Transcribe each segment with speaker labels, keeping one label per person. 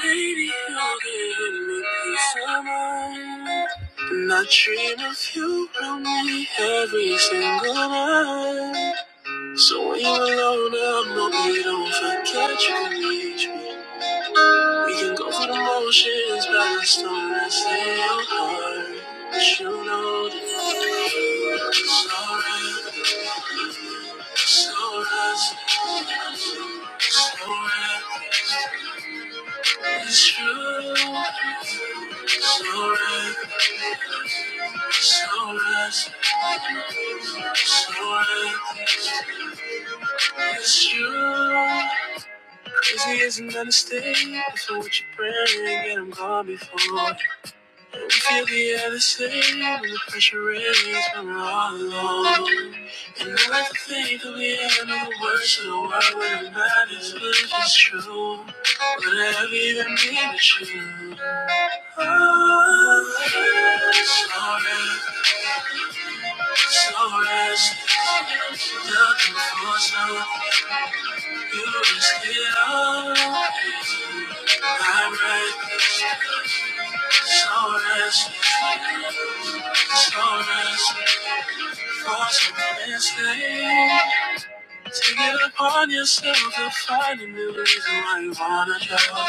Speaker 1: Baby, you're giving me peace of mind. And I dream of you around me every single night. So when you're alone, I'm okay, don't forget you can reach me. We can go through the motions, but I still wanna stay your heart. But you know that it's alright, it's alright. It's alright, it's true. It's alright, it's alright. It's you. Cause he isn't gonna stay. So what you praying, get him gone before. And we feel the other same. When the pressure raised, when we're all alone. And I like to think that we have another words in the world where it matters. But if it's true, would I ever even be with you? Oh, sorry, sorry. Nothing for some. You just get up. I'm right. So that's so that's for some mistake. Take it upon yourself to find a new reason why you wanna know.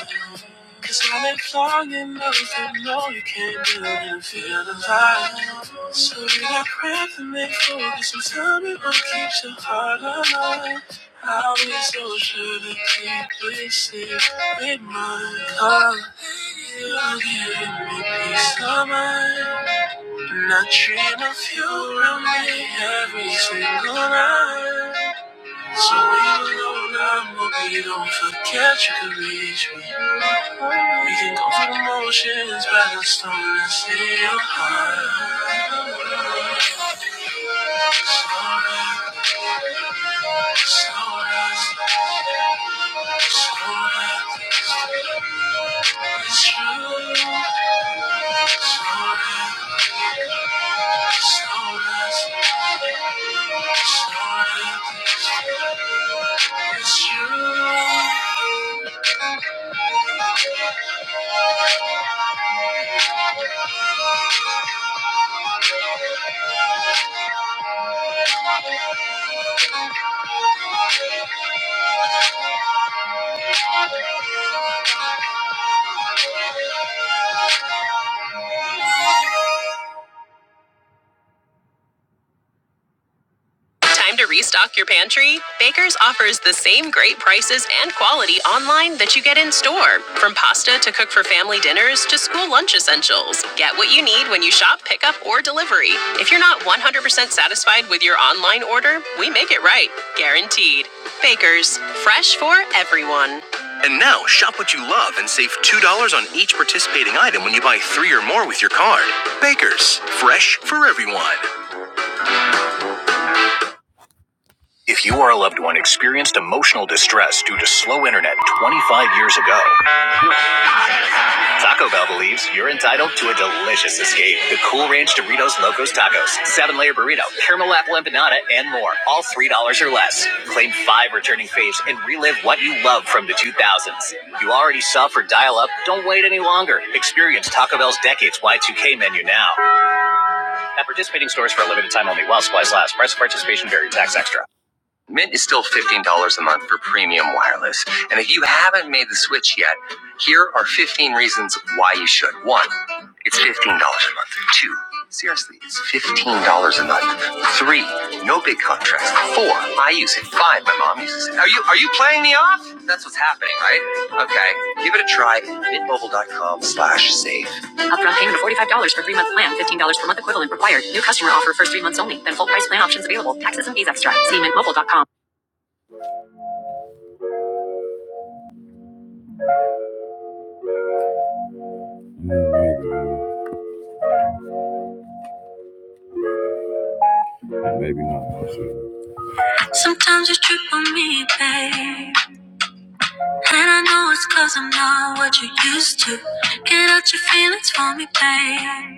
Speaker 1: Cause I lived long enough to know you can't do it and feel the vibe. So you got breath and make focus and tell me what keeps your heart alive. I'll be so sure to keep it safe with my love. You're giving me peace of mind. And I dream of you around me every single night. So we alone, I'm hoping don't forget you can reach me. We can go through the motions, but I'm still and see your heart. Slow down, slow down, it's true. Slow down, slow down, slow down, it's true. Thank you. Time to restock your pantry? Baker's offers the same great prices and quality online that you get in store. From pasta to cook for family dinners to school lunch essentials. Get what you need when you shop, pick up, or delivery. If you're not 100% satisfied with your online order, we make it right. Guaranteed. Baker's, fresh for everyone. And now, shop what you love and save $2 on each participating item when you buy three or more with your card. Baker's, fresh for everyone. If you or a loved one experienced emotional distress due to slow internet 25 years ago, Taco Bell believes you're entitled to a delicious escape. The Cool Ranch Doritos Locos Tacos, seven layer burrito, caramel apple empanada, and more. All $3 or less. Claim five returning faves and relive what you love from the 2000s. You already sub for dial up? Don't wait any longer. Experience Taco Bell's Decades Y2K menu now. At participating stores for a limited time only while supplies last. Price of participation vary. Tax extra. Mint is still $15 a month for premium wireless. And if you haven't made the switch yet, here are 15 reasons why you should. One, it's $15 a month. Two, seriously, it's $15 a month. Three, no big contracts. Four, I use it. Five, my mom uses it. Are you are you playing me off? That's what's happening, right? Okay. Give it a try at mintmobile.com slash save. Upfront payment of $45 for three month plan, $15 per month equivalent required. New customer offer first three months only, then full price plan options available. Taxes and fees extra. See mint mobile dot com. Sometimes you trip on me, babe. And I know it's cause I'm not what you used to. Get out your feelings for me, babe.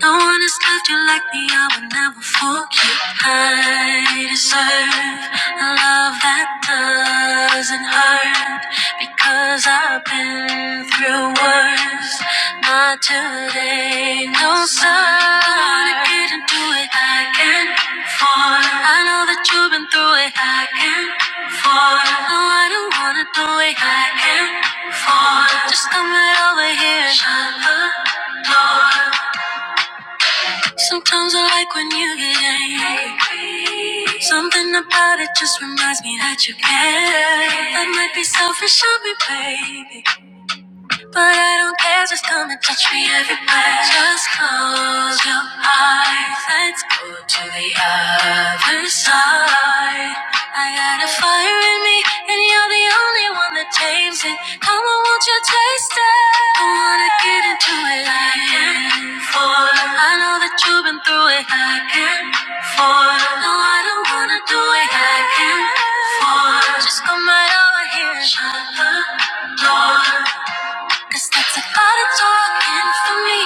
Speaker 1: No one has loved you like me, I would never forget. I deserve a love that doesn't hurt because I've been through worse. Not today, no sir. I didn't do it, I can't fall. I know that you've been through it, I can't fall. No, I don't wanna do it, I can't fall. Just come right over here, shut the door. Sometimes I like when you get angry. Something about it just reminds me that you care. That might be selfish of me, baby. But I don't care, just come and touch me everywhere. Just close your eyes, let's go to the other side. I got a fire in me, and you're the only one that tames it. Come on, won't you taste it? I wanna get into it like and forth. I know that you've been through it like and forth. No, I don't wanna do it like and forth. Just come right over here and shut the door. Cause that's a lot of talking for me,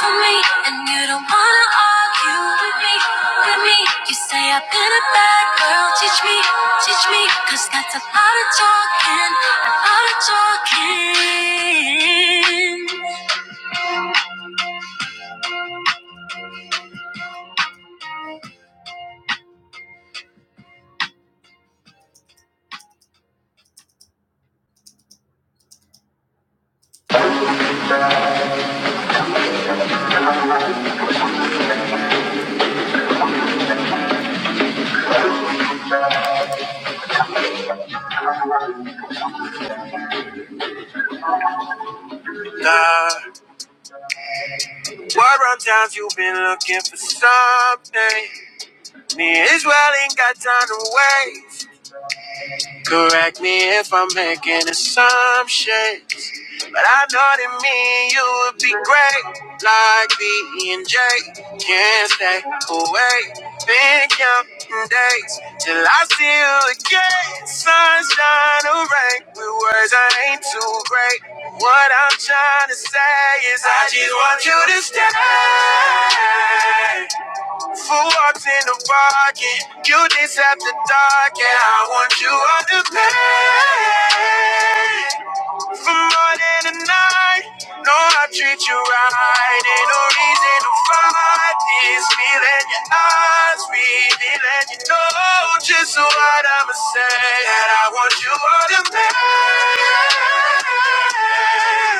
Speaker 1: for me. And you don't wanna argue with me, with me. You say I've been a bad girl, teach me, teach me. 'Cause that's a lot of talking, a lot of talking. Love, what wrong times you been looking for something? Me and Israel ain't got time to wait. Correct me if I'm making assumptions, but I know that me and you would be great. Like B and J, can't stay away. Been counting days till I see you again. Sunshine or rain, with words I ain't too great. What I'm trying to say is I just want you to stay. Who walks in the pocket? You this after dark, and I want you on the pay for more than a night. No, I treat you right. Ain't no reason to fight this feeling. Your eyes revealing. You know just what I'ma say. That I want you on the pay.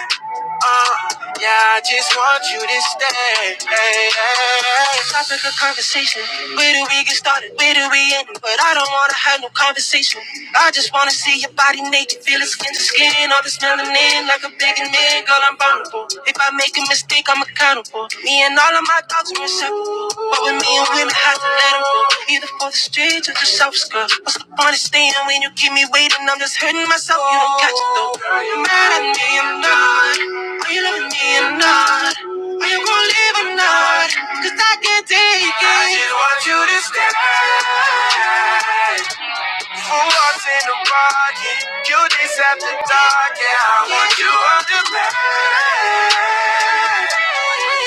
Speaker 1: Yeah, I just want you to stay. Hey, hey, hey. Topic of conversation. Where do we get started? Where do we end? But I don't wanna have no conversation. I just wanna see your body naked, feel it skin to skin. All this melanin like a big man, girl, I'm vulnerable. If I make a mistake, I'm accountable. Me and all my dogs were inseparable, but with me and women, had to let 'em go. Either for the streets or the self skirt. What's the point of staying when you keep me waiting? I'm just hurting myself. You don't catch it though. Are you mad at me or not? Are you loving me or not? Are you gonna leave or not? Cause I can't take it. I just wanna I want you up to on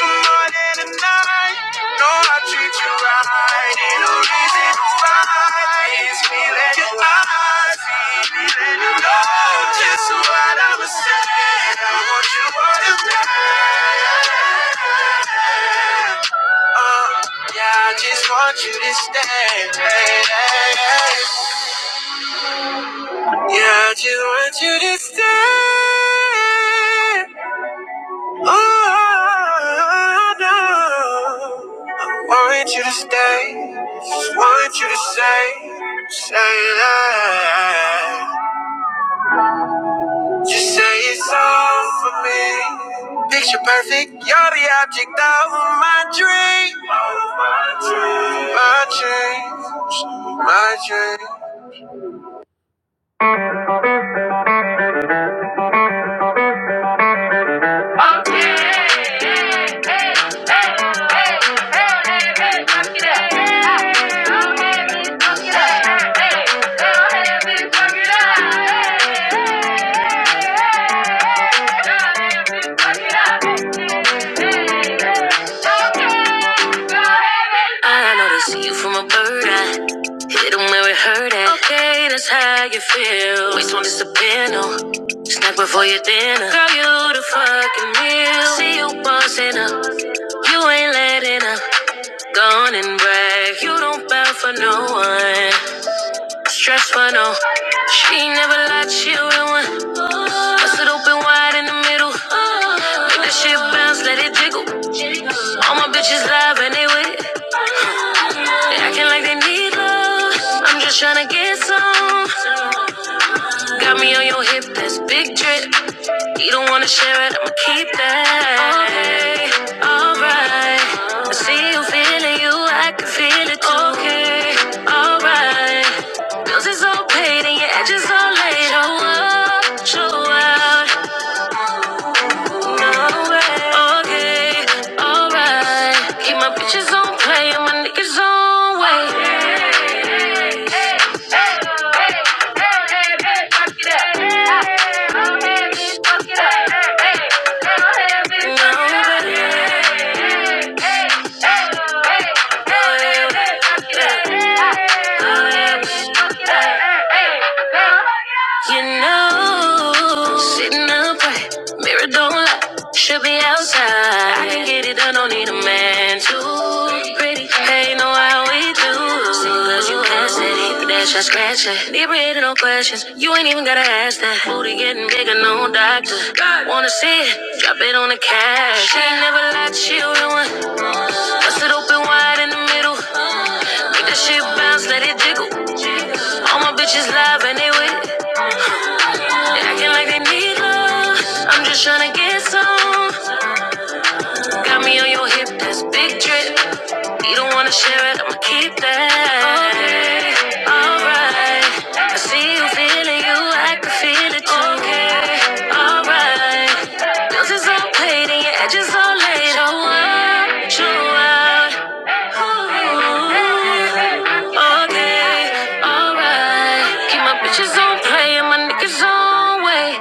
Speaker 1: for more than a night. No, I treat you right. Ain't no reason to fight. It's feeling your eyes. Feeling you know just what I was saying. I want you up to demand. Uh, yeah, I just want you to stay. Yeah, I just want you to stay. Oh, no. I want you to stay. Just want you to say, say that. Just say it's all for me. Picture perfect, you're the object of my dream. My dreams, my I know they see you from a bird eye. Hit 'em where it hurted. Okay, that's how you feel. Waste won't disappear, no. Snack before your dinner. Girl, you the fucking meal. See you bossing up. You ain't letting up. Gone and brag. You don't bow for no one. Stress but no, she ain't never lied, she a real one. Bust it open wide in the middle. Make that shit bounce, let it jiggle. All my bitches live and they with it. They acting like they need love. I'm just tryna get some. Got me on your hip, that's big drip. You don't wanna share it, I'ma keep it. Okay, alright. I see you feeling you, I can feel it too. Okay, alright. Bills is all paid and your edges all laid. Show up, show out. No Okay, alright. Keep my bitches on play and my niggas on way. No way. You know, sitting up right, mirror don't lie. Should be outside. I can get it done, don't need a man too. Pretty, hey, know how we do. Singles, you pass it, that's I scratch it. Deep breathing, no questions. You ain't even gotta ask that. Booty getting bigger, no doctor. Wanna see it? Drop it on the cash. She ain't never lied, she the real one. Bust it open wide in the middle. Make that shit bounce, let it jiggle. All my bitches live and they with it. They acting like they need love. I'm just tryna get some. Got me on your hip, that's big drip. You don't wanna share it, I'ma keep that. Okay, alright. I see you feeling you, I can feel it too. Okay, alright. Bills is all paid and your edges all laid. Show up, show out. Oh, All day, alright. Keep my bitches on play and my niggas on wait.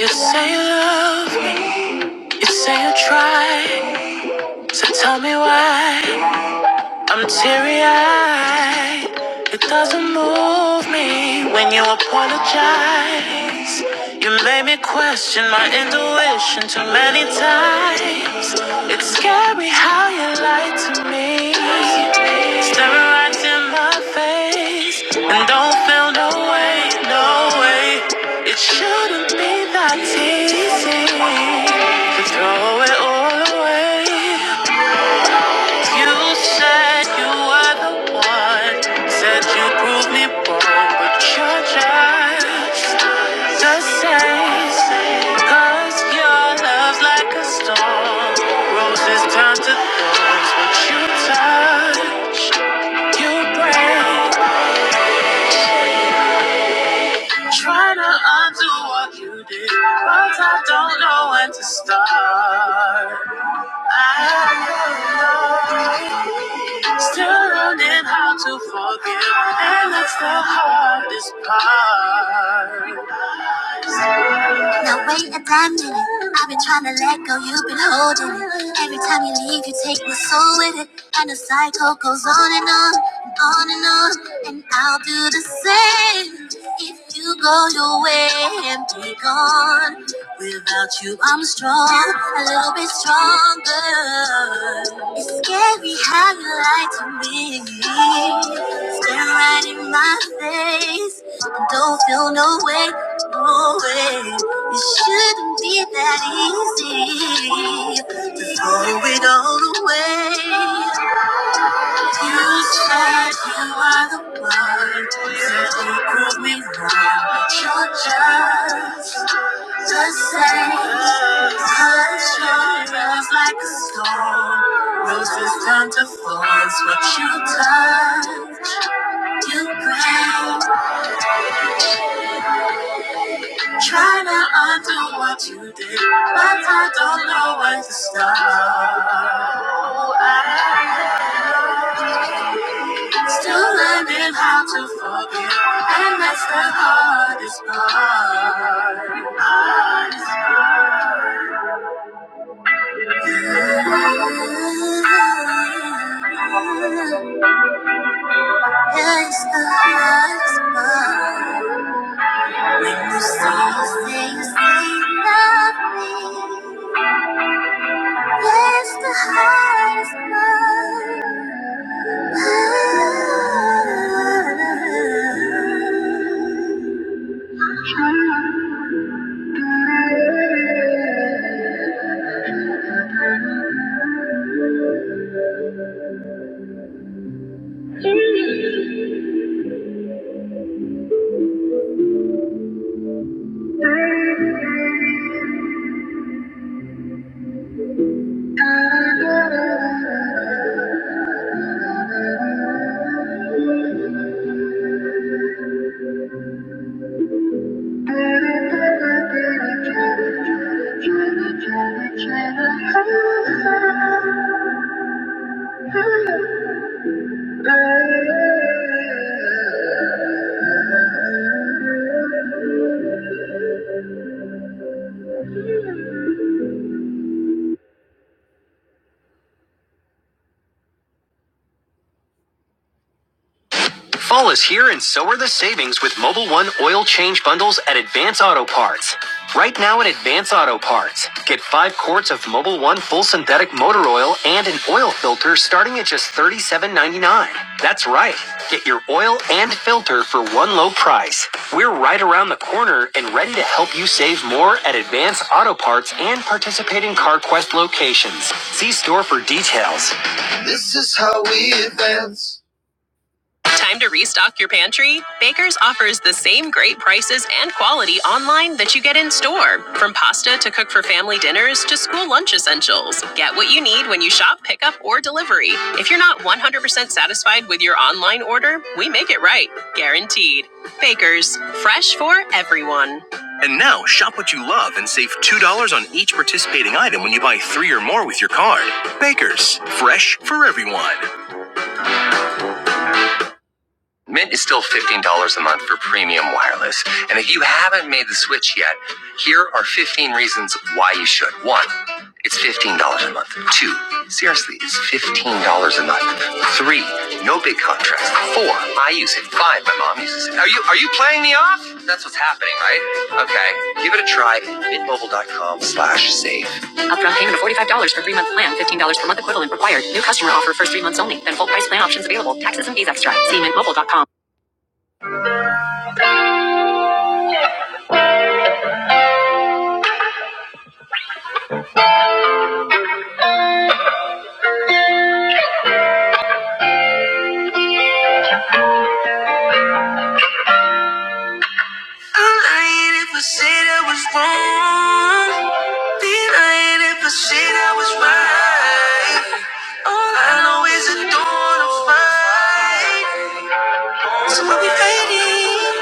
Speaker 1: You say you love me, you say you try. So tell me why. I'm teary eyed. It doesn't move me when you apologize. You made me question my intuition too many times. It's scary how you lied to me. Staring right in my face and don't feel no way, no way. It shouldn't be that easy to throw it all away. You said you were the one, said you'd prove me wrong, but you're just the same. Cause your love's like a storm, roses turn to thorns, but you touch, you break. Trying to undo what you did, but I don't know when to start. I. Still learning how to forgive, and that's the hardest part. Prime minute, I've been trying to let go, you've been holding it. Every time you leave, you take my soul with it, and the cycle goes on and on, and on and on. And I'll do the same if you go away. And on. Without you, I'm strong, a little bit stronger. I you to me, right in my face, don't feel way. It shouldn't be that easy to throw it all away. You said you are the one, so don't prove me wrong. But you're just the same. Cause your love's like a storm, roses turn to thorns. What you touch, you break. Trying to undo what you did, but I don't know where to start. Still learning how to forgive, and that's the hardest part. Yeah, yeah, It's the hardest part. There's some things ain't nothing. It's the hardest part. Thank you. Time to restock your pantry? Baker's offers the same great prices and quality online that you get in store. From pasta to cook for family dinners to school lunch essentials. Get what you need when you shop, pick up, or delivery. If you're not 100% satisfied with your online order, we make it right. Guaranteed. Baker's, fresh for everyone. And now, shop what you love and save $2 on each participating item when you buy three or more with your card. Baker's, fresh for everyone. Mint is still $15 a month for premium wireless. And if you haven't made the switch yet, here are 15 reasons why you should. One, it's $15 a month. Two, seriously, it's $15 a month. Three, no big contrast. Four, I use it. Five, my mom uses it. Are you are you playing me off? That's what's happening, right? Okay. Give it a try. Mintmobile.com slash save. Upfront payment of $45 for three-month plan, $15 per month equivalent required. New customer offer first three months only, then full price plan options available. Taxes and fees extra. See mintmobile.com. I ain't ever said I was wrong. Then I ain't ever said I was right. All I know is I don't wanna fight. So I'll be fighting.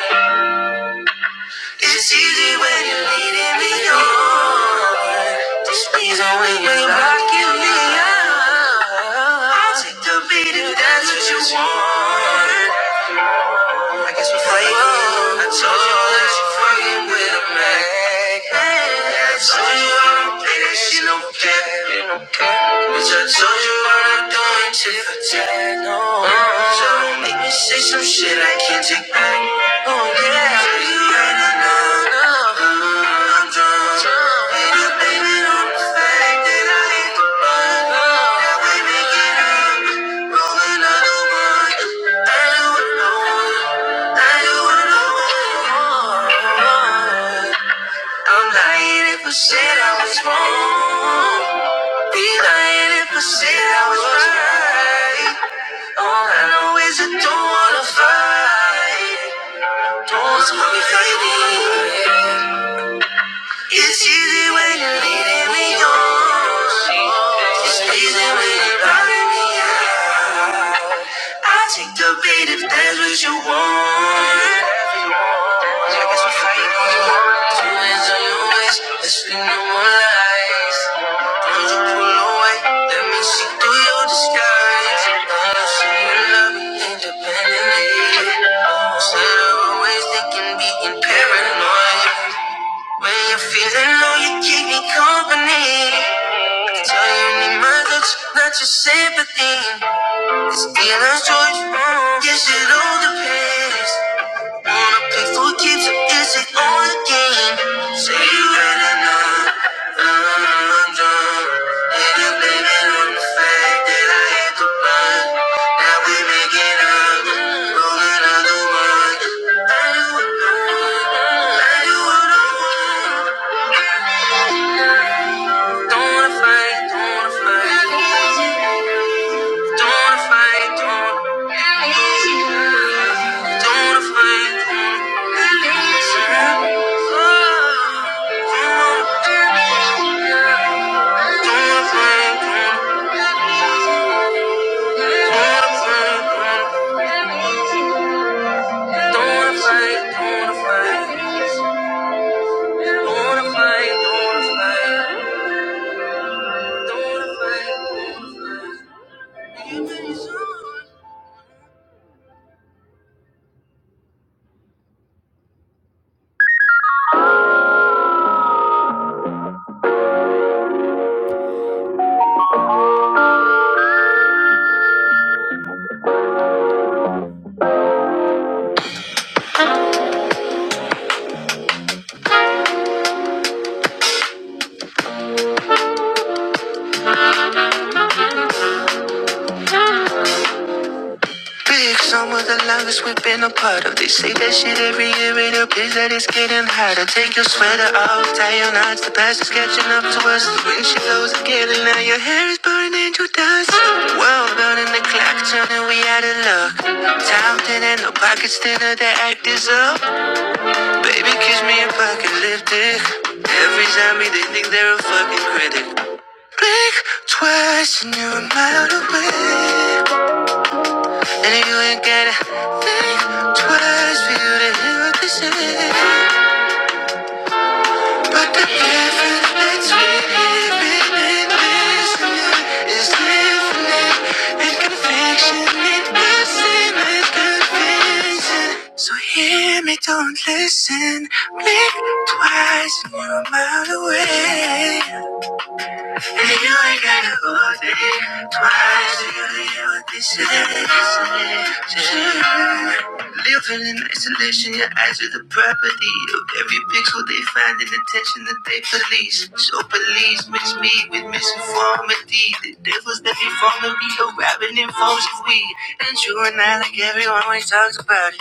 Speaker 1: It's easy when you're leading me on. This means only when you're rocking me up. I'll take the beat if that's what you want. I told you that she fucking with a man. I told you I don't play that she don't care. Bitch, I told you I'm not doing tit for tat. So don't make me say some shit I can't take back. Oh yeah, so you ain't enough. I'm drunk. Ain't a baby on the fact that I hit the button. Now we make it up. I'm lying if I said I was wrong. Be lying if I said I was right. All I know is I don't wanna fight. Don't wanna stop me It's easy when you're leading me on. It's easy when you're riding me out. I'll take the bait if that's what you want. Cause I love you, please. Faithful keeps it, it's it on again. Say you ain't enough. And I'm blaming on the fact that I hit the button. Now we make it up. Roll another one. I do what I want. Don't wanna fight, don't wanna fight. Don't wanna fight, don't wanna fight. Don't Big summer, the longest we've been apart of. They say that shit every year it appears that it's getting hotter. Take your sweater off, tie your knots. The past is catching up to us. The wind she blows again, now your hair is burning to dust. World building the clock, turning we out of luck. Time thinner, no pockets thinner, the act is up. Baby, kiss me if I can lift it. Every zombie, they think they're a fucking critic. Blink twice and you're a mile away. And you ain't gotta think twice for you to hear what they say. But the difference between living and listening is different. And conviction ain't the same as convincing. So hear me, don't listen. Blink twice and you're a mile away. And you ain't gotta go there twice for you to hear what they say. Just Living in isolation, your eyes are the property of every pixel they find in attention that they police. So police mix me with misinformity. The devils that be forming be arriving in forms of weed. And you and I, like everyone, always talks about it.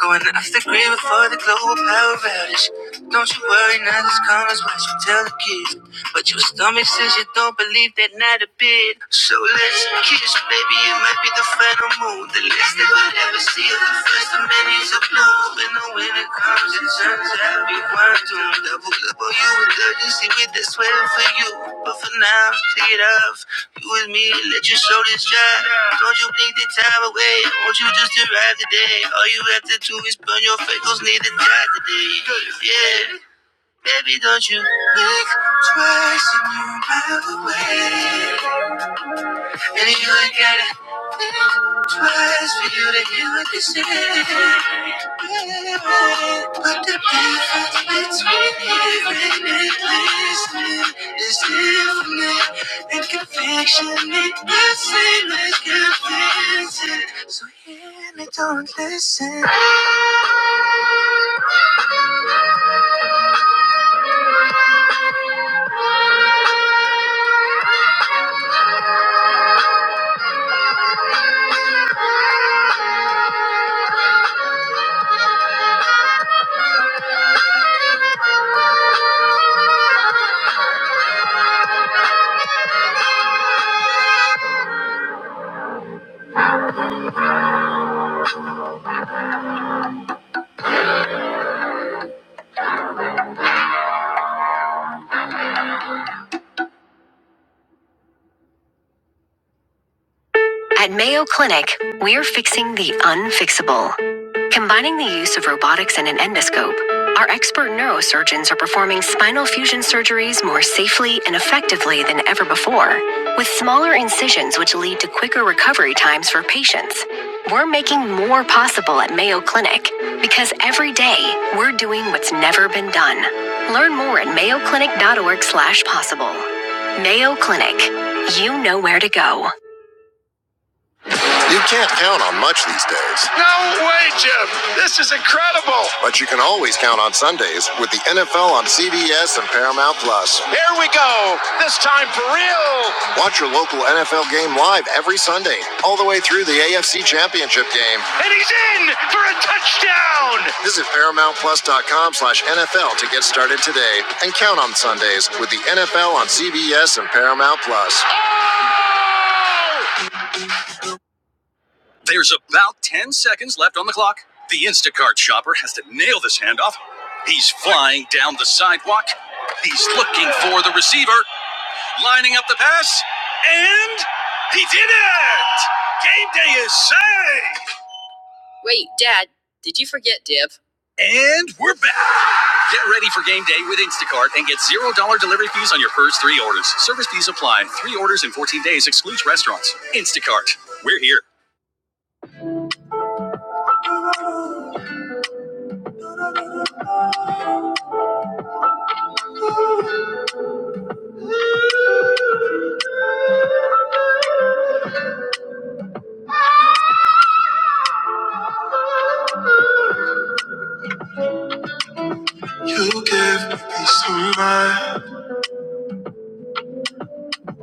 Speaker 1: Going after the before the global power outage. Don't you worry, now this karma's what you tell the kids. But your stomach says you don't believe that not a bit. So let's kiss, baby. It might be the final move. The least that we'll ever see is the first of many is a blow. And the winter comes it turns out we weren't doomed. Double double you with urgency with that sweater for you. But for now, take it off. You with me, let your soul. Don't you blink the time away? Won't you just arrive today? All you have to do is burn your freckles, need to die today. Yeah, baby, don't you blink twice and you're a mile away. Look at it twice for you to hear what they say. But the difference between hearing and listening is definite. And conviction ain't the same as convincing. So hear me, don't listen. Thank you. At Mayo Clinic, we're fixing the unfixable. Combining the use of robotics and an endoscope, our expert neurosurgeons are performing spinal fusion surgeries more safely and effectively than ever before, with smaller incisions which lead to quicker recovery times for patients. We're making more possible at Mayo Clinic because every day we're doing what's never been done. Learn more at mayoclinic.org/possible. Mayo Clinic. You know where to go. You can't count on much these days. No way! Incredible! But you can always count on Sundays with the NFL on CBS and Paramount Plus. Here we go! This time, Watch your local NFL game live every Sunday, all the way through the AFC Championship game. And he's in for a touchdown! Visit ParamountPlus.com slash NFL to get started today and count on Sundays with the NFL on CBS and Paramount Plus.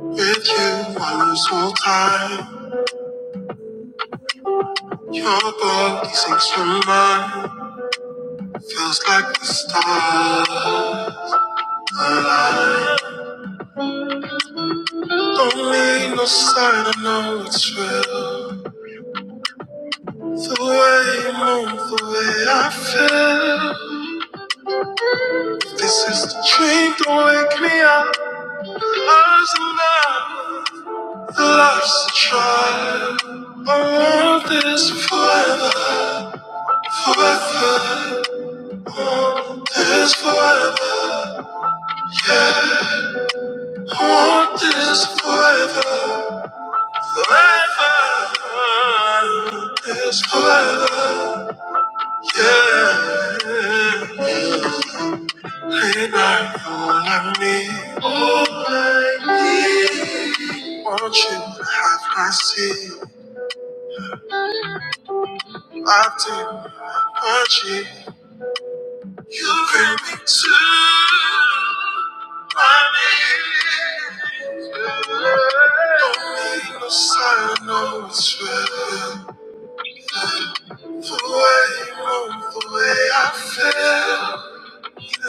Speaker 1: With you, lose all time. Your body sinks through mine, feels like the stars align. Don't need no sign, I know it's real. The way you move, the way I feel. This is the dream, don't wake me up. Love's enough, the life's a trial. I want this forever, forever. I want this forever. I want this forever. It's forever, yeah. Late night, all I need, all I need. Want you to have my seat, locked in my body. You bring me to my knees. Don't need no sign, no it's real. The way you move, the way I feel.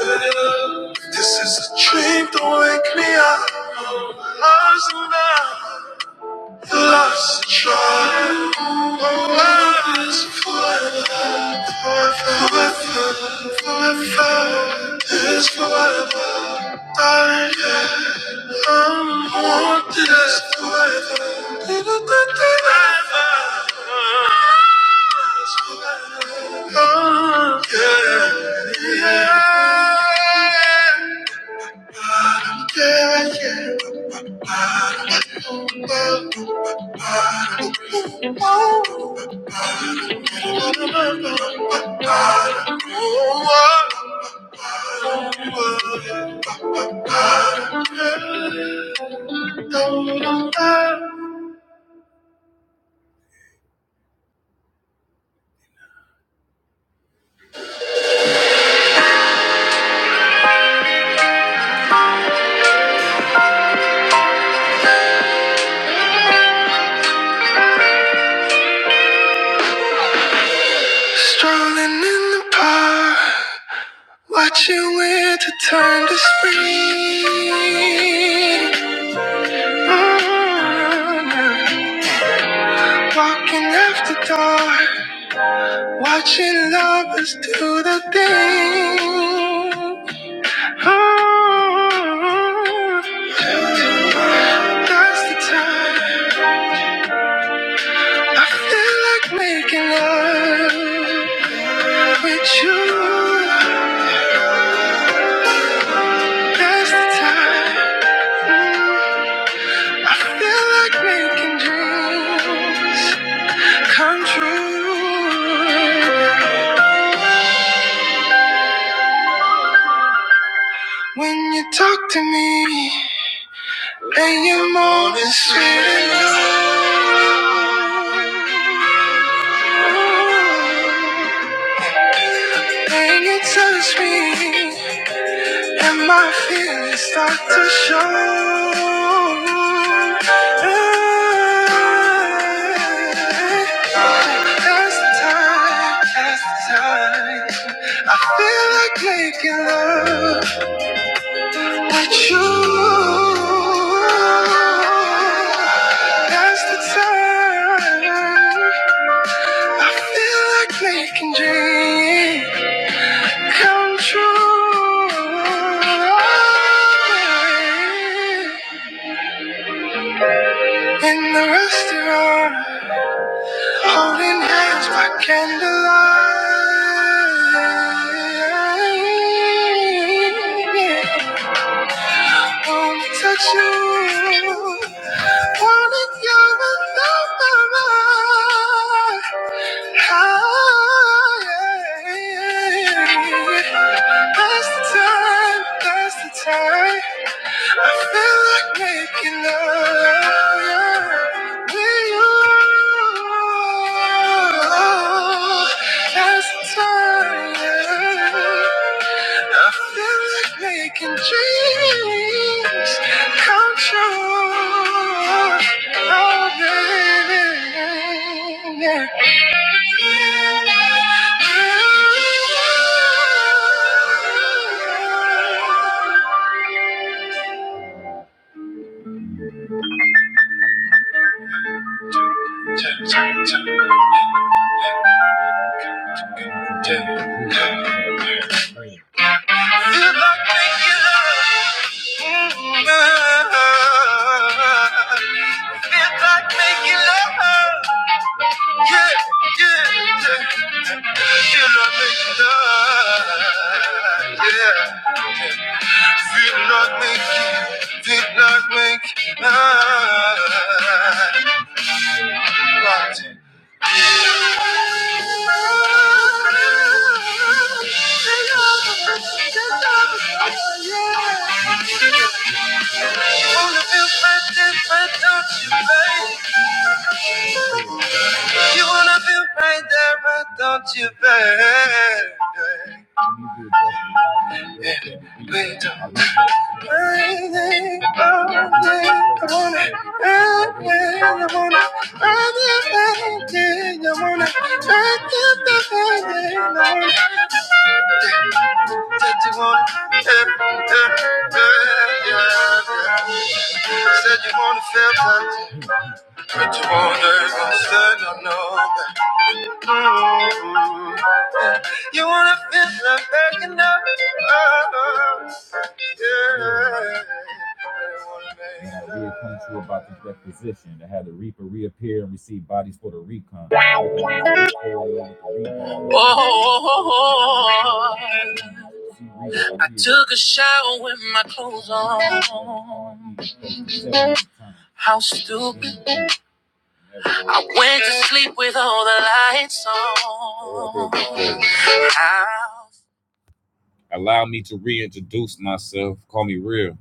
Speaker 1: yeah. This is a dream, don't wake me up. Lost and I lost the trial. My love is forever, forever, forever. It's forever, darling. yeah. I'm more desperate than a Oh, yeah, yeah. I'm getting up. Oh, oh, oh. Strolling in the park, watching winter turn to spring. Mm-hmm. Walking after dark, watching lovers do the thing. Oh, that's the time I feel like making love with you. That's the time I feel like making dreams come true. When you talk to me. And you're more than sweet enough. And you touch me, and my feelings start to show. That's the time, that's the time. I feel like making love with you. That's the time. I feel like making dreams come true. In the restaurant, holding hands by candlelight. Wanna touch you. High. That's the time. That's the time. I feel like making love with you. As time, I feel like making dreams come true. Oh, baby. Yeah. Tonight. Feel like making love. Feel like making love. Yeah, yeah, yeah. Feel like making love. Yeah. Feel like making, feel like making love. Party. Wanna feel fat, fat, don't you, babe? You wanna feel right there, why don't you baby? We don't mind it all day. I wanna run it, I wanna run it, baby. I wanna run it, baby. I wanna said you wanna, eh, eh, eh, yeah, yeah. Said you wanna feel touch, but you wanna go stand on no. Mm. You wanna feel like backing up? Oh, yeah. Yeah, here comes about this requisition I had the reaper reappear. Come. Oh, I took a shower with my clothes on. How stupid. I went to sleep with all the lights on. How? Allow me to reintroduce myself. Call me real.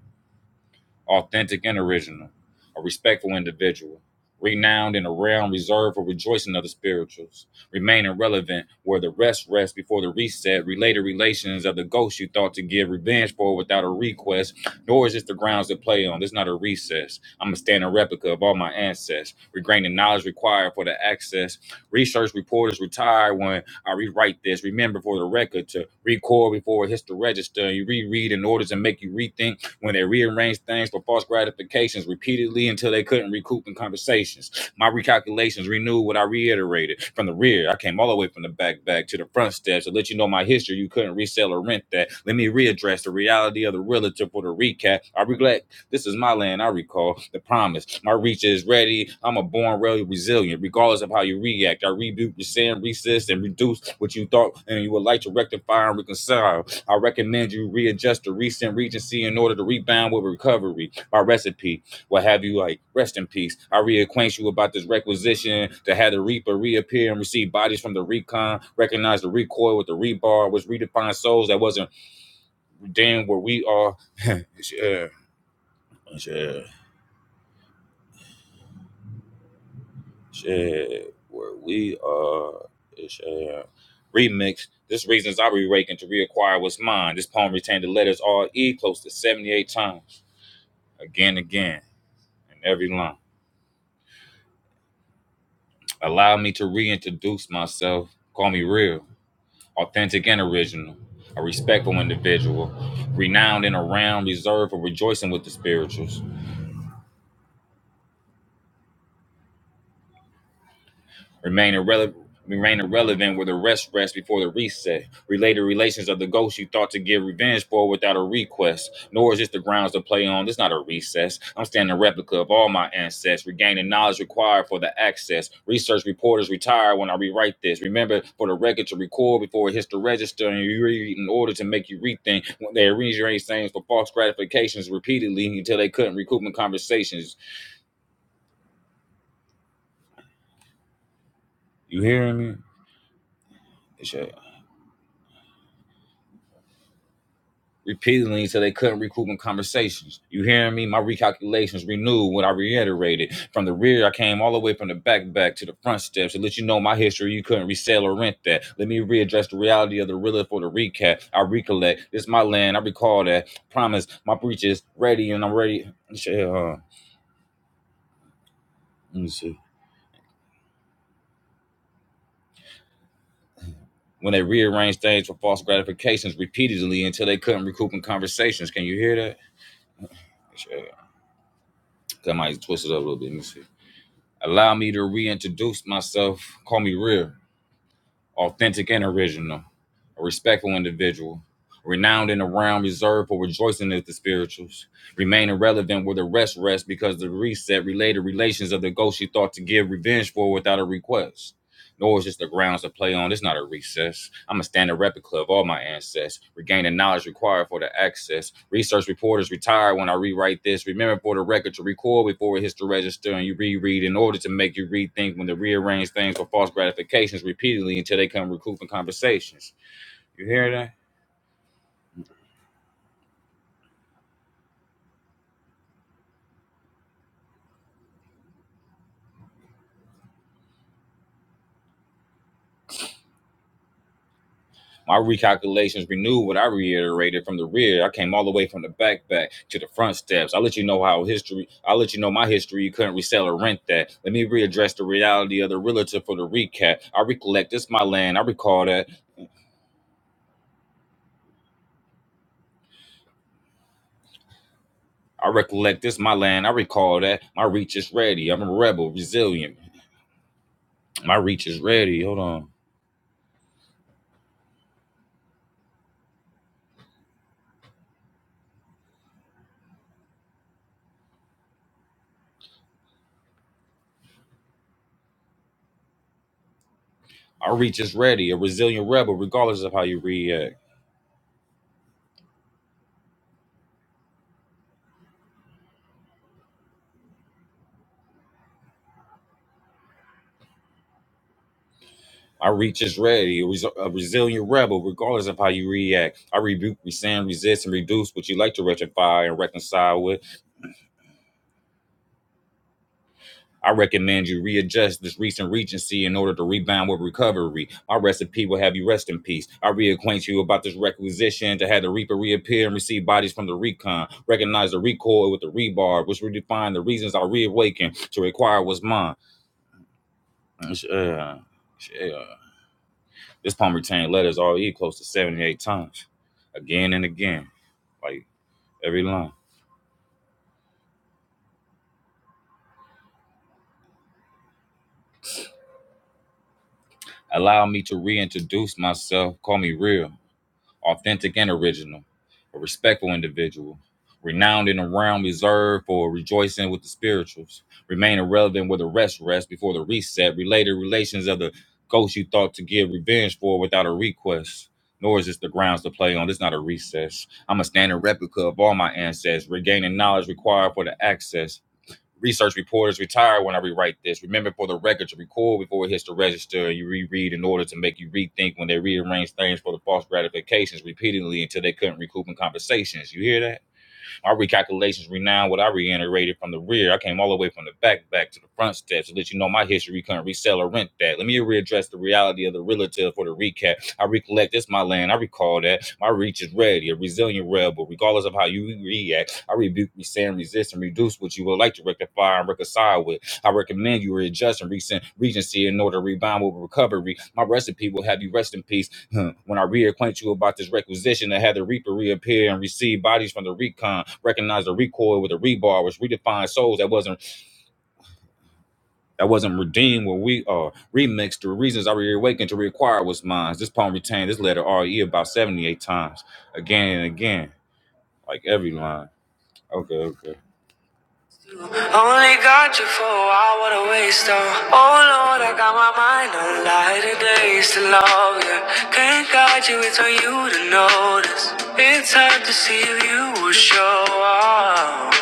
Speaker 1: Only got you for a while, what a waste of. Oh Lord, I got my mind on lighter days to love you. Can't guide you, it's on you to notice. It's hard to see if you will show up.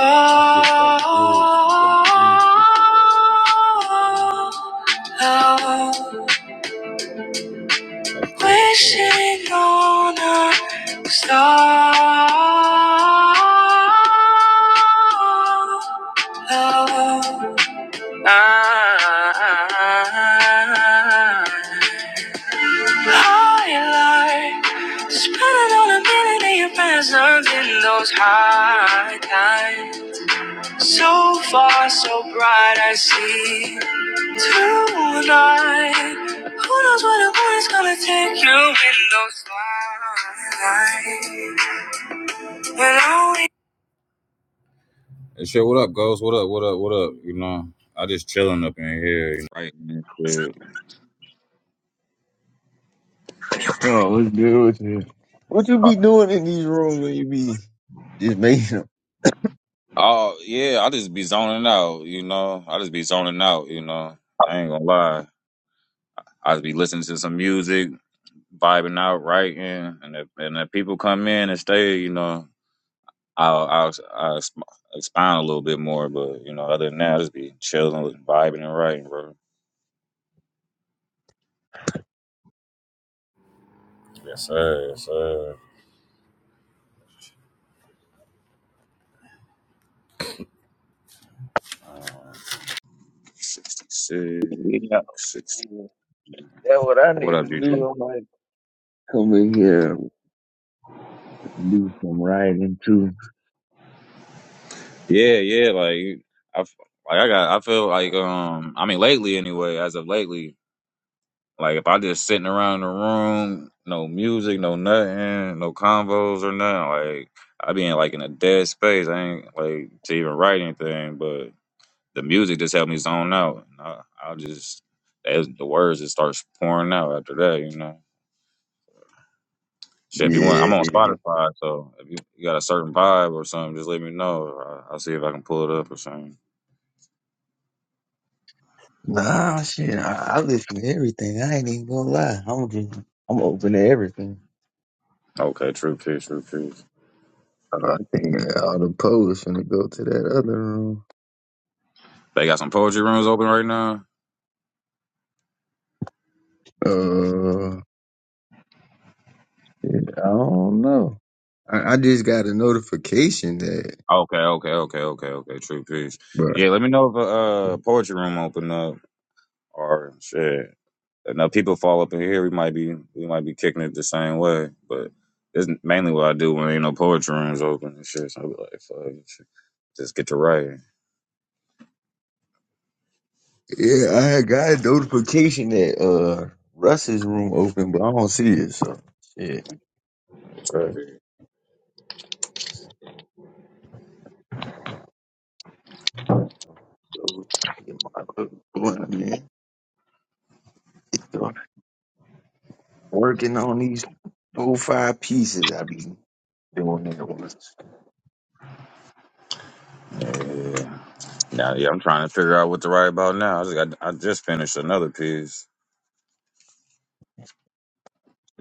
Speaker 1: Oh, oh, oh. oh, oh. Wishing on a star. oh, I I like spending all the minute in your presence in those high times. So far, so bright, I see. Tonight, who knows where the moon's gonna take you in those lights? When all we
Speaker 2: Oh, what's good with you? What you be doing in these rooms when you be just making them? Yeah, man. that's what I need to do. I'm like, come in here and do some writing too. Yeah. Nah, shit. I, I listen to everything. I ain't even gonna lie. I'm just, I'm open to everything. Uh, I think all the posts finna go to that other room. Uh, yeah, I don't know. I, I just got a notification that, bruh, Yeah, I had got a notification that uh Russ's room open, but I don't see it. So shit. Uh, get my book going, man. So, Working on these four five pieces, I be doing at once.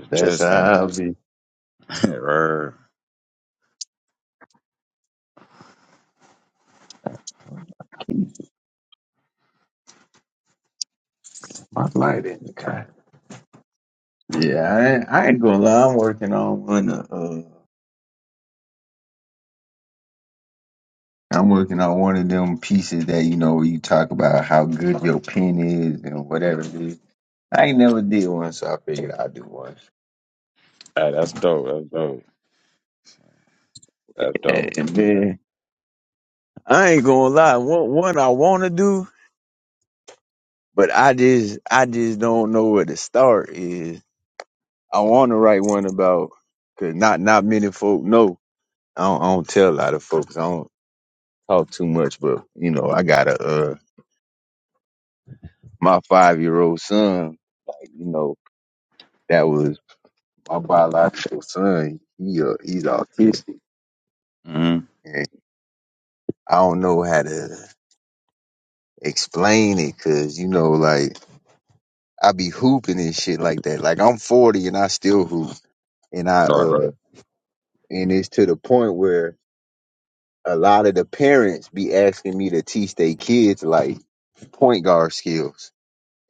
Speaker 2: That's how I be keeping my light in the car. Yeah, I ain't, I ain't gonna lie. I'm working on one. Of, Uh, I'm working on one of them pieces that you know you talk about how good your pen is and whatever it is. I ain't never did one, so I figured I'd do one. Eh, man, I ain't gonna lie. One, one I want to do, but I just, I just don't know where to start. Is I want to write one about, cause not, not many folk know. I don't, I don't tell a lot of folks. I don't talk too much, but you know, I got a, uh, my five year old son. Like, you know, that was my biological son. He, uh, he's autistic, and I don't know how to explain it, cause you know, like. I be hooping and shit like that. Like I'm 40 and I still hoop, and I uh, and it's to the point where a lot of the parents be asking me to teach their kids like point guard skills,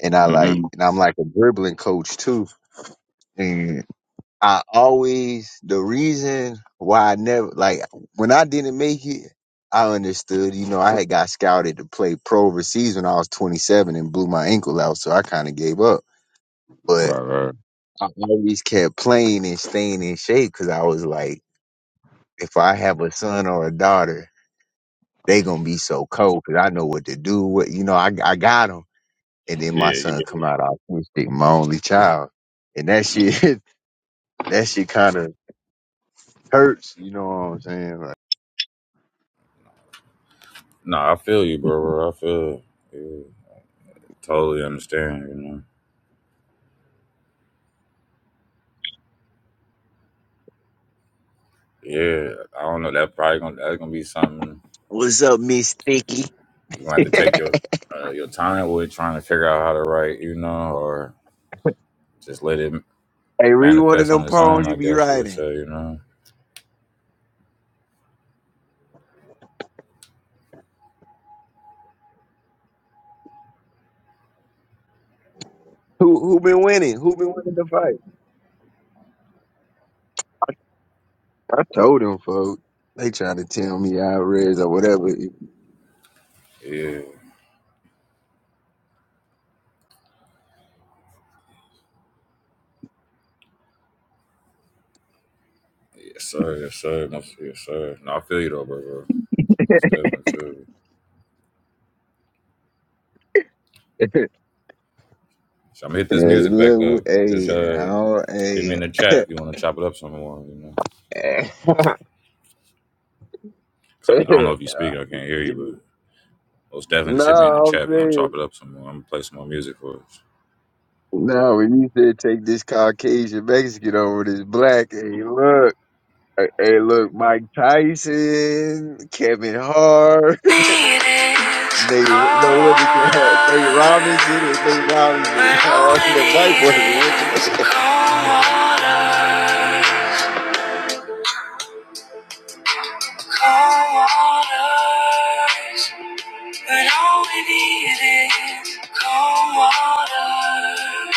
Speaker 2: and I like, and I'm like a dribbling coach too, and I always the reason why I never like when I didn't make it. I understood, you know, I had got scouted to play pro overseas when I was 27 and blew my ankle out, so I kind of gave up. But I always kept playing and staying in shape because I was like, if I have a son or a daughter, they gonna be so cold because I know what to do. What you know, I I got them, and then my son come out autistic, my only child, and that shit that shit kind of hurts. You know what I'm saying? Like, what's up, Miss Sticky? hey, read one of them poems you be writing. Who who been winning? Who been winning the fight? I told them, folks. They trying to tell me I raised or whatever. Hey, look, hey, I don't, hey. no, I'm saying, no, when you said take this Caucasian Mexican over this black, hey, look, hey, hey, look, Mike Tyson, Kevin Hart,
Speaker 1: need is
Speaker 2: Nate,
Speaker 1: cold
Speaker 2: no, what is it, Nate Robinson, it was
Speaker 1: water.
Speaker 2: Nate
Speaker 1: When
Speaker 2: Robinson,
Speaker 1: all
Speaker 2: all
Speaker 1: we
Speaker 2: them white
Speaker 1: need
Speaker 2: boys were whipping their
Speaker 1: is cold water. Cold water, When all we need is cold water.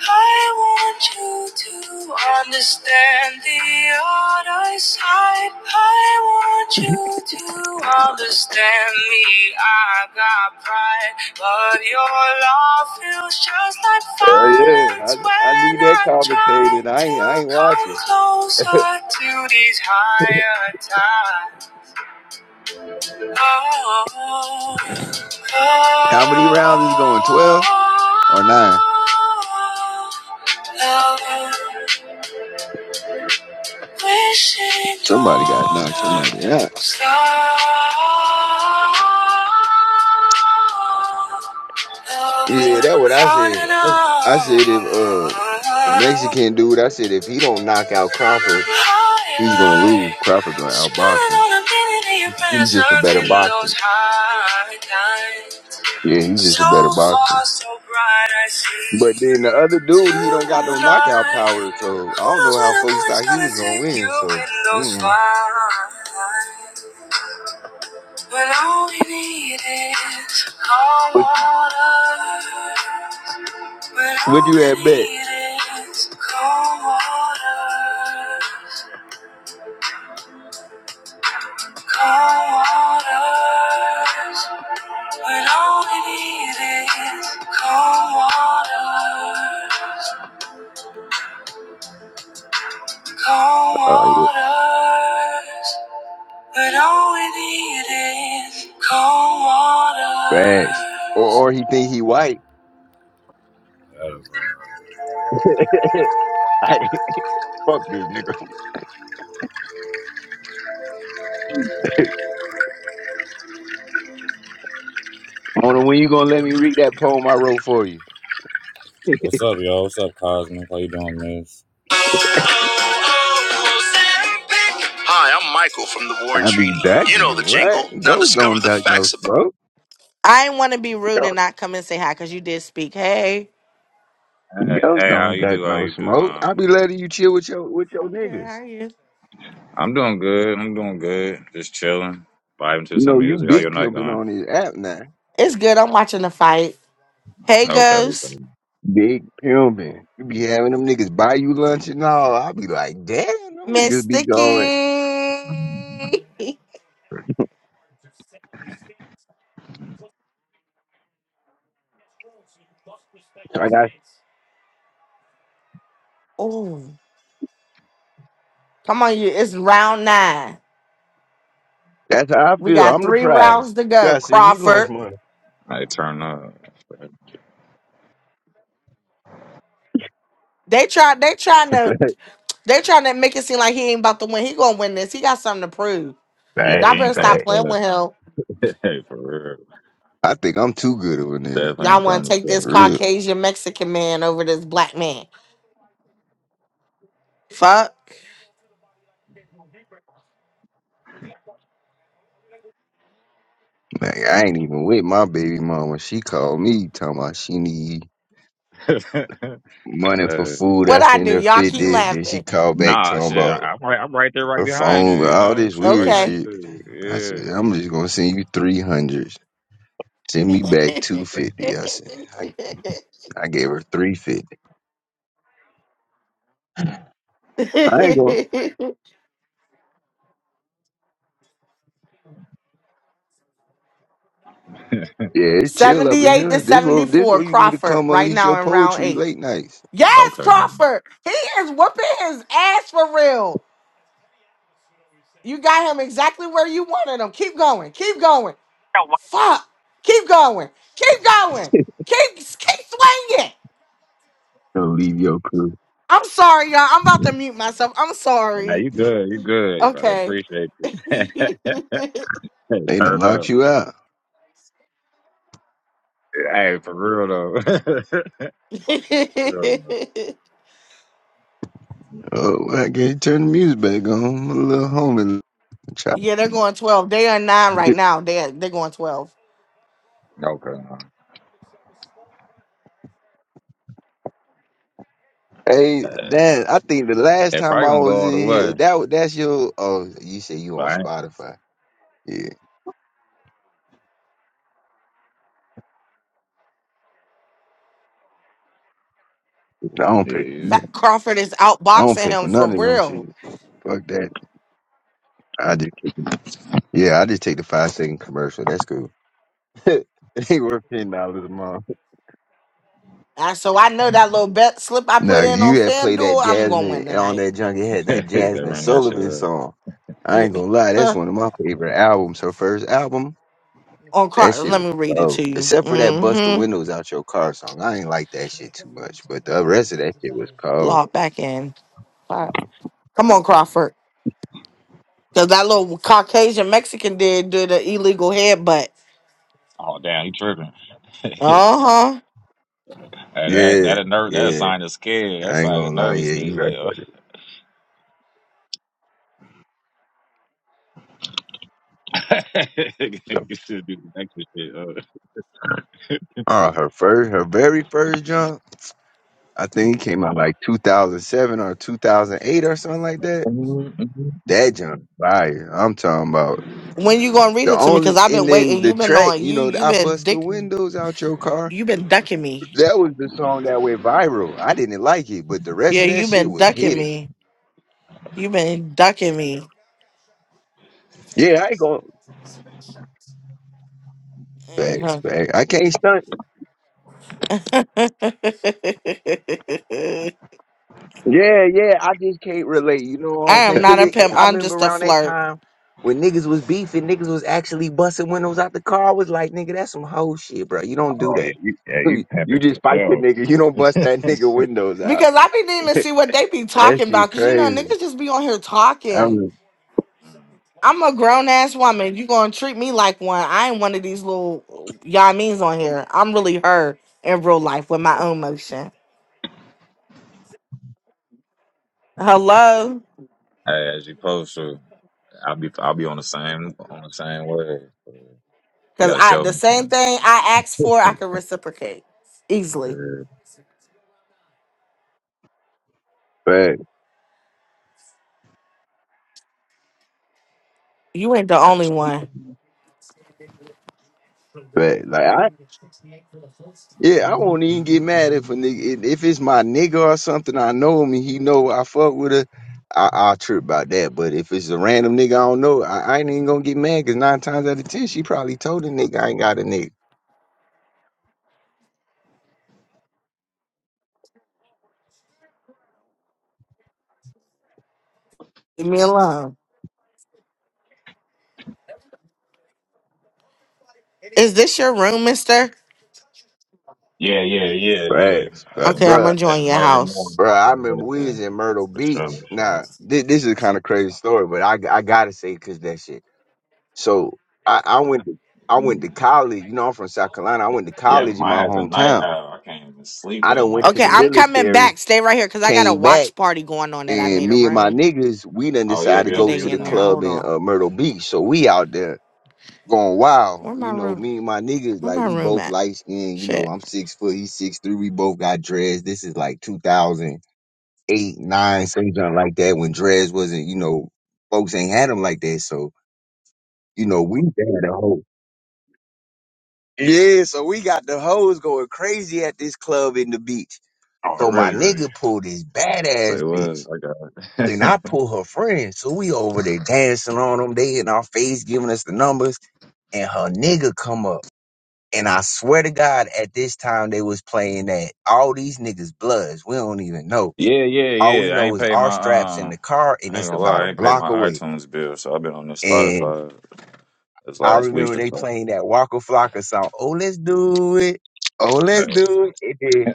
Speaker 1: I want you to understand the other side. I want you to understand me. I got pride, but your love feels just like
Speaker 2: Hell yeah,
Speaker 1: violence
Speaker 2: I, I
Speaker 1: when
Speaker 2: need that
Speaker 1: I try
Speaker 2: commentated. I
Speaker 1: to
Speaker 2: ain't, I ain't
Speaker 1: come
Speaker 2: watching.
Speaker 1: closer to these higher tides. Oh,
Speaker 2: How many
Speaker 1: oh,
Speaker 2: rounds is going? 12 or 9?
Speaker 1: lover, Wishing
Speaker 2: Somebody got
Speaker 1: on
Speaker 2: knocked
Speaker 1: a
Speaker 2: somebody out.
Speaker 1: star.
Speaker 2: Yeah,
Speaker 1: Lover,
Speaker 2: that what I
Speaker 1: on and
Speaker 2: said. I
Speaker 1: on.
Speaker 2: said if uh the Mexican dude, I said if he don't knock out Crawford,
Speaker 1: High
Speaker 2: he's gonna lose.
Speaker 1: life,
Speaker 2: Crawford gonna outbox
Speaker 1: spinning
Speaker 2: him.
Speaker 1: on a minute in your
Speaker 2: He's just a
Speaker 1: presence
Speaker 2: better
Speaker 1: in
Speaker 2: boxer.
Speaker 1: those high times.
Speaker 2: Yeah, he's just
Speaker 1: So
Speaker 2: a better boxer.
Speaker 1: far, so bright, I see
Speaker 2: But then the other dude, he don't got no knockout
Speaker 1: tonight.
Speaker 2: power, so I
Speaker 1: Who
Speaker 2: don't
Speaker 1: knows
Speaker 2: know
Speaker 1: where
Speaker 2: how
Speaker 1: the
Speaker 2: folks
Speaker 1: moon is
Speaker 2: thought he
Speaker 1: gonna
Speaker 2: was gonna
Speaker 1: take
Speaker 2: win.
Speaker 1: you
Speaker 2: So,
Speaker 1: in those
Speaker 2: mm.
Speaker 1: flights? When all we need is cold
Speaker 2: what you-
Speaker 1: water. When
Speaker 2: what
Speaker 1: all
Speaker 2: you had
Speaker 1: we
Speaker 2: bet?
Speaker 1: need is cold water. Cold waters. When all we need is cold water. Cold
Speaker 2: Oh yeah,
Speaker 1: waters, but all we need is cold waters.
Speaker 2: facts. Or or he think he white. I, fuck this nigga. Mona, when you gonna let me read that poem I wrote for you?
Speaker 1: Hi, I'm Michael from the Warren
Speaker 2: I
Speaker 1: Treaty.
Speaker 2: be
Speaker 1: You know
Speaker 2: ducking.
Speaker 1: the
Speaker 2: What?
Speaker 1: jingle. Now
Speaker 2: Ghosts
Speaker 1: discover
Speaker 2: don't
Speaker 1: the
Speaker 2: duck no
Speaker 1: facts about.
Speaker 2: smoke.
Speaker 3: I didn't want to be rude and not come and say hi because you did speak. Hey,
Speaker 2: Ghosts don't duck no smoke. I be letting you chill with your with your
Speaker 3: I'm good. How
Speaker 2: niggas.
Speaker 3: are you?
Speaker 2: You know you big pimping on this app now.
Speaker 3: It's good. I'm watching the fight. Hey, Ghost,
Speaker 2: Big pimping. You be having them niggas buy you lunch and all. I be like, damn, them
Speaker 3: Miss
Speaker 2: niggas be going.
Speaker 3: Sticky.
Speaker 2: So I got
Speaker 3: Oh, come on, you. It's round nine.
Speaker 2: that's how I
Speaker 3: We
Speaker 2: feel.
Speaker 3: got
Speaker 2: I'm the
Speaker 3: three rounds
Speaker 2: prize.
Speaker 3: to
Speaker 2: You
Speaker 3: go.
Speaker 2: gotta send me
Speaker 3: Crawford.
Speaker 2: lunch money.
Speaker 3: They try. They trying to. They trying to make it seem like he ain't about to win. He gonna win this. He got something to prove. Y'all
Speaker 2: Facts,
Speaker 3: better stop
Speaker 2: facts.
Speaker 3: playing with him.
Speaker 2: I think I'm too good of a nigga.
Speaker 3: Y'all want to take this
Speaker 2: For real.
Speaker 3: Caucasian Mexican man over this black man? Fuck.
Speaker 2: Like I ain't even with my baby mama. She called me talking about she need money for food. I
Speaker 3: What I
Speaker 2: sent
Speaker 3: do?
Speaker 2: her
Speaker 3: Y'all keep
Speaker 2: fifty. Then she
Speaker 3: laughing.
Speaker 2: called back talking about her phone, all this weird
Speaker 3: Okay.
Speaker 2: shit. I said, I'm just gonna send you three hundred. Send me back two fifty. I said, I, I gave her three fifty. I ain't going. Yeah, it's chill up in
Speaker 3: 78 to
Speaker 2: here. This what this
Speaker 3: 74,
Speaker 2: where you need to
Speaker 3: Crawford,
Speaker 2: come
Speaker 3: right
Speaker 2: unleash your
Speaker 3: now in round
Speaker 2: poetry
Speaker 3: eight.
Speaker 2: late nights.
Speaker 3: Yes, Crawford. He is whooping his ass for real. You got him exactly where you wanted him. Keep going. Keep going. Fuck. Keep going. Keep going. Keep, keep swinging.
Speaker 2: Don't leave your crew.
Speaker 3: I'm sorry, y'all. I'm about to mute myself. I'm sorry. Okay.
Speaker 2: They done locked you out. Oh, I can't turn the music back on. I'm a little homie.
Speaker 3: Yeah, they're going 12. They are nine right now. They're they're going 12.
Speaker 2: Hey, Dan, I think the last time I was in here, that wa- that's your. Oh, you say you on Spotify? Yeah, I don't pick.
Speaker 3: Fat Crawford is
Speaker 2: I don't
Speaker 3: outboxing
Speaker 2: pick for
Speaker 3: him for
Speaker 2: none of them
Speaker 3: real.
Speaker 2: shit. Fuck that. I just take. it- Yeah, I just take the five second commercial. That's cool. it ain't worth ten dollars a month.
Speaker 3: And so I know that little bet slip I
Speaker 2: No,
Speaker 3: put in on
Speaker 2: you had played that
Speaker 3: FanDuel, I'm gonna
Speaker 2: Jasmine
Speaker 3: win
Speaker 2: on
Speaker 3: tonight.
Speaker 2: that junk. It had that Jasmine Sullivan song. I
Speaker 3: Yeah.
Speaker 2: ain't gonna lie, that's
Speaker 3: Huh.
Speaker 2: one of my favorite albums. Her first album.
Speaker 3: on
Speaker 2: That
Speaker 3: Crawford,
Speaker 2: shit
Speaker 3: let
Speaker 2: was
Speaker 3: me read it
Speaker 2: dope.
Speaker 3: to you.
Speaker 2: Except for that bust the
Speaker 3: Mm-hmm.
Speaker 2: windows out your car song. I ain't like that shit too much. But the rest of that shit was cold.
Speaker 3: Log back in. All right. Come on, Crawford. Cause that little Caucasian Mexican did do the illegal headbutt. Uh-huh.
Speaker 2: Yeah, yeah. I ain't gonna lie, yeah, you right about it though. Uh, her first her very first jump, I think it came out like two thousand seven or two thousand eight or something like that. That jump fire. I'm talking about
Speaker 3: When you gonna read
Speaker 2: the
Speaker 3: it to me?
Speaker 2: only
Speaker 3: Cause I've
Speaker 2: and
Speaker 3: been
Speaker 2: then
Speaker 3: waiting.
Speaker 2: the
Speaker 3: You've been
Speaker 2: track,
Speaker 3: on
Speaker 2: you
Speaker 3: you,
Speaker 2: know, the
Speaker 3: you've
Speaker 2: I
Speaker 3: been
Speaker 2: bust the
Speaker 3: dick
Speaker 2: windows out your car.
Speaker 3: you've been ducking me.
Speaker 2: That was the song that went viral. I didn't like it, but the
Speaker 3: Yeah,
Speaker 2: rest of that
Speaker 3: you've
Speaker 2: shit
Speaker 3: been
Speaker 2: was
Speaker 3: ducking
Speaker 2: hitting.
Speaker 3: me. You been ducking me.
Speaker 2: Yeah, I ain't gonna. Facts,
Speaker 3: Mhm.
Speaker 2: facts. I can't stunt. Yeah, yeah. I just can't relate. You know what
Speaker 3: I
Speaker 2: I'm saying?
Speaker 3: am not
Speaker 2: Cause
Speaker 3: a
Speaker 2: it, it-
Speaker 3: pimp.
Speaker 2: I
Speaker 3: I'm
Speaker 2: remember
Speaker 3: just a
Speaker 2: around that
Speaker 3: flirt.
Speaker 2: time when niggas was beefing, niggas was actually busting windows out the car. I was like, nigga, that's some hoe shit, bro. You don't do that. You just fight the nigga. You don't bust that nigga windows out.
Speaker 3: Because I be needing to see what they be
Speaker 2: that
Speaker 3: talking
Speaker 2: shit
Speaker 3: about. Cause you know
Speaker 2: crazy.
Speaker 3: niggas just be on here talking.
Speaker 2: I'm
Speaker 3: I'm a grown ass woman. You gonna treat me like one? I ain't one of these little y'all means on here. I'm really her in real life with my own motion. Hello, cause I the same thing I asked for, I can reciprocate easily.
Speaker 2: fact,
Speaker 3: You ain't the only one.
Speaker 2: fact. Like I Yeah, I won't even get mad if a nigga if it's my nigga or something I know him and he know I fuck with her. I I'll trip about that. But if it's a random nigga I don't know, I, I ain't even gonna get mad because nine times out of ten she probably told the nigga I ain't got a nigga.
Speaker 3: Leave me alone. Is this your room, Mister?
Speaker 2: Facts, But
Speaker 3: Okay, I'm
Speaker 2: bruh,
Speaker 3: gonna join your house.
Speaker 2: bruh, I remember we was in Myrtle Beach. Now this, this is kind of crazy story, but I I gotta say because that shit. So I I went to, I went to college. You know I'm from South Carolina. I went to college in my hometown. I done went to
Speaker 3: Okay,
Speaker 2: the
Speaker 3: I'm coming
Speaker 2: military,
Speaker 3: back. Stay right here because I got a
Speaker 2: came back
Speaker 3: watch party going on that I
Speaker 2: and
Speaker 3: made a
Speaker 2: me and my
Speaker 3: room
Speaker 2: niggas, we done decided to
Speaker 3: and
Speaker 2: go
Speaker 3: they
Speaker 2: to the
Speaker 3: in there.
Speaker 2: club
Speaker 3: Hold
Speaker 2: in
Speaker 3: on.
Speaker 2: uh, Myrtle Beach. So we out there going
Speaker 3: Where
Speaker 2: wild.
Speaker 3: my
Speaker 2: You know,
Speaker 3: room?
Speaker 2: me and my niggas,
Speaker 3: Where
Speaker 2: like
Speaker 3: my
Speaker 2: we
Speaker 3: room
Speaker 2: both
Speaker 3: at?
Speaker 2: light skinned. You know,
Speaker 3: Shit.
Speaker 2: I'm six foot, he's six three. We both got dreads. This is like 2008, nine, something like that when dreads wasn't, you know, folks ain't had them like that. So, you know, we had a whole. Yeah, so we got the hoes going crazy at this club in the beach. So my nigga pulled this badass bitch. and I pull her friend. So we over there dancing on them. They in our face giving us the numbers, and her nigga come up. And I swear to God, at this time they was playing that all these niggas bloods. We don't even know. All we know is our straps in the car, and it's about a block away. And I remember they playing that Walker Flocka song. Oh, let's do it. Oh, let's do it. And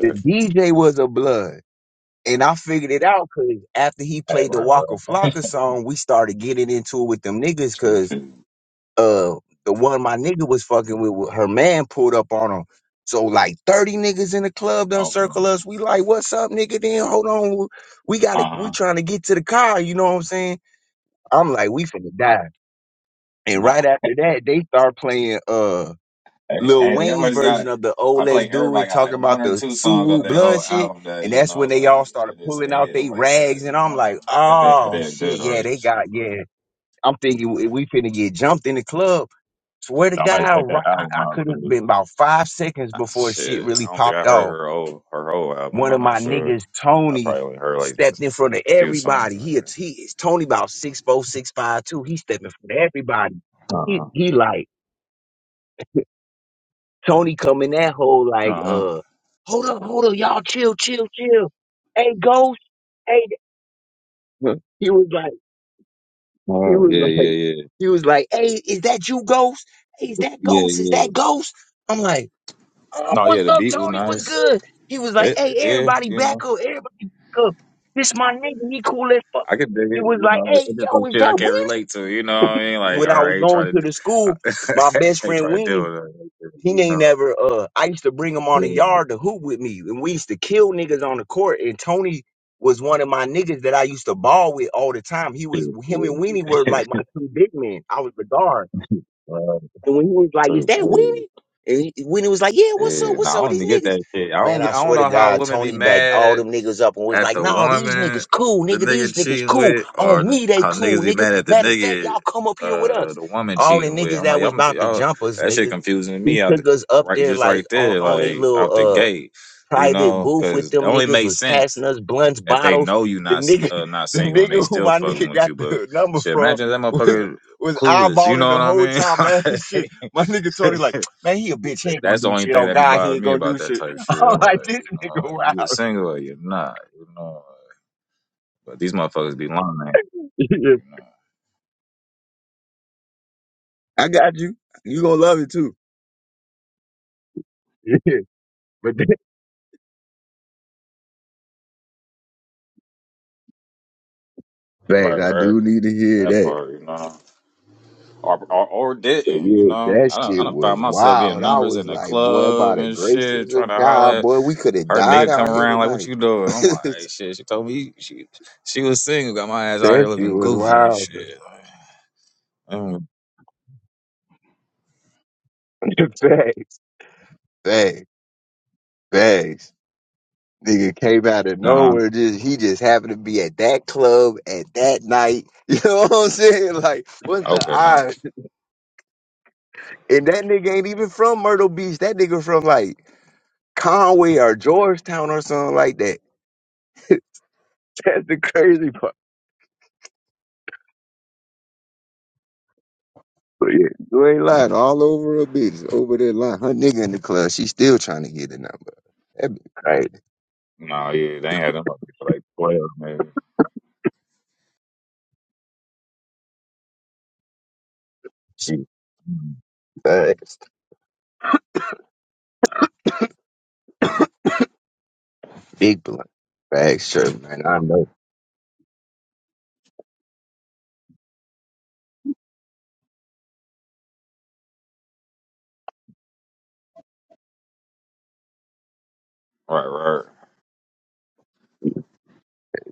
Speaker 2: then the DJ was a blood. And I figured it out because after he played the Walker Flocka song, we started getting into it with them niggas because uh the one my nigga was fucking with, with- her man pulled up on him. So like 30 niggas in the club done circle us. We like, what's up, nigga? Then hold on. We gotta we trying to get to the car, you know what I'm saying? I'm like, we finna die. And right after that, they start playing uh. Lil Wayne's version of the "Oh Let's Do It," talking about the Suwu blood shit, and that's when they all started pulling out they rags, and I'm like, oh shit, yeah, they got yeah. I'm thinking we we finna get jumped in the club. Swear to God, right, I, I could have been about five seconds before shit really popped off. One of my niggas, Tony, stepped in front of everybody. He a- he is Tony about six four, six five two. He stepping in front of everybody. He he like. Tony come in that hole like, uh, hold up, hold up, y'all chill, chill, chill. Hey, Ghost, hey, he was like, he was like, he was like, hey, is that you, Ghost? Hey, is that Ghost? Is that Ghost? I'm like, oh, what's up, Tony? What's good? He was like, hey, everybody back up, everybody back up. This my nigga, he cool as fuck. He was like, hey, yo, is that Weenie? When I was going to the school, my best friend Weenie He ain't never. Uh, I used to bring him on the yard to hoop with me, and we used to kill niggas on the court. And Tony was one of my niggas that I used to ball with all the time. He was him and Weenie were like my two big men. I was the guard. And when he was like, "Is that Weenie?" And he, Weenie was like, "Yeah, what's up? What's up with these niggas?" Man, I swear to God, Tony backed all them niggas up and was like, "Nah, these niggas cool, nigga. These niggas cool. On me, they cool, nigga. Matter of fact, y'all come up here with us." All the niggas that was about to jump us, nigga, he took us up there like on on a little uh, private booth with them niggas was passing us blunts, bottles. The nigga, the nigga who my nigga got the number from was was eyeballing the whole time, man. Shit, my nigga Tony like, man, he a bitch. He ain't gonna do shit on God. He ain't gonna do shit. I'm like, this nigga wild. Yeah, I got you. You gonna love it too. yeah. But then, Thanks. I do need to hear that. But yeah, that shit was wild. I was like, boy, by the graces of God, boy, we could have died out here tonight. that shit was wild. though. Facts, facts, facts. Nigga came out of nowhere. Just he just happened to be at that club at that night. You know what I'm saying? Like, what's the odds? And that nigga ain't even from Myrtle Beach. That nigga from like Conway or Georgetown or something like that. That's the crazy part. But yeah, you ain't lying. All over her bitch, over there lying. Her nigga in the club, she still trying to get the number. That be crazy. She fat, big blunt, bag shirt, man. I know.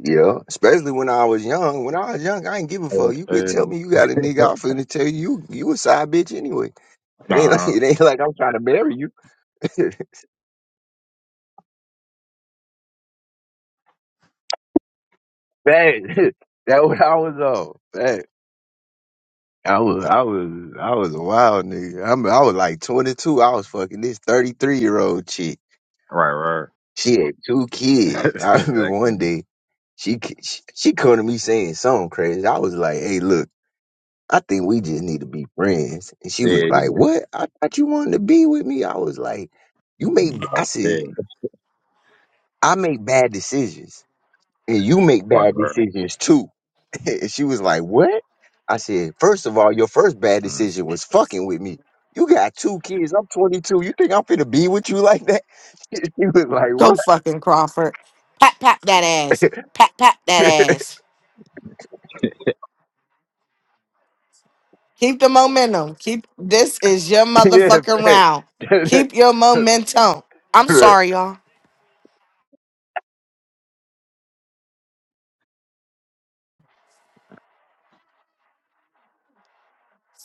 Speaker 2: Yeah, especially when I was young. When I was young, I ain't give a fuck. You could tell me you got a nigga out for to tell you you you a side bitch anyway. It ain't like it ain't like I'm trying to marry you. Bad. that what I was on. Bad. I was I was I was a wild nigga. I'm, I was like 22. I was fucking this 33 year old chick. She had two kids. I remember one day she she, she come to me saying something crazy. I was like, "Hey, look, I think we just need to be friends." And she was like, "What? I thought you wanted to be with me." I was like, "You make," I said, "I make bad decisions, and you make bad decisions too." and she was like, "What?" I said, "First of all, your first bad decision was fucking with me. You got two kids. I'm 22. You think I'm finna be with you like that?" She was
Speaker 3: Go
Speaker 2: like,
Speaker 3: fucking Crawford. Pat pat that ass.
Speaker 2: "What?"
Speaker 3: Pat pat that ass. Keep the momentum. Keep this is your
Speaker 2: Yeah,
Speaker 3: motherfucking
Speaker 2: facts.
Speaker 3: round. Keep your momentum. I'm
Speaker 2: facts.
Speaker 3: sorry, y'all.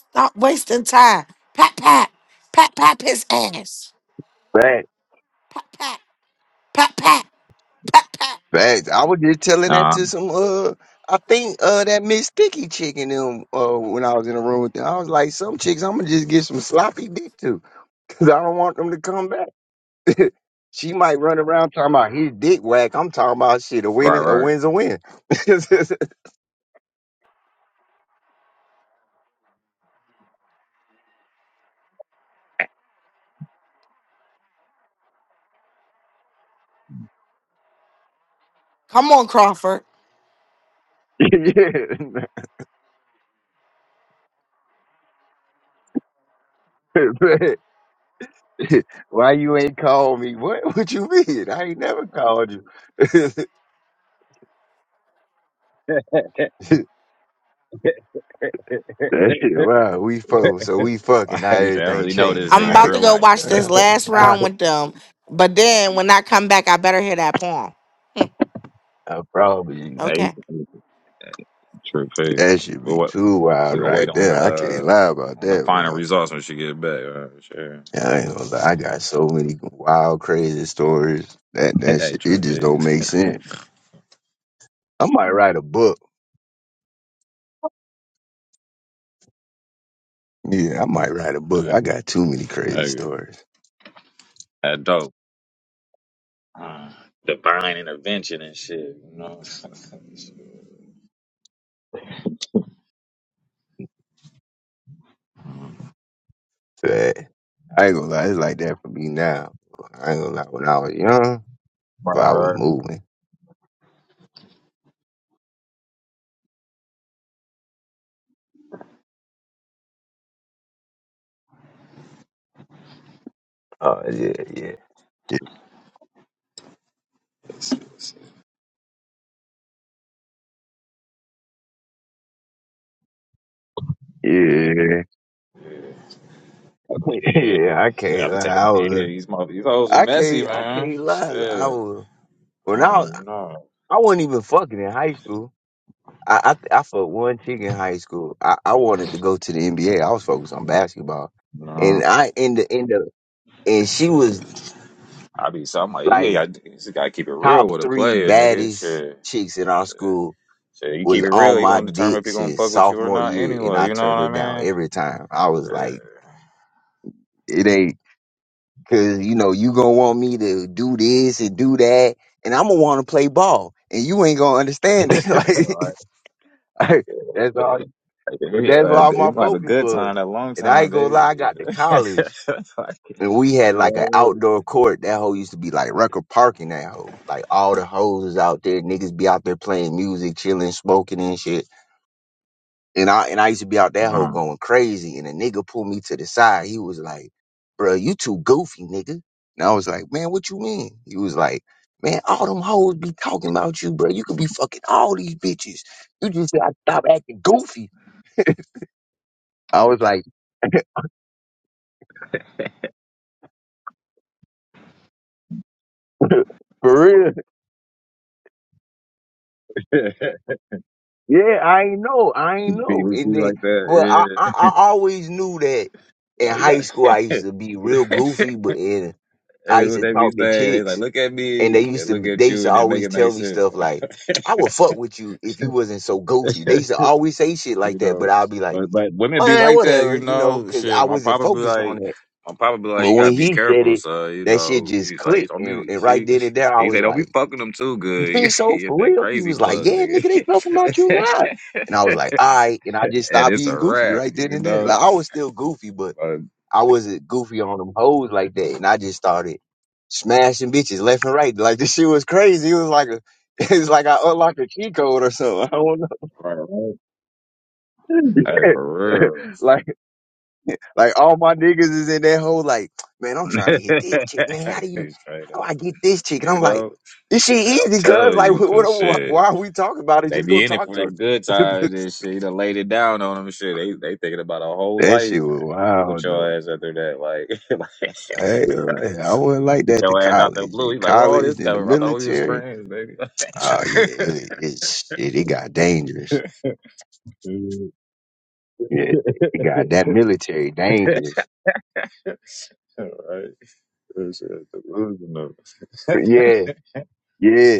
Speaker 3: Stop wasting time. Pat pat. Pat pat his ass. Pat pat. Pat pat. Pat pat.
Speaker 2: Facts. I was just telling that to some uh I think uh that Miss Sticky chick in them uh when I was in the room with them. I was like, some chicks I'm gonna just get some sloppy dick to because I don't want them to come back. she might run around talking about his dick whack. I'm talking about shit, a win a win's a win.
Speaker 3: Come on, Crawford.
Speaker 2: yeah. Why you ain't called me? What what you mean? I ain't never called you. That shit, wow, we fuck, so we fucking now everything changed.
Speaker 3: I'm about
Speaker 2: Like,
Speaker 3: to go watch this
Speaker 2: uh,
Speaker 3: last
Speaker 2: I,
Speaker 3: round with them. But then when I come back, I better hear that poem. Hmm,
Speaker 2: I probably,
Speaker 3: okay.
Speaker 2: that should be too wild right there. I can't lie about that, boy. Yeah, I ain't gonna lie. I got so many wild, crazy stories. That, that shit, it just don't make sense. I might write a book. Yeah, I might write a book. I got too many crazy stories. But I ain't gonna lie, it's like that for me now. I ain't gonna lie, when I was young, if I was moving. Oh, yeah, yeah. Yeah. Yeah, I can't lie. I was, I can't, I can't lie. I was when I, was- I wasn't even fucking in high school. I, I, I fucked one chick in high school. I, I wanted to go to the NBA. I was focused on basketball, and I in the in the and she was like top three baddest chicks in our school. Was on my dick since sophomore year, and I turned her down every time. I was like, it ain't. Cause you know, you gonna want me to do this and do that, and I'm gonna want to play ball, and you ain't gonna understand it. like, like, that's all. But that's all my focus was. And I ain't gonna lie, I got to college, and we had like an outdoor court. That hole used to be like Rucker Park in that hole. Like all the hoes is out there, niggas be out there playing music, chilling, smoking and shit. And I and I used to be out that hole going crazy. And a nigga pulled me to the side. He was like, bro, you too goofy, nigga. And I was like, man, what you mean? He was like, man, all them hoes be talking about you, bro. You could be fucking all these bitches. You just gotta stop acting goofy. I was like, for real? Yeah, I ain't know. I ain't know. And then, but I, I, I always knew that in high school I used to be real goofy, but and I used to talk to chicks. and they used to they used to always tell me stuff like I would fuck with you if you wasn't so goofy. They used to always say shit like that, but I'd be like, man, whatever, you know, because I wasn't focused on that. But when he said it, that shit just clicked, and, and right then and there, I was like, you think so for real? He was like, yeah, nigga, they talking about you now, and I was like, all right, and I just stopped being goofy right then and there. Like I was still goofy, but. I wasn't goofy on them hoes like that, and I just started smashing bitches left and right. Like this shit was crazy. It was like a, it's like I unlocked a key code or something. I don't know. Yeah. like, like all my niggas is in that hole. Like, man, I'm trying to hit this chick. Man, how do you? How do I get this chick? And I'm like, this shit easy, cuz. Like, what, what? Why are we talking about it? Just go talk to her. that shit was wild though. Hey, hey, I wasn't like that to college. In college, in the military. Uh, yeah, it, it, shit, it got dangerous. Yeah, it it got that military dangerous. Yeah, yeah.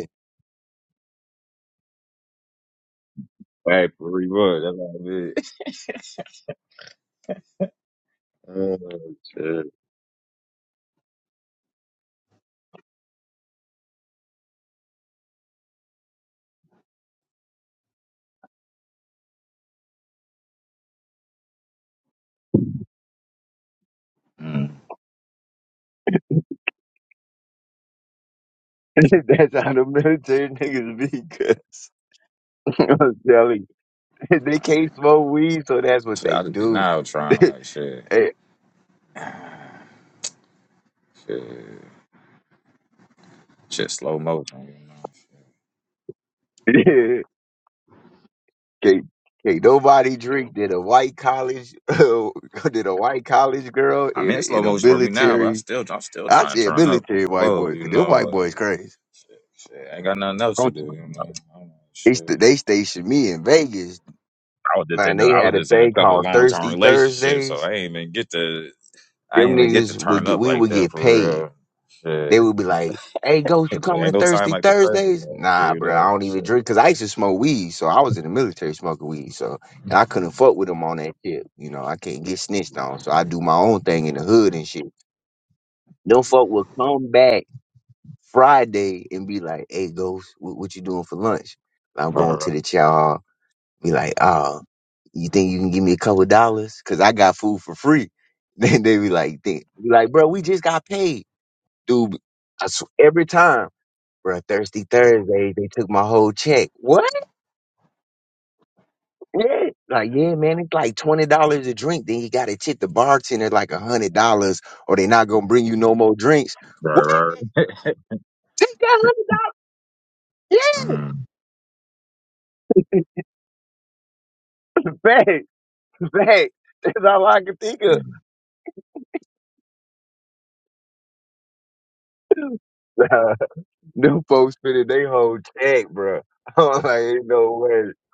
Speaker 2: That's how the military niggas be, cuz. I'm telling you. They can't smoke weed, so that's what they do. Eh, yeah. Can't, can't nobody drink than a white college, than a white college girl in a, in a military. I said military white boy, cause them white boys crazy. I'm talking about- They, st- they stationed me in Vegas Man, they had a thing called Thirsty Thursdays. Them niggas would get, we would get paid. They would be like, "Hey, Ghost, you coming to Thirsty Thursdays?" Nah, bro, I don't even drink because I used to smoke weed, so I was in the military smoking weed, so and I couldn't fuck with them on that shit. You know, I can't get snitched on, so I do my own thing in the hood and shit. Them fuck would come back Friday and be like, "Hey, Ghost, what, what you doing for lunch?" I'm going to the chow. hall." Be like, oh. you think you can give me a couple dollars? Cause I got food for free. Then they be like, think, be like, bro, we just got paid, dude. I sw- every time, bro, Thirsty Thursday, they took my whole check. What? Yeah. Like, yeah, man, it's like twenty dollars a drink. Then you gotta tip the bartender like a hundred dollars, or they not gonna bring you no more drinks. What? Take that hundred dollars? Yeah. Back, back. That's all I can think of. Nah, Them folks spending their whole check, bro. I'm like, ain't no way.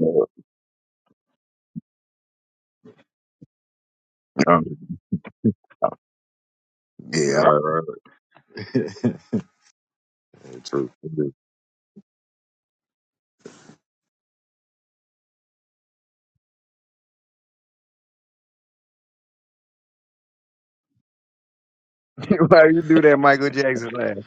Speaker 2: Um, yeah. Why you do that Michael Jackson laugh?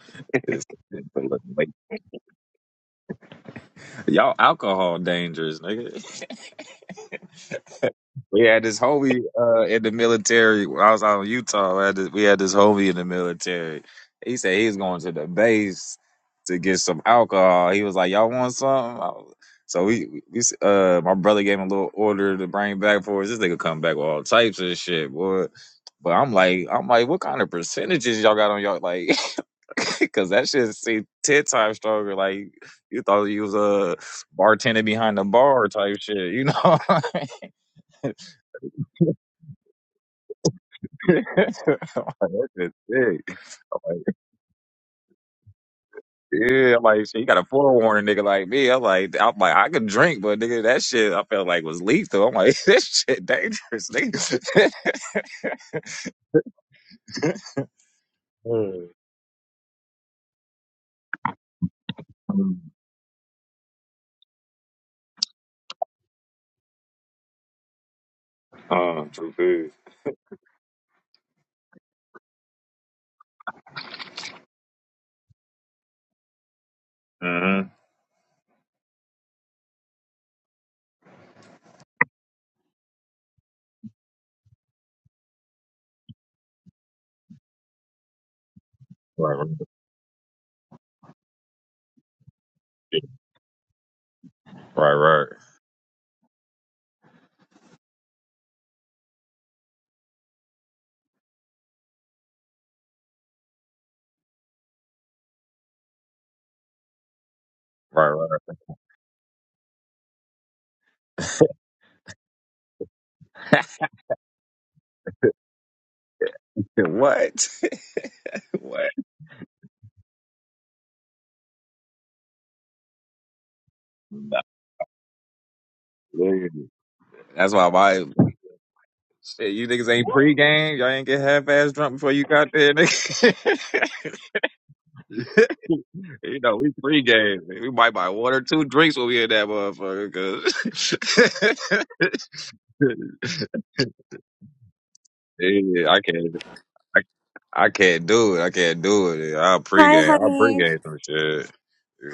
Speaker 4: Hi, honey.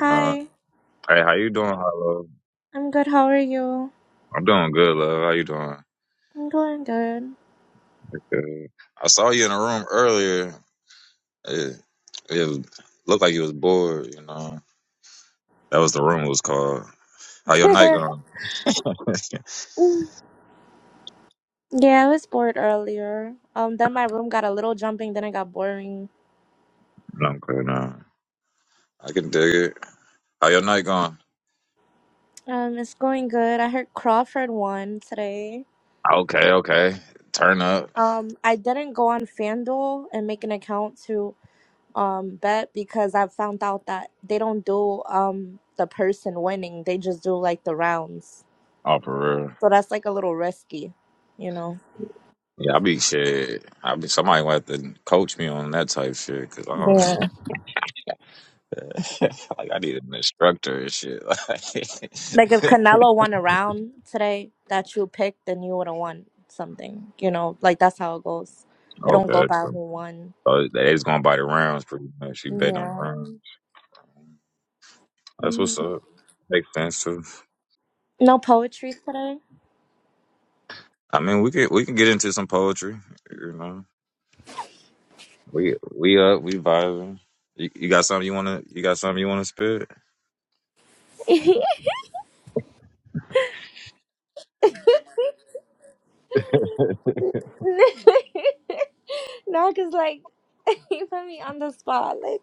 Speaker 4: Hi. I'm good. How are you? I'm doing good. yeah, I was bored earlier. Um, then my room got a little jumping. Then it got boring. Um, it's going good. I heard Crawford won today. Um, I didn't go on FanDuel and make an account to um bet because I found out that they don't do um the person winning. They just do like the rounds. So that's like a little risky, you know. Yeah. Like if Canelo won a round today that you picked, then you would have won something. You know, like that's how it goes. It don't go by who won. Yeah. Mhm. No poetry today. no, cause like you put me on the spot. Like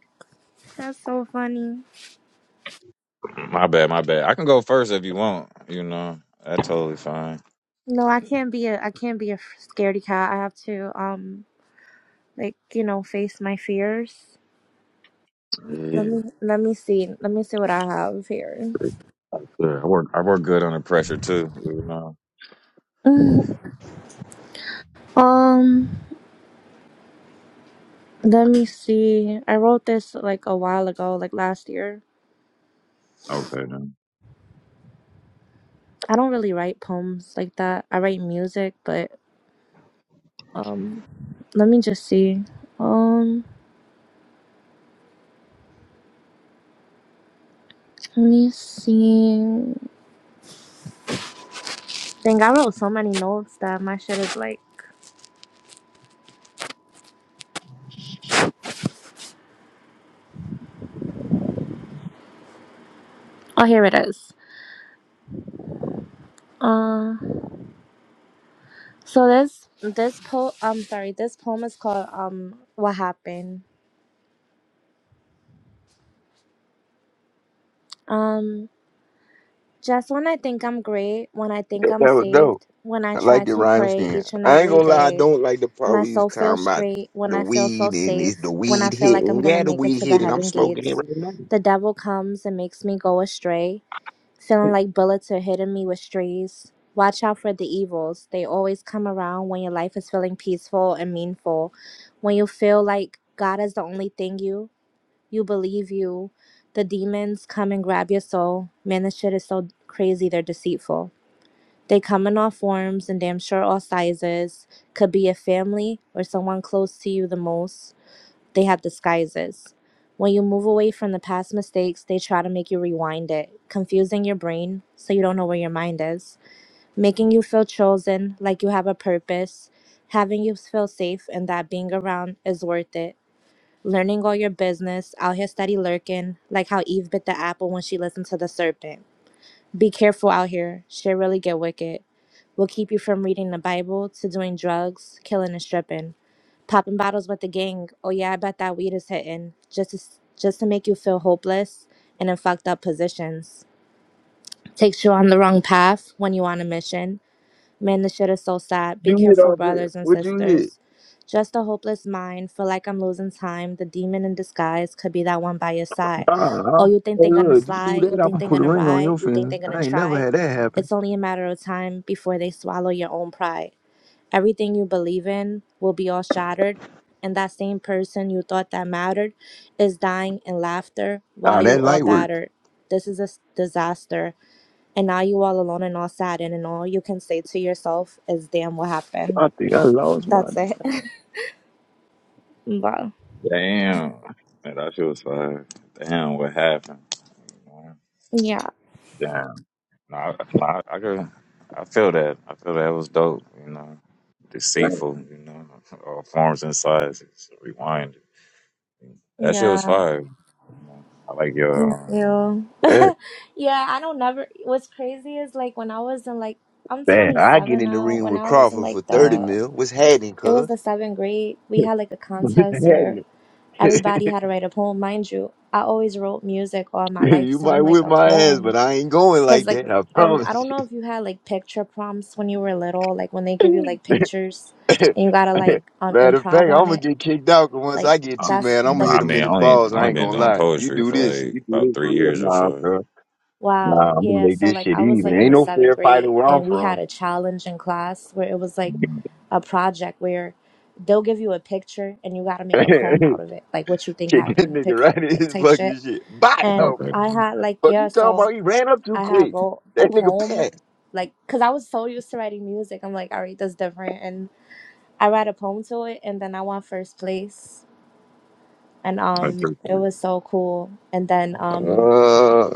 Speaker 4: that's so funny. No, I can't be a I can't be a scaredy cat. I have to um like you know face my fears. Let me let me see. Let me see what I have here. um. Let me see. I wrote this like a while ago, like last year. I don't really write poems like that. I write music, but um let me just see. Um let me see. Dang, I wrote so many notes that my shit is like Oh here it is. Uh so this this po I'm sorry, this poem is called um What Happened. Um just when I think I'm great, when I think
Speaker 2: That
Speaker 4: I'm
Speaker 2: that was dope.
Speaker 4: saved, when I
Speaker 2: I
Speaker 4: try
Speaker 2: like your
Speaker 4: to
Speaker 2: rhyme
Speaker 4: pray
Speaker 2: scheme.
Speaker 4: each and
Speaker 2: I ain't
Speaker 4: every
Speaker 2: gonna lie, I
Speaker 4: day.
Speaker 2: don't like the part
Speaker 4: My
Speaker 2: where you was
Speaker 4: soul feels
Speaker 2: talking about
Speaker 4: straight when
Speaker 2: the
Speaker 4: I feel so
Speaker 2: weed and is the
Speaker 4: safe, when I
Speaker 2: weed
Speaker 4: feel like I'm
Speaker 2: hitting.
Speaker 4: gonna
Speaker 2: Yeah, the
Speaker 4: make it
Speaker 2: weed
Speaker 4: to the
Speaker 2: hitting. I'm
Speaker 4: heaven
Speaker 2: smoking it
Speaker 4: gates.
Speaker 2: right now.
Speaker 4: The devil comes and makes me go astray, feeling like bullets are hitting me with strays. Watch out for the evils. They always come around when your life is feeling peaceful and meaningful. When you feel like God is the only thing you, you believe you. The demons come and grab your soul. Man, this shit is so crazy, they're deceitful. They come in all forms and damn sure all sizes. Could be a family or someone close to you the most. They have disguises. When you move away from the past mistakes, they try to make you rewind it, confusing your brain so you don't know where your mind is, making you feel chosen, like you have a purpose, having you feel safe and that being around is worth it. Learning all your business, out here steady lurking, like how Eve bit the apple when she listened to the serpent be careful out here. Shit really get wicked. We'll keep you from reading the Bible to doing drugs, killing and stripping, popping bottles with the gang. Oh yeah, I bet that weed is hitting. Just to, s- just to make you feel hopeless and in fucked up positions. Takes you on the wrong path when you on a mission. Man, this shit is so sad. Be
Speaker 2: You hit
Speaker 4: careful,
Speaker 2: off it.
Speaker 4: brothers and
Speaker 2: What you hit?
Speaker 4: sisters. Just a hopeless mind. Feel like I'm losing time. The demon in disguise could be that one by your side.
Speaker 2: Uh,
Speaker 4: Oh,
Speaker 2: I'm-
Speaker 4: you think
Speaker 2: hey,
Speaker 4: they're gonna
Speaker 2: look, if you do
Speaker 4: slide? You
Speaker 2: that, I'm
Speaker 4: think
Speaker 2: gonna
Speaker 4: they're
Speaker 2: put a
Speaker 4: gonna
Speaker 2: ring on
Speaker 4: ride?
Speaker 2: your
Speaker 4: You think
Speaker 2: finger.
Speaker 4: they're gonna
Speaker 2: I ain't never
Speaker 4: try?
Speaker 2: had that happen.
Speaker 4: It's only a matter of time before they swallow your own pride. Everything you believe in will be all shattered, and that same person you thought that mattered is dying in laughter while
Speaker 2: Ah,
Speaker 4: you
Speaker 2: that
Speaker 4: all
Speaker 2: light work.
Speaker 4: battered. This is a s- disaster. And now you all alone and all saddened, and all you can say to yourself is, "Damn, what happened?"
Speaker 2: I think I lost my.
Speaker 4: That's it. But yeah, yeah, me too.
Speaker 2: Man,
Speaker 4: yeah, I don't never. What's crazy is like when I was in like I'm
Speaker 2: man, I
Speaker 4: 27
Speaker 2: get in the
Speaker 4: now.
Speaker 2: ring
Speaker 4: When
Speaker 2: with
Speaker 4: I was in
Speaker 2: Crawford for
Speaker 4: like
Speaker 2: thirty
Speaker 4: the
Speaker 2: mil. What's happening,
Speaker 4: it was
Speaker 2: cuz?
Speaker 4: the seventh grade, we had like a
Speaker 2: What's
Speaker 4: contest where
Speaker 2: happening?
Speaker 4: everybody had to write a poem. Mind you, I always wrote music all my life,
Speaker 2: you
Speaker 4: so I'm
Speaker 2: might
Speaker 4: like
Speaker 2: whip
Speaker 4: a
Speaker 2: my ass,
Speaker 4: poem
Speaker 2: but I ain't going
Speaker 4: Cause
Speaker 2: like
Speaker 4: like
Speaker 2: that. I
Speaker 4: um I
Speaker 2: promise
Speaker 4: don't know if you had like picture prompts when you were little, like when they give you
Speaker 2: you.
Speaker 4: like pictures and you gotta like um
Speaker 2: Matter of fact,
Speaker 4: improv
Speaker 2: I'm
Speaker 4: on
Speaker 2: gonna
Speaker 4: it.
Speaker 2: get kicked out. 'cause once
Speaker 4: Like
Speaker 2: I get two,
Speaker 4: that's
Speaker 2: man, I'm gonna
Speaker 4: like
Speaker 2: hit him in his balls. I ain't gonna lie. You do this, you do this for real, nah, bro.
Speaker 4: wow,
Speaker 2: Nah, I'm gonna
Speaker 4: yeah.
Speaker 2: make
Speaker 4: So
Speaker 2: this
Speaker 4: like
Speaker 2: shit
Speaker 4: I was
Speaker 2: even.
Speaker 4: like in
Speaker 2: Ain't
Speaker 4: the
Speaker 2: no
Speaker 4: seventh
Speaker 2: fair
Speaker 4: grade
Speaker 2: fighting where
Speaker 4: and
Speaker 2: I'm
Speaker 4: we
Speaker 2: from.
Speaker 4: had a challenge in class where it was like a project where they'll give you a picture and you gotta make a poem out
Speaker 2: Kick
Speaker 4: of it, like what you think happened
Speaker 2: that
Speaker 4: in the
Speaker 2: nigga right
Speaker 4: picture,
Speaker 2: in
Speaker 4: like
Speaker 2: his
Speaker 4: type shit.
Speaker 2: fucking shit. Bye.
Speaker 4: And
Speaker 2: Oh,
Speaker 4: I had like
Speaker 2: fuck
Speaker 4: yeah,
Speaker 2: you talking
Speaker 4: so
Speaker 2: about? He ran up too
Speaker 4: I had
Speaker 2: quick.
Speaker 4: wrote a
Speaker 2: That nigga
Speaker 4: poem
Speaker 2: passed.
Speaker 4: like because I was so used to writing music. I'm like, all right, that's different. and. I write a poem to it and then I won first place. And um it was so cool. And then um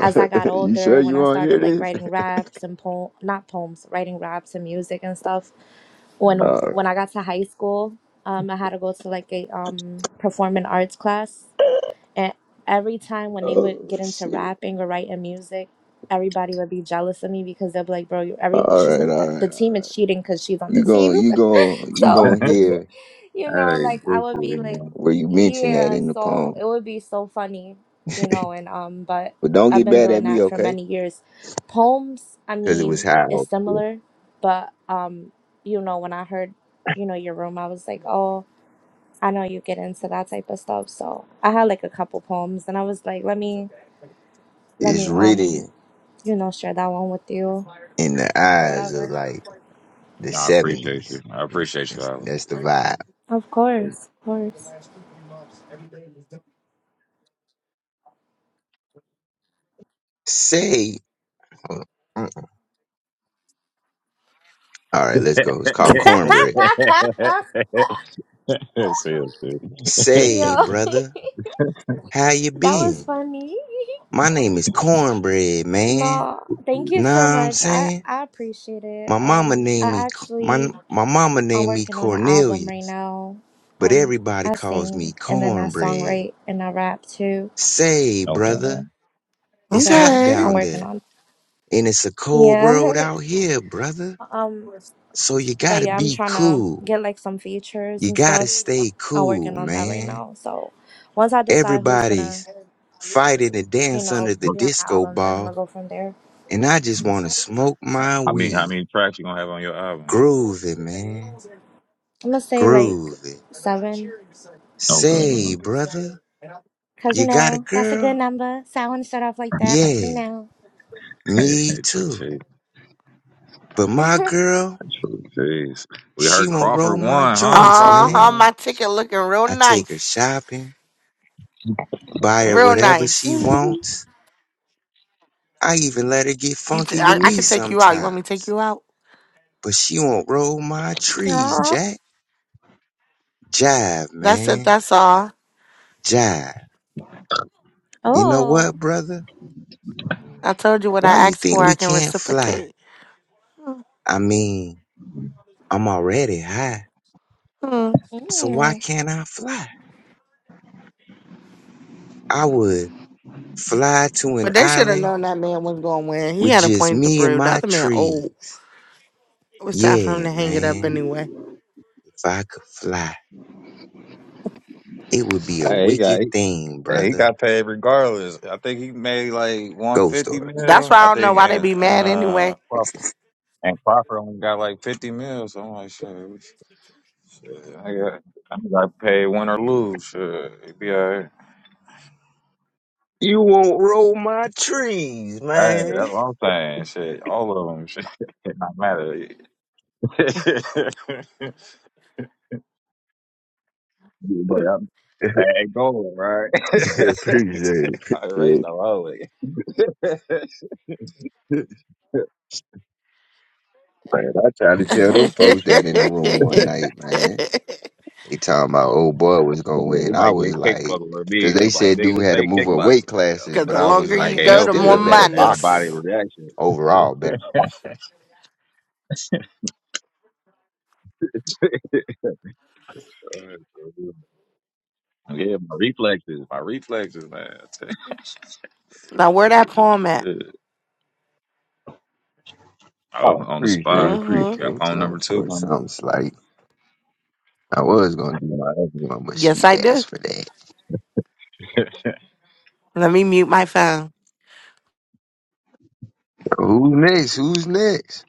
Speaker 4: as I got
Speaker 2: you sure
Speaker 4: older, when
Speaker 2: you
Speaker 4: I
Speaker 2: want to hear
Speaker 4: started like
Speaker 2: this?
Speaker 4: writing raps and poem not poems, writing raps and music and stuff, when
Speaker 2: All right.
Speaker 4: when I got to high school, um I had to go to like a um performing arts class. And every time when they would
Speaker 2: Oh
Speaker 4: get into
Speaker 2: shit.
Speaker 4: rapping or writing music, everybody would be jealous of me because they'll be like, "Bro, you every
Speaker 2: All
Speaker 4: she's
Speaker 2: right.
Speaker 4: gonna-
Speaker 2: All
Speaker 4: the
Speaker 2: right.
Speaker 4: team
Speaker 2: All right.
Speaker 4: is cheating cuz she's on the
Speaker 2: You gon'
Speaker 4: team."
Speaker 2: you gon' you
Speaker 4: So
Speaker 2: gon' hear
Speaker 4: you know, like I would be like,
Speaker 2: where you mention that
Speaker 4: yeah,
Speaker 2: in the
Speaker 4: so
Speaker 2: poem,
Speaker 4: it would be so funny, you know, and um, but
Speaker 2: but don't
Speaker 4: I've
Speaker 2: get
Speaker 4: been
Speaker 2: mad at
Speaker 4: doing
Speaker 2: me,
Speaker 4: that for
Speaker 2: okay?
Speaker 4: many years. Poems, I
Speaker 2: Because it was
Speaker 4: mean, is
Speaker 2: how
Speaker 4: similar, but um, you know, when I heard, you know, your room, I was like, oh, I know you get into that type of stuff. So I had like a couple poems, and I was like, let me, let
Speaker 2: it's
Speaker 4: me, um,
Speaker 2: written
Speaker 4: you know, share that one with you
Speaker 2: in the
Speaker 4: or
Speaker 2: eyes of
Speaker 4: whatever.
Speaker 2: like the seventies. It's- That's the vibe.
Speaker 4: Of course, of course.
Speaker 2: Say. hold on. All right, let's go. It's called Cornbread. Say,
Speaker 4: no.
Speaker 2: brother, how you
Speaker 4: That was
Speaker 2: been?
Speaker 4: funny.
Speaker 2: My name is Cornbread, man.
Speaker 4: No, thank you
Speaker 2: Know what
Speaker 4: so
Speaker 2: I'm
Speaker 4: much. I
Speaker 2: saying?
Speaker 4: I appreciate it.
Speaker 2: My mama
Speaker 4: Um, I
Speaker 2: named me my
Speaker 4: actually
Speaker 2: my mama
Speaker 4: I'm
Speaker 2: named me
Speaker 4: working on an album right
Speaker 2: Cornelius,
Speaker 4: now.
Speaker 2: but
Speaker 4: Um,
Speaker 2: everybody
Speaker 4: I
Speaker 2: calls me
Speaker 4: sing and then I
Speaker 2: Cornbread.
Speaker 4: songwrite and I rap too.
Speaker 2: Say, brother, it's hot
Speaker 4: So
Speaker 3: Okay.
Speaker 4: I'm
Speaker 2: down
Speaker 4: working
Speaker 2: there,
Speaker 4: on
Speaker 2: and it's a cold world
Speaker 4: Yeah.
Speaker 2: out here, brother.
Speaker 4: um,
Speaker 2: So you
Speaker 4: but
Speaker 2: gotta
Speaker 4: yeah, I'm
Speaker 2: be
Speaker 4: trying to
Speaker 2: cool.
Speaker 4: get like some features
Speaker 2: You
Speaker 4: and
Speaker 2: gotta
Speaker 4: stuff.
Speaker 2: stay
Speaker 4: I'm
Speaker 2: cool,
Speaker 4: working on that right
Speaker 2: man.
Speaker 4: now. So once I decide who's gonna,
Speaker 2: Everybody's fighting to
Speaker 4: you
Speaker 2: dance under
Speaker 4: know,
Speaker 2: the
Speaker 4: be on my
Speaker 2: disco
Speaker 4: album, then I'm gonna
Speaker 2: ball
Speaker 4: go from there.
Speaker 2: And I just want to smoke my weed. Groove it, man.
Speaker 4: I'm gonna say like
Speaker 2: Groove it.
Speaker 4: seven
Speaker 2: Say, brother,
Speaker 4: Cause you
Speaker 2: you got a
Speaker 4: know, that's a good
Speaker 2: girl?
Speaker 4: number. So I want to start off like that, you
Speaker 2: Yeah,
Speaker 4: know.
Speaker 2: me too. But my girl, she won't roll my joints,
Speaker 3: Uh huh.
Speaker 2: man.
Speaker 3: My ticket looking real
Speaker 2: I take her
Speaker 3: nice.
Speaker 2: shopping, buy her
Speaker 3: Real
Speaker 2: whatever she
Speaker 3: nice.
Speaker 4: Mhm.
Speaker 2: wants. I even let her get
Speaker 3: You, t-
Speaker 2: funky with
Speaker 3: I, I
Speaker 2: me
Speaker 3: could take you out. You want me to take
Speaker 2: sometimes.
Speaker 3: you out?
Speaker 2: But she won't roll my trees,
Speaker 4: Aw.
Speaker 2: Jack. Jive,
Speaker 3: That's it.
Speaker 2: man.
Speaker 3: That's all.
Speaker 2: Jive. You know
Speaker 4: oh.
Speaker 2: what, brother?
Speaker 3: I told you what
Speaker 2: Why
Speaker 3: I
Speaker 2: you
Speaker 3: asked
Speaker 2: think
Speaker 3: for. I
Speaker 2: we
Speaker 3: can
Speaker 2: can't fly?
Speaker 3: reciprocate.
Speaker 2: I mean, I'm already high,
Speaker 3: Hmm.
Speaker 2: so why
Speaker 4: Mm.
Speaker 2: can't I fly? I would fly to an
Speaker 3: But they should have
Speaker 2: island
Speaker 3: known that man was going to win. He
Speaker 2: with
Speaker 3: had a
Speaker 2: just
Speaker 3: point to
Speaker 2: me and
Speaker 3: prove. The
Speaker 2: my
Speaker 3: other man old.
Speaker 2: trees.
Speaker 3: It was time for him
Speaker 2: Yeah,
Speaker 3: to hang it up
Speaker 2: man.
Speaker 3: anyway.
Speaker 2: If I could fly, it would be a wicked thing, brother. Ghost stories.
Speaker 3: That's why I don't know why they be mad anyway.
Speaker 2: You won't roll my trees, man. Appreciate it. Appreciate it, Man, I tried to tell them folks that in the room one night, man. They talking about old boy was gonna win. I was like, because they said dude had to move up weight classes,
Speaker 3: Because
Speaker 2: but
Speaker 3: the
Speaker 2: I
Speaker 3: longer
Speaker 2: was
Speaker 3: you
Speaker 2: like,
Speaker 3: go,
Speaker 2: he's
Speaker 3: the
Speaker 2: still
Speaker 3: more
Speaker 2: a better boxer
Speaker 3: monies.
Speaker 2: though. Overall, better. boxer.
Speaker 3: Now, where that poem at?
Speaker 2: Oh, appreciate, it,
Speaker 3: hmm
Speaker 2: appreciate. it. Something for something slight. I was gonna do my other one, but
Speaker 3: Yes,
Speaker 2: she
Speaker 3: I do.
Speaker 2: asked for that.
Speaker 3: Let me mute my phone.
Speaker 2: So who's next? Who's next?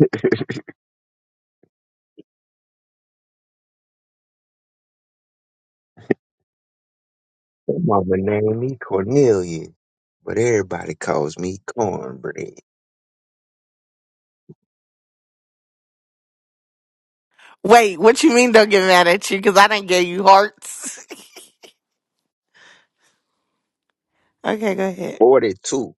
Speaker 2: My mama named me Cornelia, but everybody calls me Cornbread.
Speaker 3: Wait, what you mean don't get mad at you? Because I didn't give you hearts. okay, go ahead.
Speaker 2: Forty-two.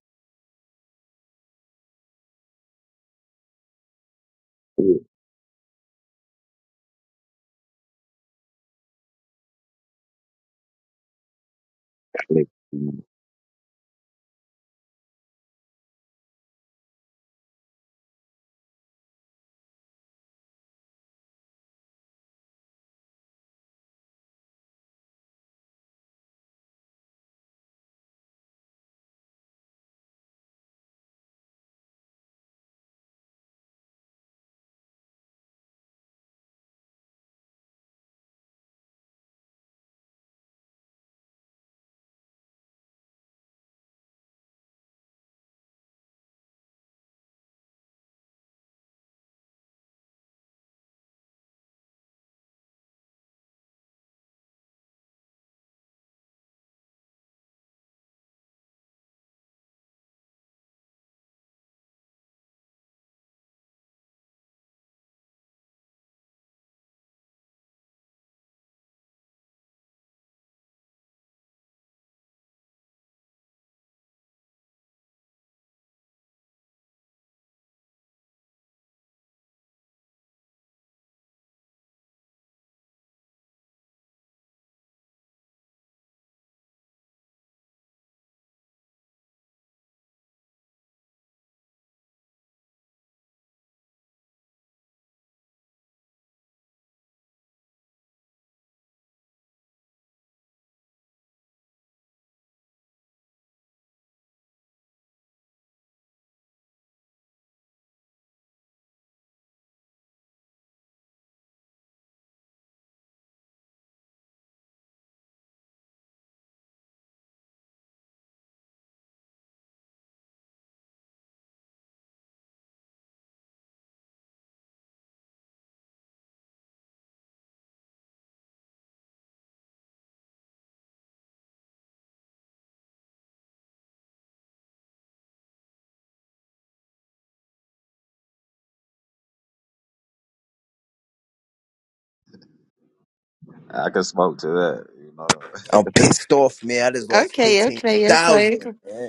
Speaker 5: I'm pissed off, man. I just lost
Speaker 3: Okay,
Speaker 5: fifteen
Speaker 3: okay, okay.
Speaker 5: thousand, man.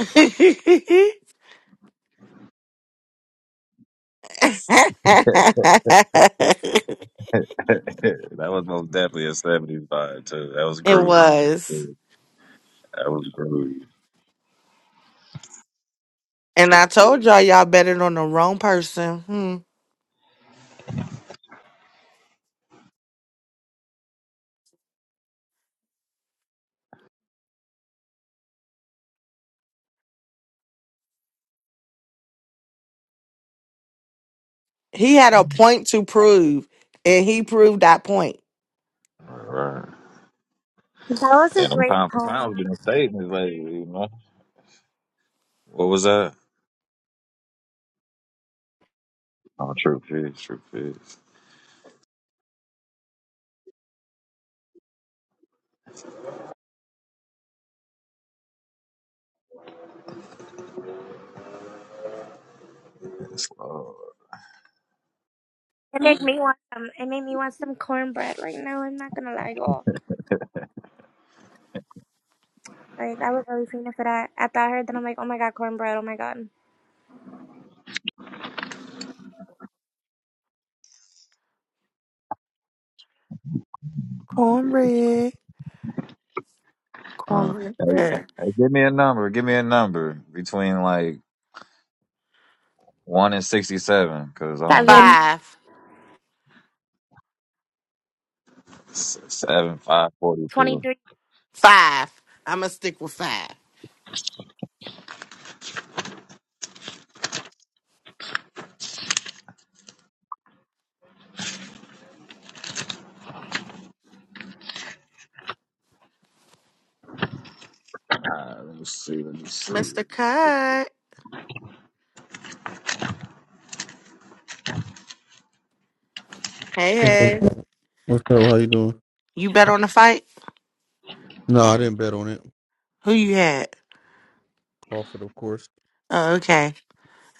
Speaker 3: okay. it was. And I told y'all, y'all betted on the wrong person. Hmm. He had a point to prove, and he proved that point.
Speaker 4: That was a great poem. It made me want some it made me want some cornbread right now, I'm not gonna lie, y'all. Like I was really feeling for that. After I heard that I'm like, oh my god, cornbread, oh my god.
Speaker 3: Cornbread. Cornbread. bread.
Speaker 4: Seven.
Speaker 3: Five.
Speaker 4: Twenty three.
Speaker 3: Five. I'm going to stick with five. Mr. Cut. Hey,
Speaker 6: What's
Speaker 3: hey.
Speaker 6: up? How you doing?
Speaker 3: You bet on the fight?
Speaker 6: No, I didn't bet on it.
Speaker 3: Who you had?
Speaker 6: Crawford, of course.
Speaker 3: Oh, okay.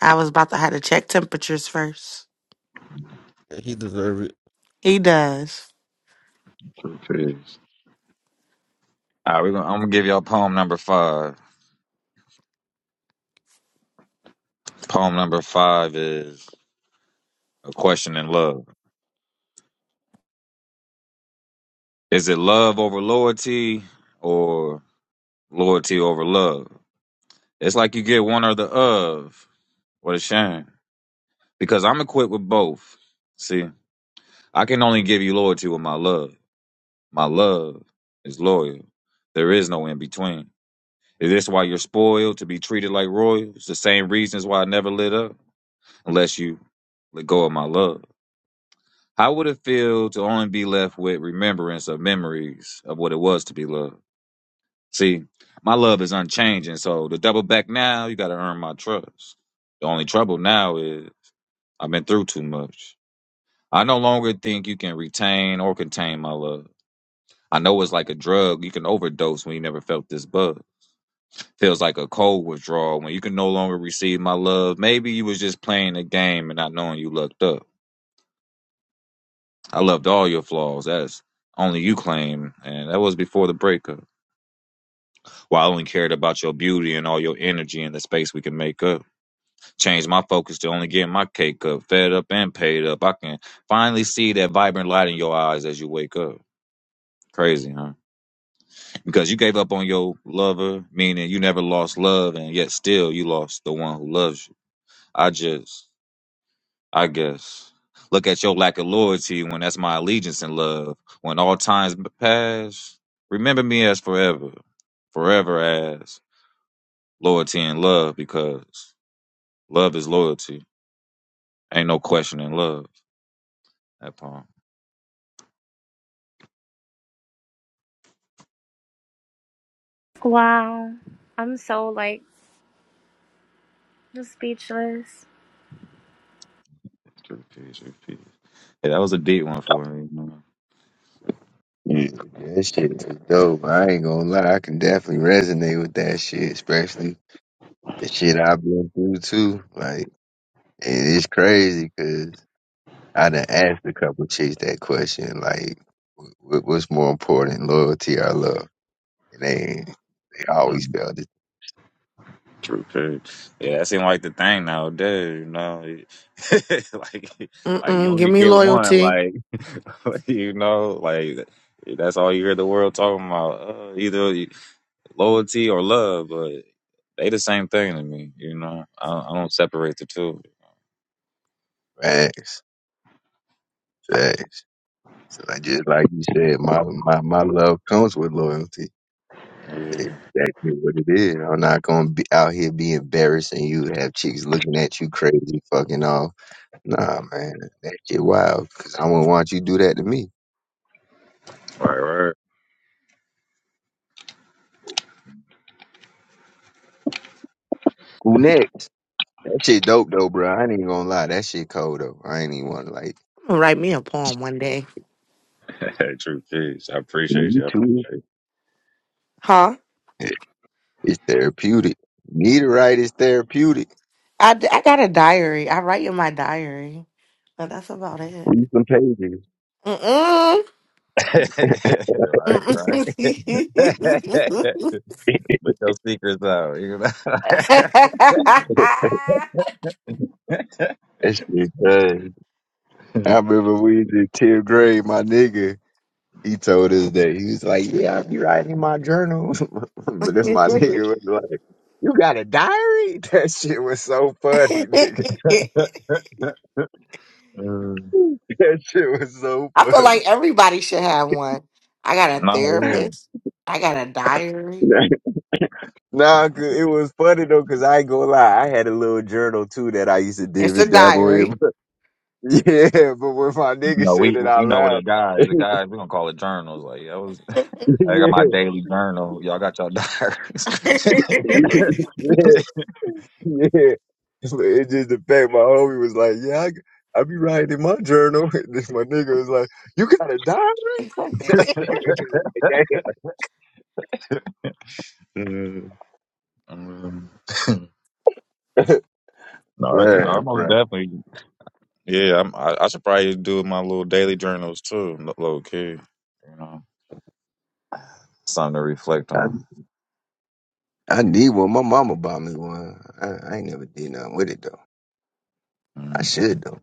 Speaker 3: I was about to have to check temperatures first.
Speaker 6: He deserved it.
Speaker 3: He does.
Speaker 4: Wow. I'm so like just speechless.
Speaker 2: Yeah, that shit is dope. I ain't gonna lie, I can definitely resonate with that shit, especially the shit I've been through too. Like, and it's crazy because I done asked a couple chicks that question, like, wh- what's more important, loyalty or love? And they they always felt it.
Speaker 3: Mm-mm. Give me loyalty.
Speaker 2: Facts, facts. So like, just like you said, my my my love comes with loyalty. That's Exactly what it is. I'm not gonna be out here be embarrassing you, have chicks looking at you crazy, fucking all Nah, man, that shit wild. Cause I wouldn't want you to do that to me. Who next? That shit dope though, bro. I ain't even gonna lie. That shit cold though. I ain't even wanna like.
Speaker 3: I'ma Write me a poem one day.
Speaker 2: You too.
Speaker 3: Huh?
Speaker 2: It- It's therapeutic. Meteorite is therapeutic.
Speaker 3: I, d- I got a diary. I write in my diary. But that's about it.
Speaker 2: Read some pages.
Speaker 3: Mm-mm. Mm-mm.
Speaker 2: That shit. good. I remember we was in tenth grade. My nigga, he told us that he was like, "Yeah, I be writing in my journal," but this my
Speaker 3: I
Speaker 2: nigga was like, "You got a diary?" That shit was so funny, nigga. That shit was so
Speaker 3: feel
Speaker 2: funny.
Speaker 3: like everybody should have one. I got a therapist. I got a diary.
Speaker 2: Nah, 'cause it was funny though, cause I ain't gonna lie, I had a little journal too that I used to dip
Speaker 3: It's a
Speaker 2: and dabble in.
Speaker 3: diary.
Speaker 2: But yeah, but when my nigga said it out loud, yeah, yeah, yeah. But It just the fact my homie was like, yeah, I, g- I be writing in my journal. And this my nigga was like, you got a diary? Like, Damn. Man, bro, I, I need one. My mama bought me one. I, I ain't never did nothing with it though. I should though.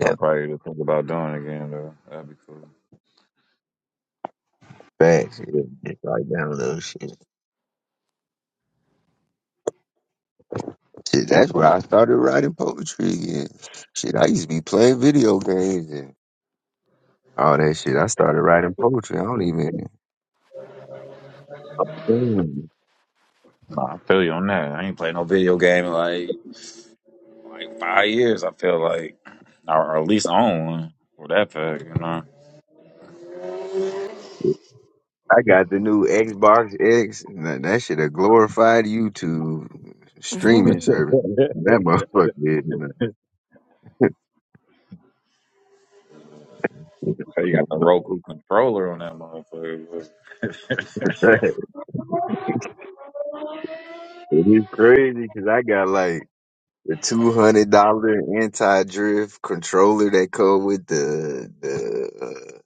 Speaker 2: Yeah, facts. Yeah, just write down a little shit. Shit, that's where I started writing poetry again. Shit, I used to be playing video games and all that shit. I started writing poetry. I don't even. Damn. I got the new Xbox X. Now, that shit a glorified YouTube streaming service. That motherfucker is. man. It is crazy because I got like the two hundred dollar anti drift controller that come with the the uh,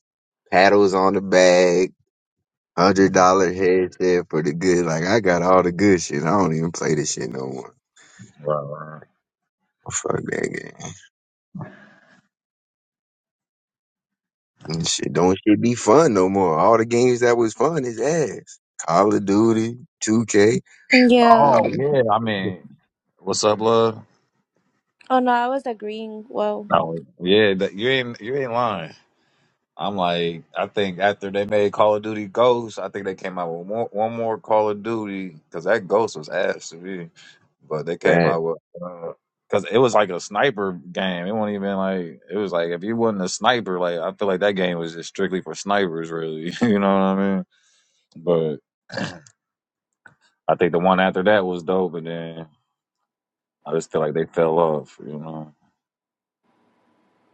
Speaker 2: paddles on the back Hundred dollar headset for the good. Like I got all the good shit. I don't even play this shit no more. Fuck that game. And shit don't shit be fun no more. All the games that was fun is ass. Call of Duty, 2K.
Speaker 4: Yeah.
Speaker 2: All
Speaker 4: Oh no, I was agreeing. Whoa.
Speaker 2: that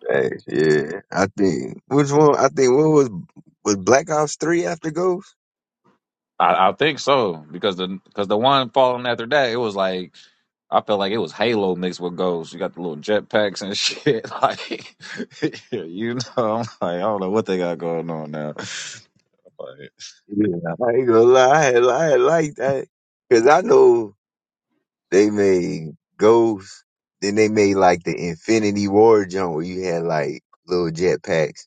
Speaker 2: facts, yeah. I think which one I think what was was Black Ops 3 after Ghost? Yeah, I ain't gonna lie, I had, I had liked that. Cause I know They made Ghost. Then they made like the Infinity War jump where you had like little jetpacks.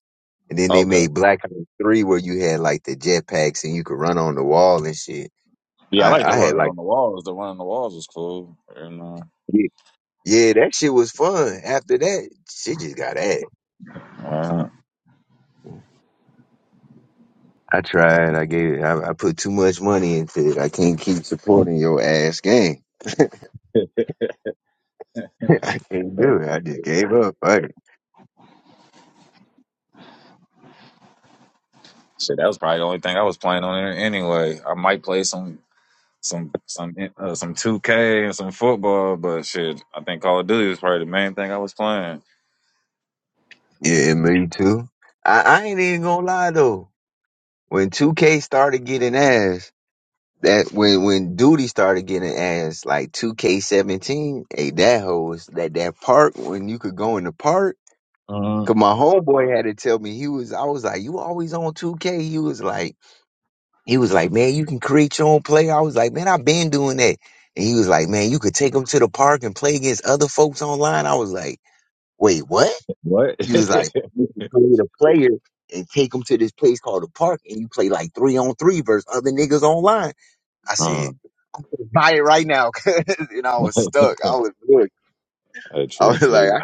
Speaker 2: And then they made Black Ops 3 where you had like the jetpacks and you could run on the wall and shit. I, I had like, yeah, yeah, that shit was fun. After that, shit just got ass. Uh, I tried. I gave I, I put too much money into it. I can't keep supporting your ass game. I can't do it. I just gave up. Right. Yeah, me too. I, I ain't even gonna lie though. when 2K started getting ass, that when when Duty started getting ass, like 2K17, hey, that hoe was that that park when you could go in the park. Cause my homeboy had to tell me he was. I was like, you always on 2K. He was like, he was like, man, you can create your own play. I was like, man, I've been doing that. And he was like, man, you could take them to the park and play against other folks online. I was like, wait, what? He was like, you can play the player and take him to this place called the park and you play like three on three versus other niggas online. I said, buy it right now. 'cause- and I was stuck. I was good. I was like, I,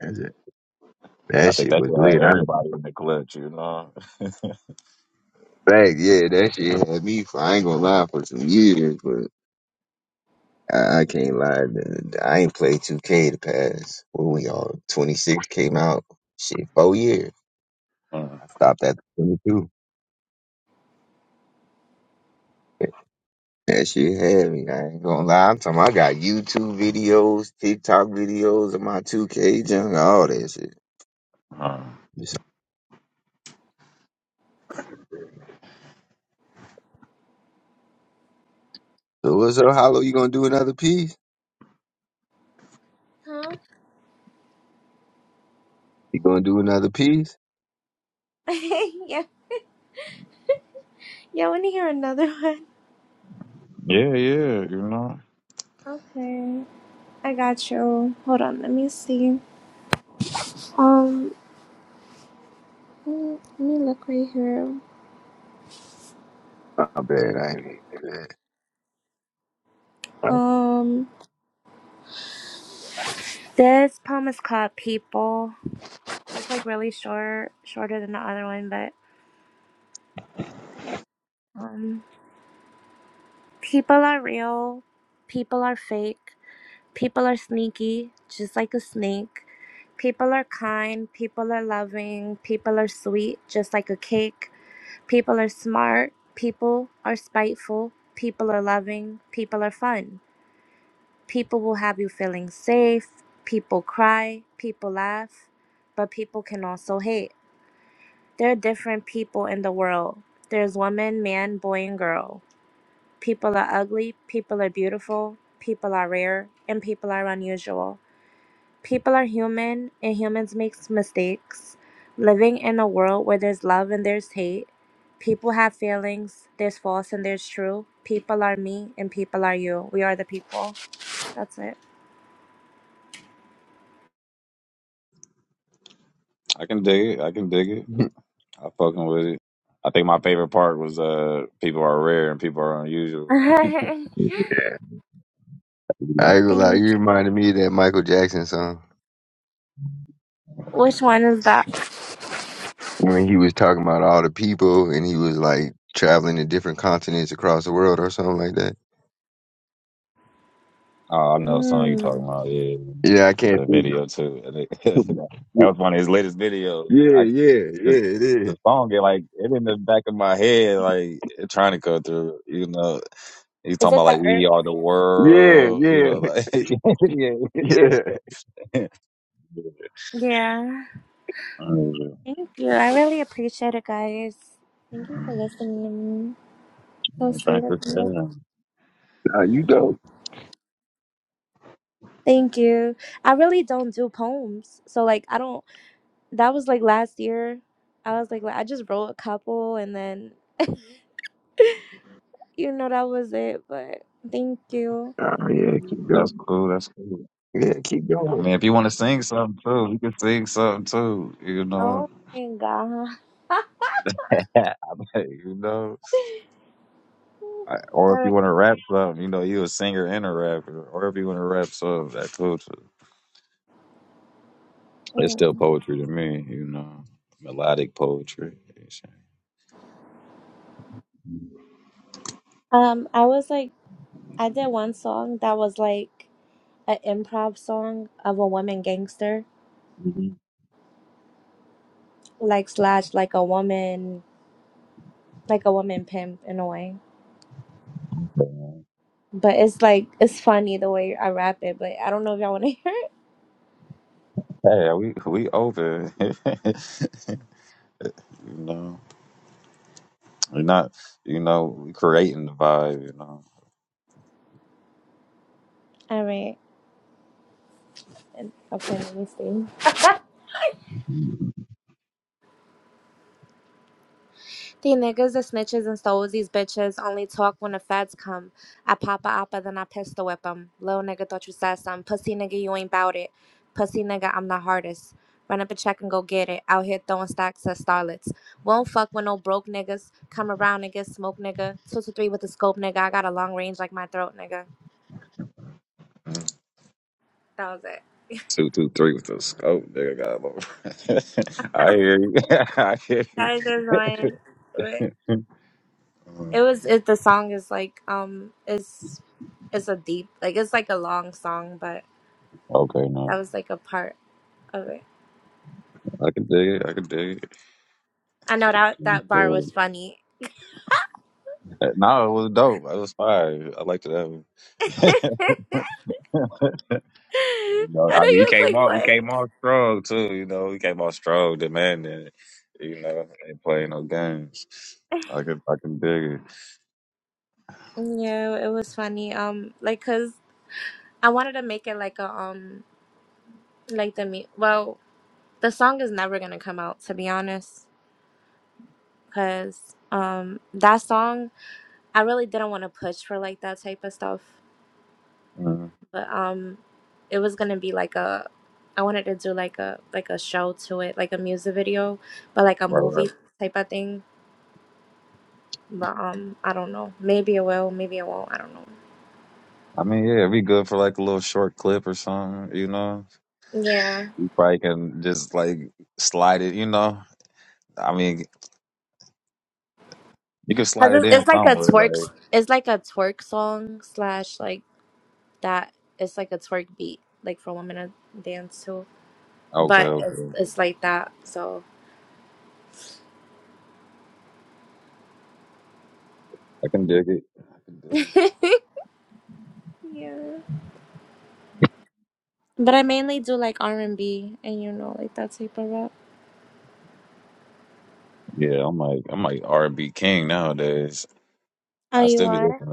Speaker 2: that's it. That shit was lit. I fact, yeah, that shit had me for, I ain't gonna lie, for some years, but I, I can't lie. dude. I ain't played 2K the past, what we all, 26 came out, shit, four years. I stopped at 22. That shit had me. I ain't gonna lie. I'm talking. I got YouTube videos, TikTok videos of my 2K junk, all that shit. So what's up, Hollow? You gonna do another piece?
Speaker 4: Huh?
Speaker 2: You gonna do another piece?
Speaker 4: yeah. Yeah, I wanna hear another one. Okay, I got you. Hold on, let me see. Um, mm, let me look right here.
Speaker 2: My bad. I ain't even that.
Speaker 4: Um, this poem is called "People." It's like really short, shorter than the other one, but um, people are real. People are fake. People are sneaky, just like a snake. People are kind. People are loving. People are sweet, just like a cake. People are smart. People are spiteful. People are loving. People are fun. People will have you feeling safe, people cry, people laugh, but people can also hate. There are different people in the world. There's woman, man, boy, and girl. People are ugly, people are beautiful, people are rare, and people are unusual. People are human, and humans make mistakes. Living in a world where there's love and there's hate, people have feelings, there's false and there's true. People are me, and people are you. We are the people. That's it.
Speaker 2: I ain't gonna lie.
Speaker 4: Thank
Speaker 2: You reminded me of that Michael Jackson song
Speaker 4: Which one is that?
Speaker 2: when he was talking about all the people and he was like traveling to different continents across the world or something like that.
Speaker 4: Mm.
Speaker 2: Yeah, I can't think. yeah, yeah, yeah, it is.
Speaker 4: Is it the herb?
Speaker 2: Yeah, yeah, yeah.
Speaker 4: Yeah. Thank you. I really appreciate it, guys. Thank you for listening to me. So sweet of you.
Speaker 2: Nah, you go.
Speaker 4: Thank you. I really don't do poems. So, like, I don't. That was like last year. I was like, I just wrote a couple and then, you know, that was it. But thank you.
Speaker 2: Oh, yeah, keep going. Yeah, keep going.
Speaker 4: Oh my God. All right. Mm. Um, I was like, I did one song that was like, an improv song of a woman gangster, like slash like a woman like a woman pimp in a way. But it's like it's funny the way I rap it, but I don't know if y'all want to hear it. All right, okay, let me see. The niggas the snitches and these bitches only talk when the feds come. I pop a oppa, then I pistol whip 'em. Little nigga thought you said something. Pussy nigga, you ain't bout it. Pussy nigga, I'm the hardest. Run up a check and go get it. Out here throwing stacks at starlets. Won't fuck with no broke niggas. Come around and get smoke nigga. Two to three with the scope nigga. I got a long range like my throat nigga. That was it. That is just annoying. But It was it. The song is like um is it's a deep like it's like a long song, but that was like a part. Okay. I know that that bar was funny. I know you was like, what? Yeah, it was funny. Um, like, cause I wanted to make it like a um, like the me. Well, the song is never gonna come out to be honest, cause um, that song I really didn't want to push for like that type of stuff, but um, it was gonna be like a. I wanted to do like a like a show to it, like a music video, but like a movie type of thing. But um, I don't know. Maybe I will. Maybe I won't. I don't know. Yeah, cause it's, it's like a twerk. It's like a twerk song slash like that. It's like a twerk beat, like for women to dance to. But it's it's like that. So yeah. But I mainly do like R and B, and you know, like that type of rap. Oh, you are.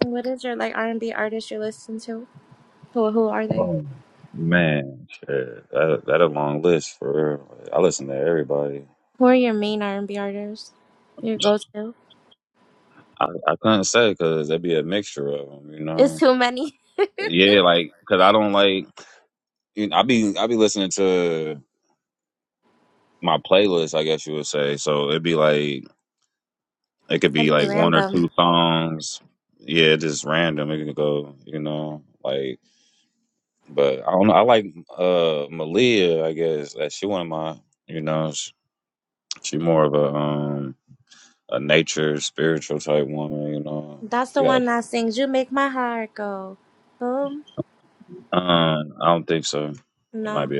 Speaker 4: What is your like R and B artist you listen to? Who who are they? Who are your main R and B artists? Your go to? It's too many. i would be random. That's the one that sings, You Make My Heart Go Boom. No.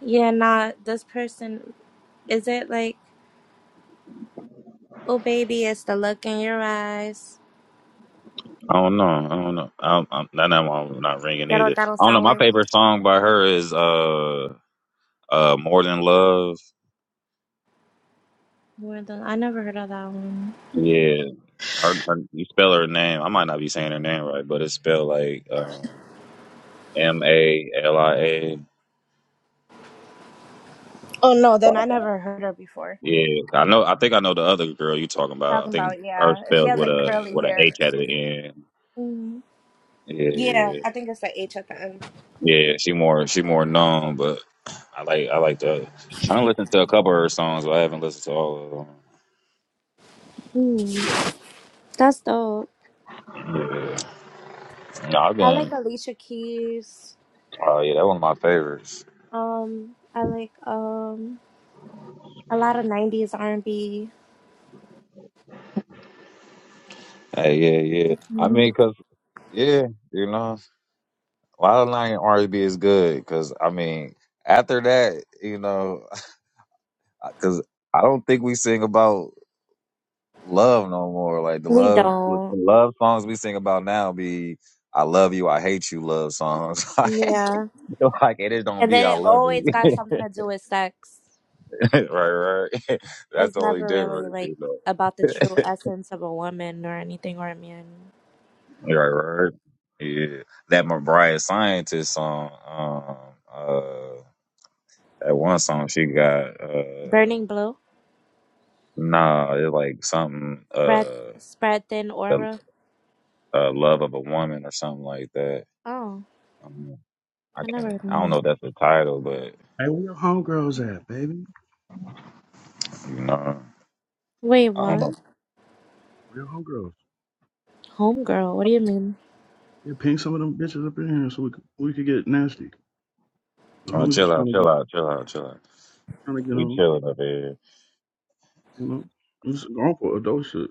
Speaker 4: Yeah, nah, this person, is it like, Oh Baby, it's the look in your eyes? That don't, that don't sound right. More than- I never heard of that one. Oh no, then I never heard her before. Talking about, yeah. She has like curly hair. Mm. Yeah, I think it's the H at the end. Mm. That's dope. I like Alicia Keys. Um, I like um a lot of '90s R&B. We don't. Yeah. And then it always got something to do with sex. It's never really like about the true essence of a woman or anything or a man. Burning blue? Spread spread thin aura. Oh, I never heard of that.
Speaker 7: Hey, where your homegirls at, baby?
Speaker 4: Wait, what?
Speaker 7: Where your homegirls?
Speaker 4: Homegirl, what do you mean?
Speaker 7: Yeah, ping some of them bitches up in here so we could, we could get nasty. The homies just trying to get trying to get on, you know. It's going for adult shit.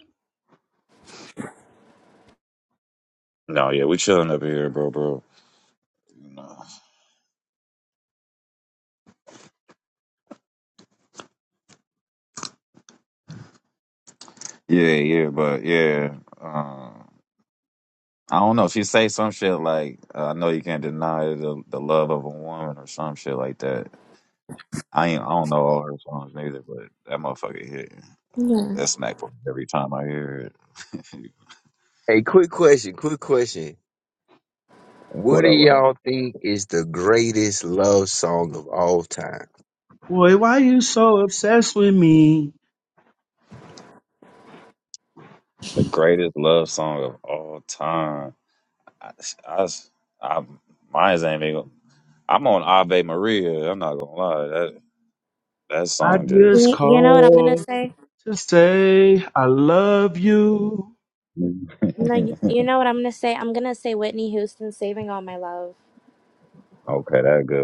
Speaker 4: Yeah.
Speaker 2: Hey, quick question, quick question. What do y'all think is the greatest love song of all time?
Speaker 7: Boy, why you so obsessed with me? I just
Speaker 4: You, you know what I'm gonna
Speaker 7: called
Speaker 4: say?
Speaker 7: to say I love you.
Speaker 4: No, you, you know what I'm gonna say? I'm gonna say Whitney Houston saving all my love.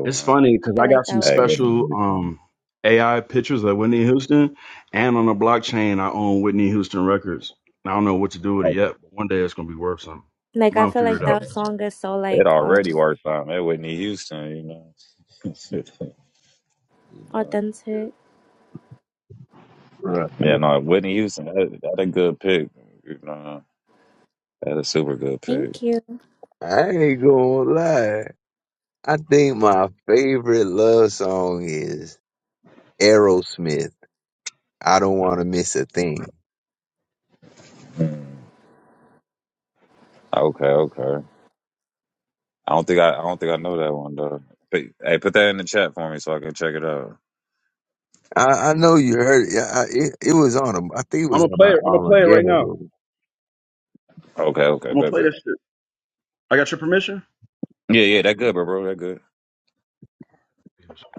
Speaker 7: It's funny because
Speaker 4: I
Speaker 7: I
Speaker 4: like
Speaker 7: got some
Speaker 4: that one.
Speaker 7: special um AI pictures of Whitney Houston, and on the blockchain I own Whitney Houston records. I don't know what to do with it yet, but one day it's gonna be worth something.
Speaker 4: Like I
Speaker 7: I'll
Speaker 4: feel
Speaker 7: figure
Speaker 4: like
Speaker 7: it out.
Speaker 4: that song is so like um authentic.
Speaker 2: Right.
Speaker 4: Thank you.
Speaker 2: I ain't gonna lie. I think my favorite love song is Aerosmith. I don't want to miss a thing. I, I know you heard it. Yeah, I, it. It was on. A, I think it
Speaker 7: I'm
Speaker 2: was
Speaker 7: gonna
Speaker 2: on
Speaker 7: play
Speaker 2: an
Speaker 7: it. I'm gonna play it right
Speaker 2: Armageddon.
Speaker 7: now.
Speaker 2: on
Speaker 7: I'm gonna play this shit. I got your permission. I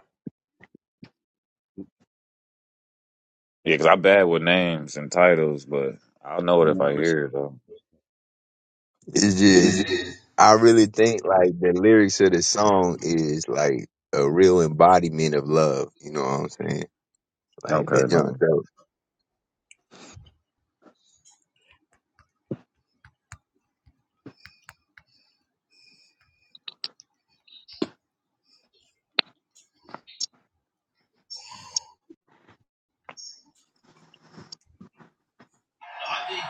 Speaker 7: don't want to miss a thing.
Speaker 2: a ghetto. I really think like the lyrics of the song is like a real embodiment of love. You know what I'm saying? Like that John dope.
Speaker 7: I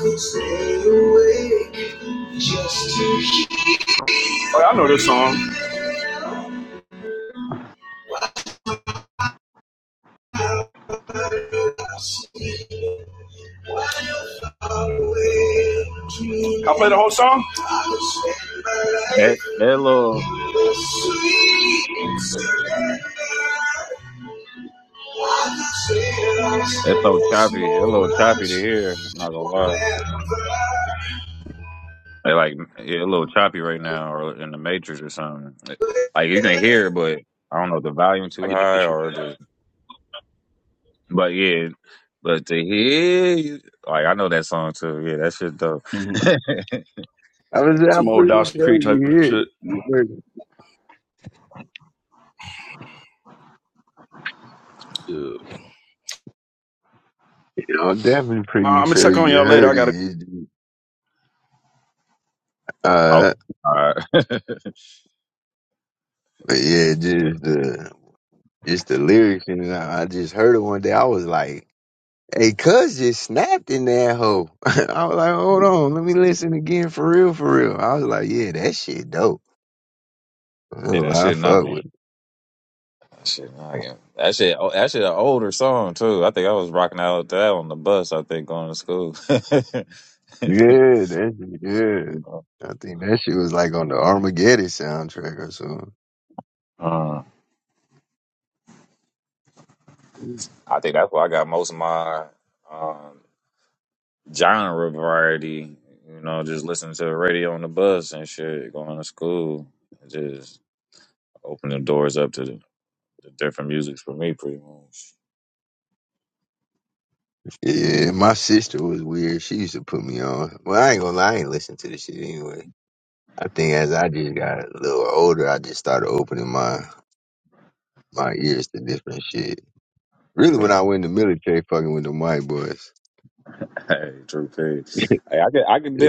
Speaker 7: could stay awake just to hear. Oh, I know this song. I'll play the whole song. I get the picture. hmm
Speaker 2: I was
Speaker 7: Some
Speaker 2: I'm
Speaker 7: old
Speaker 2: pretty
Speaker 7: Dawson
Speaker 2: sure
Speaker 7: Creek type
Speaker 2: you
Speaker 7: of
Speaker 2: heard.
Speaker 7: shit.
Speaker 2: You heard it.
Speaker 7: Yeah.
Speaker 2: You know, I'm definitely
Speaker 7: Uh,
Speaker 2: pretty
Speaker 7: I'm gonna
Speaker 2: sure
Speaker 7: check on
Speaker 2: you
Speaker 7: y'all later. I got.
Speaker 2: heard it.
Speaker 7: to go.
Speaker 2: It just- Uh, but yeah, just the just the lyrics and I, I just heard it one day. I was like, "Hey, Cuz just snapped in that hoe." I was like, "Hold on, let me listen again for real, for real." I was like, "Yeah, that shit dope." I, don't I fuck with it. Yeah, that, yeah. I think that shit was like on the Armageddon soundtrack or something. Yeah, my sister was weird. She used to put me on. Well, I ain't gonna lie, I ain't listen to the shit anyway. I think as I just got a little older, I just started opening my my ears to different shit. Really, when I went in the military, fucking with the white boys. Yeah,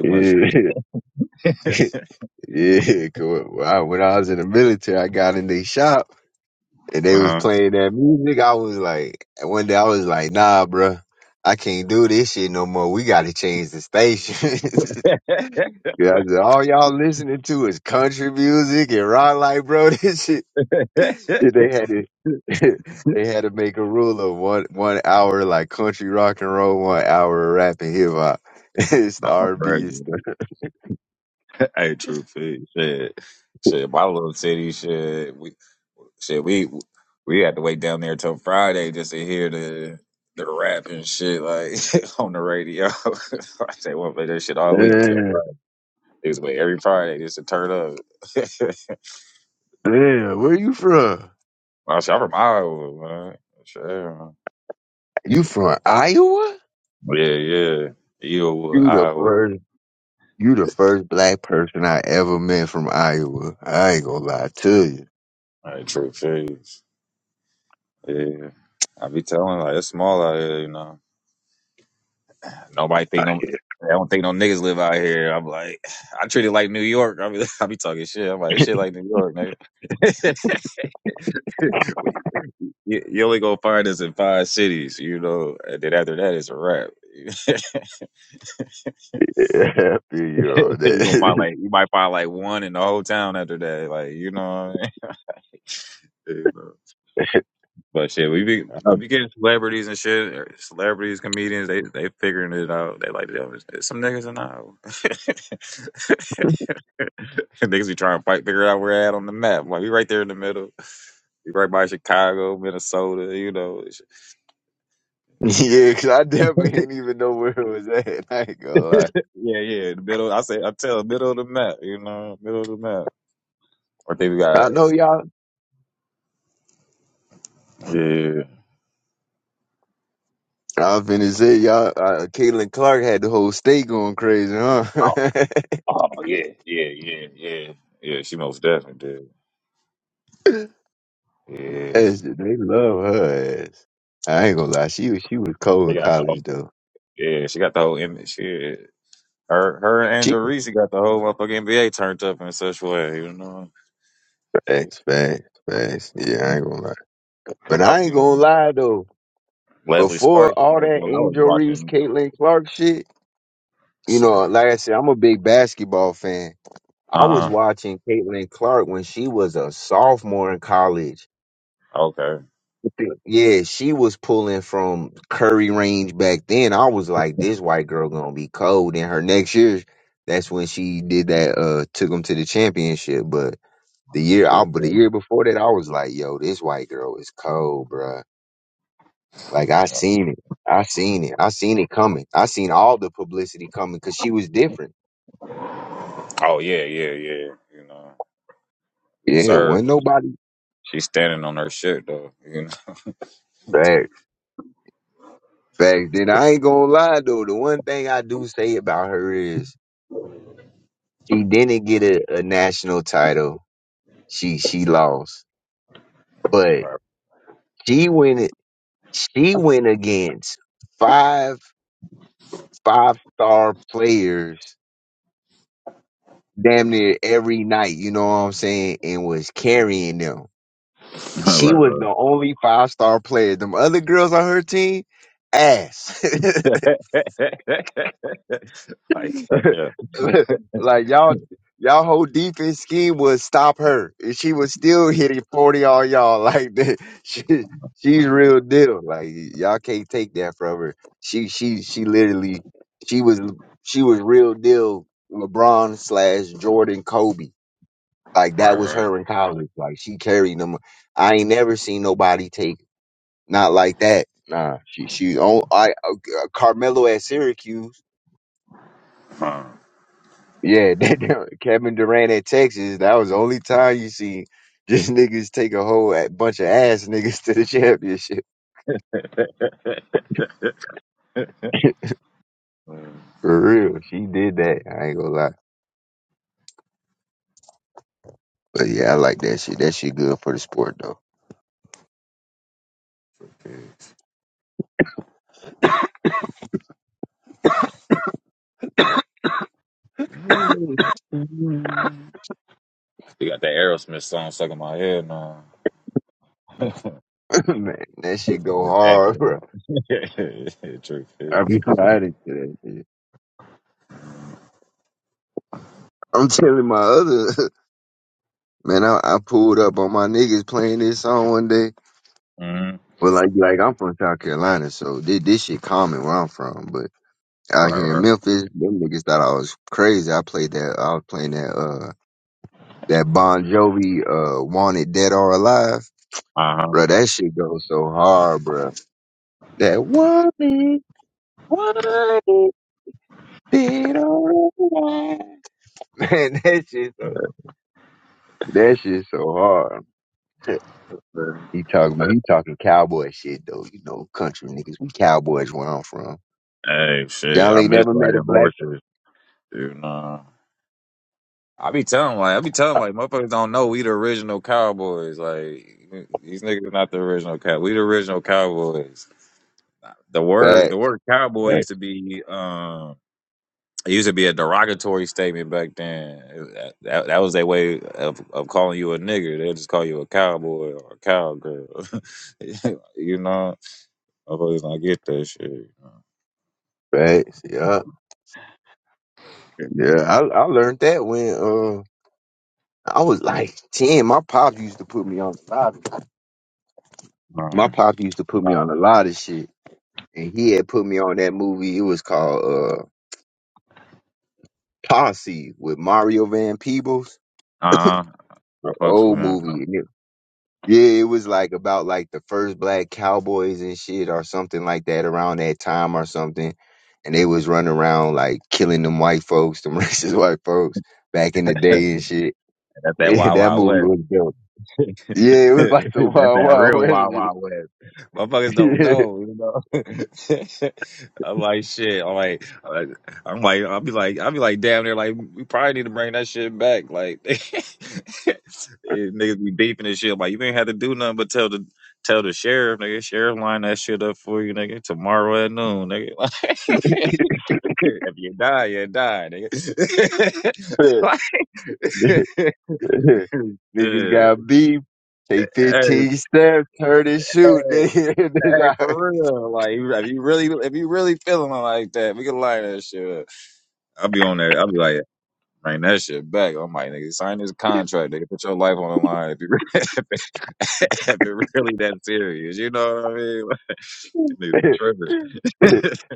Speaker 2: yeah. yeah. 'cause when I when I was in the military, I got in their shop and they was playing that music, I was like, and one day I was like, nah, bruh, I can't do this shit no more. We got to change the station. yeah, I said, all y'all listening to is country music and rock. Like, bro, this shit. They had it. they had to make a rule of one one hour like country rock and roll, one hour rap and hip hop. it's the R and B and stuff. Damn, damn, where you from? You from Iowa? You the first You the first black person I ever met from Iowa. I ain't gonna lie to you. I I feel you on that. yeah, 'cause I definitely didn't even know where it was at. I ain't gonna lie. I know y'all. I finna say y'all. Uh, Caitlin Clark had the whole state going crazy, huh? Yes, they love her ass. I ain't gonna lie. She was she was cold in college though. She facts, facts, facts. Yeah, I ain't gonna lie. But I ain't gonna lie though. before all that Angel Reese, Caitlin Clark shit, you know, like I said, I'm a big basketball fan. I was watching Caitlin Clark when she was a sophomore in college. Yeah, she was pulling from Curry range back then. I was like, this white girl gonna be cold. In her next year, that's when she did that. Uh, took them to the championship. But the year, I, but the year before that, I was like, yo, this white girl is cold, bruh Like I seen it. I seen it. I seen it coming. I seen all the publicity coming because she was different. Yeah, when nobody facts. Facts. Then I ain't gonna lie though. The one thing I do say about her is she didn't get a, a national title. She she lost. But she went she went against five five star players damn near every night, you know what I'm saying, and was carrying them. She was the only five star player. Them other girls on her team, ass. like y'all, y'all whole defense scheme was stop her, and she was still hitting forty on y'all. Like that. she, she's real deal. Like y'all can't take that from her. She, she, she literally, she was, she was real deal. LeBron slash Jordan Kobe. Like that was her in college. Like she carried them. I ain't never seen nobody take. Not like that. Nah, she she on I uh, Carmelo at Syracuse. Yeah, that, that- Kevin Durant at Texas. That was the only time you see just niggas take a whole a- bunch of ass niggas to the championship. For real, she did that. I ain't gonna lie. But yeah, I like that shit. That shit good for the sport though. Man, that shit go hard, bro. I be riding to that shit. I'm telling my other man, I, I pulled up on my niggas playing this song one day. Well, like like I'm from South Carolina, so this this shit common where I'm from. But out here in Memphis, them niggas thought I was crazy. I played that. I was playing that uh that Bon Jovi uh Wanted Dead or Alive, bro. That shit goes so hard, bro. That wanted, wanted dead or alive. Man, that shit so that shit so hard. He talking, he talking cowboy shit though. You know, country niggas, we cowboys where I'm from. Y'all ain't never met a black. Facts. Facts, yeah, yeah. I I learned that when uh I was like ten. My pop used to put me on a lot. Of, my pop used to put me on a lot of shit, and he had put me on that movie. It was called uh Posse with Mario Van Peebles, the old movie. And it- yeah, it was like about like the first black cowboys and shit or something like that around that time or something. And they was running around like killing them white folks, them racist white folks back in the day and shit. Yeah, that movie was dope. Yeah, it was like the wild, wild west. Niggas got beef. Take 15 steps, turn and shoot, nigga. That's how-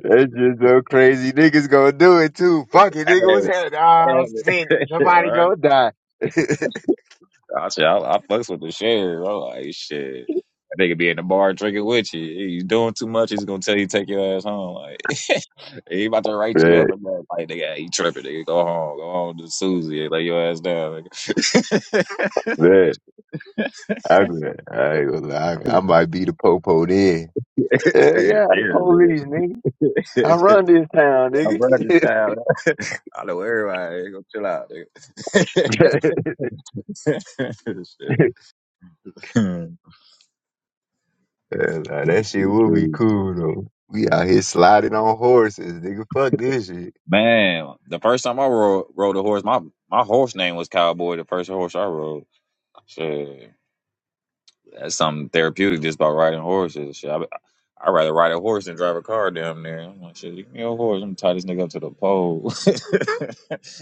Speaker 2: That's just so crazy. Niggas gonna do it too. Fuck it, nigga What's happening? Oh shit, somebody gonna die. man, man, I'm, gonna, I ain't gonna lie. I, I might be the popo then. Hell yeah, the police, nigga. I run this town, nigga. Yeah, nah, that shit will be cool though. We out here sliding on horses, nigga. Fuck this shit.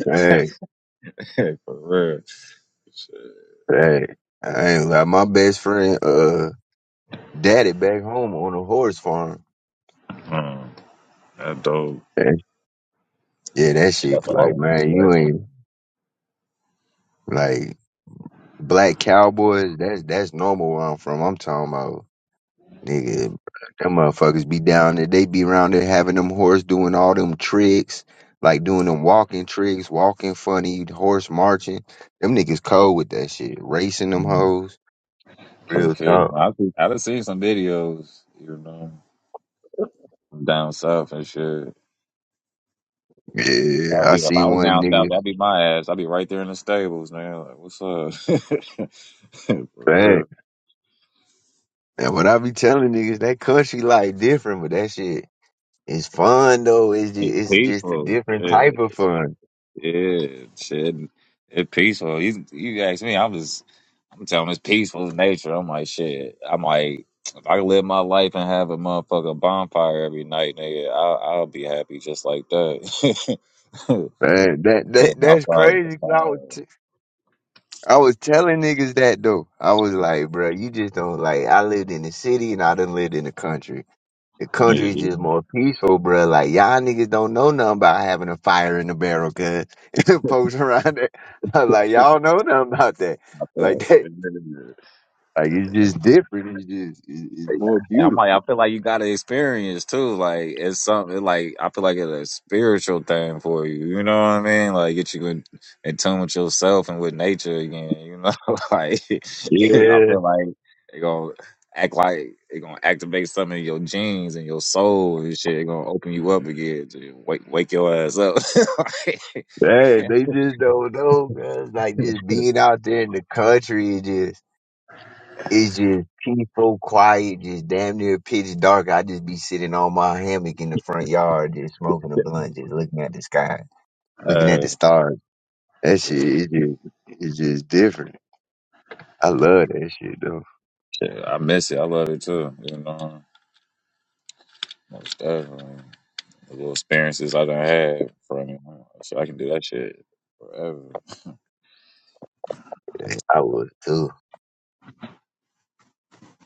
Speaker 2: Hey, hey. I ain't like my best friend, uh, daddy back home on a horse farm. Yeah, yeah, that shit, like, man, you ain't like black cowboys. That's that's normal where I'm from. I'm talking about. Nigga, them motherfuckers be down there. They be around there having them horse doing all them tricks, like doing them walking tricks, walking funny, horse marching. Them niggas cold with that shit. Racing them hoes. Real talk. Yeah, I seen one nigga back. And what I be telling niggas, that country life different, but that shit is fun though. It's just, it's just a different type of fun. Man, that that that's crazy. 'cause I was I was telling niggas that though. I was like, bro, you just don't like. I lived in the city and I done lived in the country. The country's just more peaceful, bro. Like y'all niggas don't know nothing about having a fire in the barrel, cuz folks around there, I was like y'all know nothing about that. Like that, like it's just different. It's just it's, it's more beautiful. Yeah, man, they just don't know, man. Like just being out there in the country, is just It's just peaceful, quiet, just damn near pitch dark. I just be sitting on my hammock in the front yard, just smoking a blunt, just looking at the sky, looking at the stars. That shit is just, it's just different. I love that shit though. Yeah, I would too.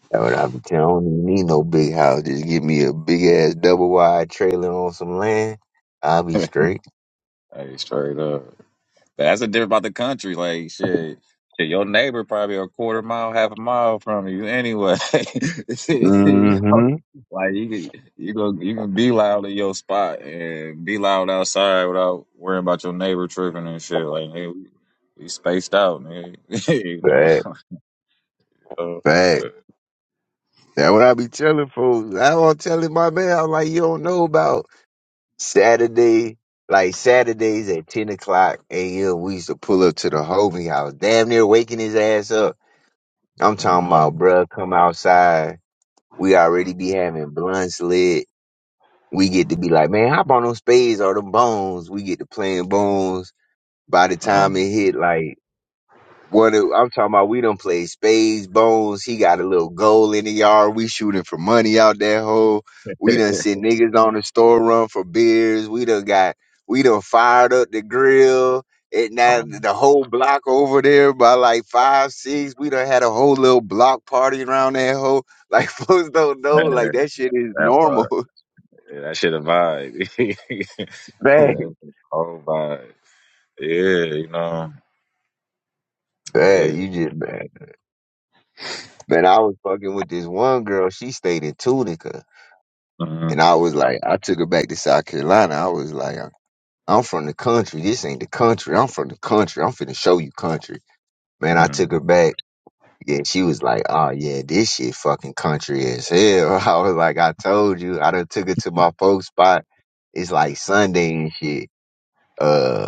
Speaker 2: That what I be telling. I don't even need no big house. Just give me a big ass double wide trailer on some land. I'll be straight. Mm-hmm. Fact. Fact. That what I be telling folks. I was telling my man, I'm like, you don't know about Saturday, like Saturdays at 10 o'clock a.m., we used to pull up to the homie house, damn near waking his ass up. I'm talking about, bruh, come outside. We already be having blunts lit. We get to be like, man, hop on them spades or them bones. We get to playing bones. By the time it hit like what it- I'm talking about, we done played spades, bones. He got a little goal in the yard. We shooting for money out that hole. We done sent niggas on the store run for beers. We done got, we done fired up the grill. And now the whole block over there by like five, six. We done had a whole little block party around that hole. Like folks don't know, like that shit is normal. Bad, bad. You just bad. Man, I was fucking with this one girl. She stayed in Tunica. And I was like, I took her back to South Carolina. I was like, I'm from the country. This ain't the country. I'm from the country. I'm finna show you country. Man, I took her back. Yeah, she was like, oh yeah, this shit fucking country as hell. I was like, I told you. I done took her to my folks spot. It's like Sunday and shit. Uh,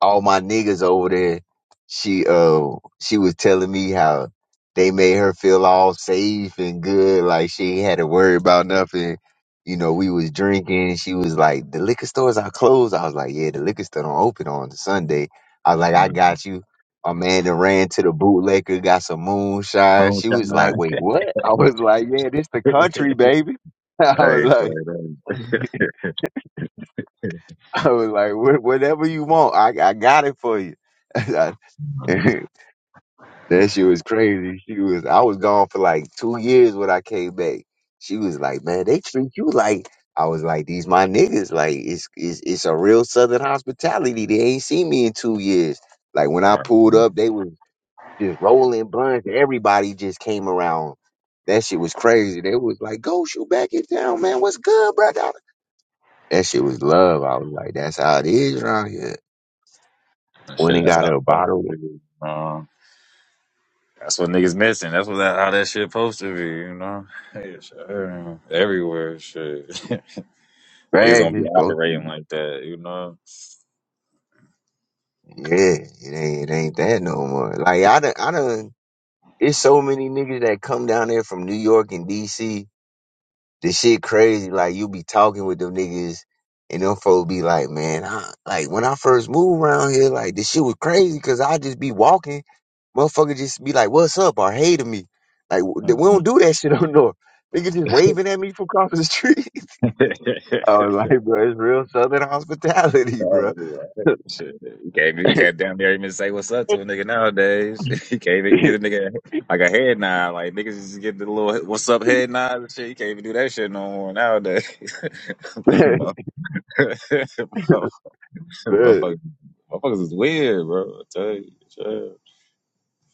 Speaker 2: all my niggas over there, she uh she was telling me how they made her feel all safe and good, like she ain't had to worry about nothing. You know, we was drinking. She was like, "The liquor stores are closed." I was like, "Yeah, the liquor store don't open on Sunday." I was like, "I got you." My man that ran to the bootlegger, got some moonshine. She was like, "Wait, what?" I was like, "Yeah, this the country, baby." I was like, I was like, "Wha- "Whatever you want, I I got it for you." that shit was crazy. She was I was gone for like two years when I came back. She was like, Man, they treat you like I was like, These my niggas. Like it's it's it's a real southern hospitality. They ain't seen me in two years. Like when I pulled up, they was just rolling blunts. Everybody just came around. That shit was crazy. They was like, Go shoot back in town, man. What's good, brother? That shit was love. I was like, That's how it is around here. Went and got her a bottle of bags. It's supposed to Yeah, it ain't it ain't that no more. Like I done, I done. It's so many niggas that come down there from New York and DC. The shit crazy. Like you be talking with them niggas, and them folks be like, man, I, like when I first moved around here, like this shit was crazy because I just be walking, motherfucker just be like, what's up or hey to me. Like w- we don't do that shit on North. Nigga just waving at me from across the street. I was like, bro, it's real Southern hospitality, bro. Man,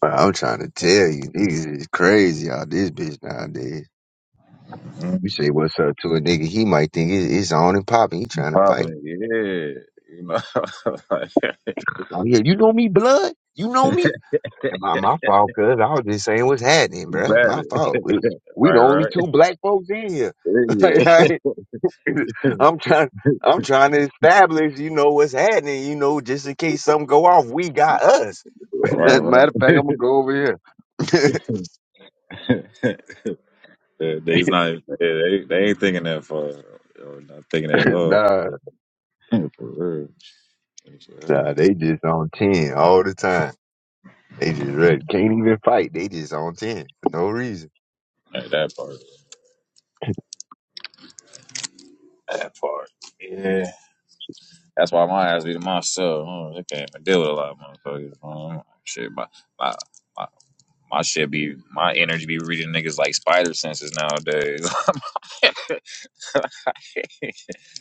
Speaker 2: Bro, I'm trying to tell you, niggas is crazy out this bitch nowadays. You say what's up to a nigga, he might think it- it's on and popping. He trying to fight. Oh yeah, you know me, blood. You know me. And my my fault, cuz I was just saying what's happening, bruh. My fault. We, we the only two black folks in here. Like, I, am trying. I'm trying to establish, you know, what's happening. You know, just in case something go off, we got us. Matter of fact, I'm gonna go over here. nah, nah, they just on ten all the time. They just ready. can't even fight. They just on ten for no reason.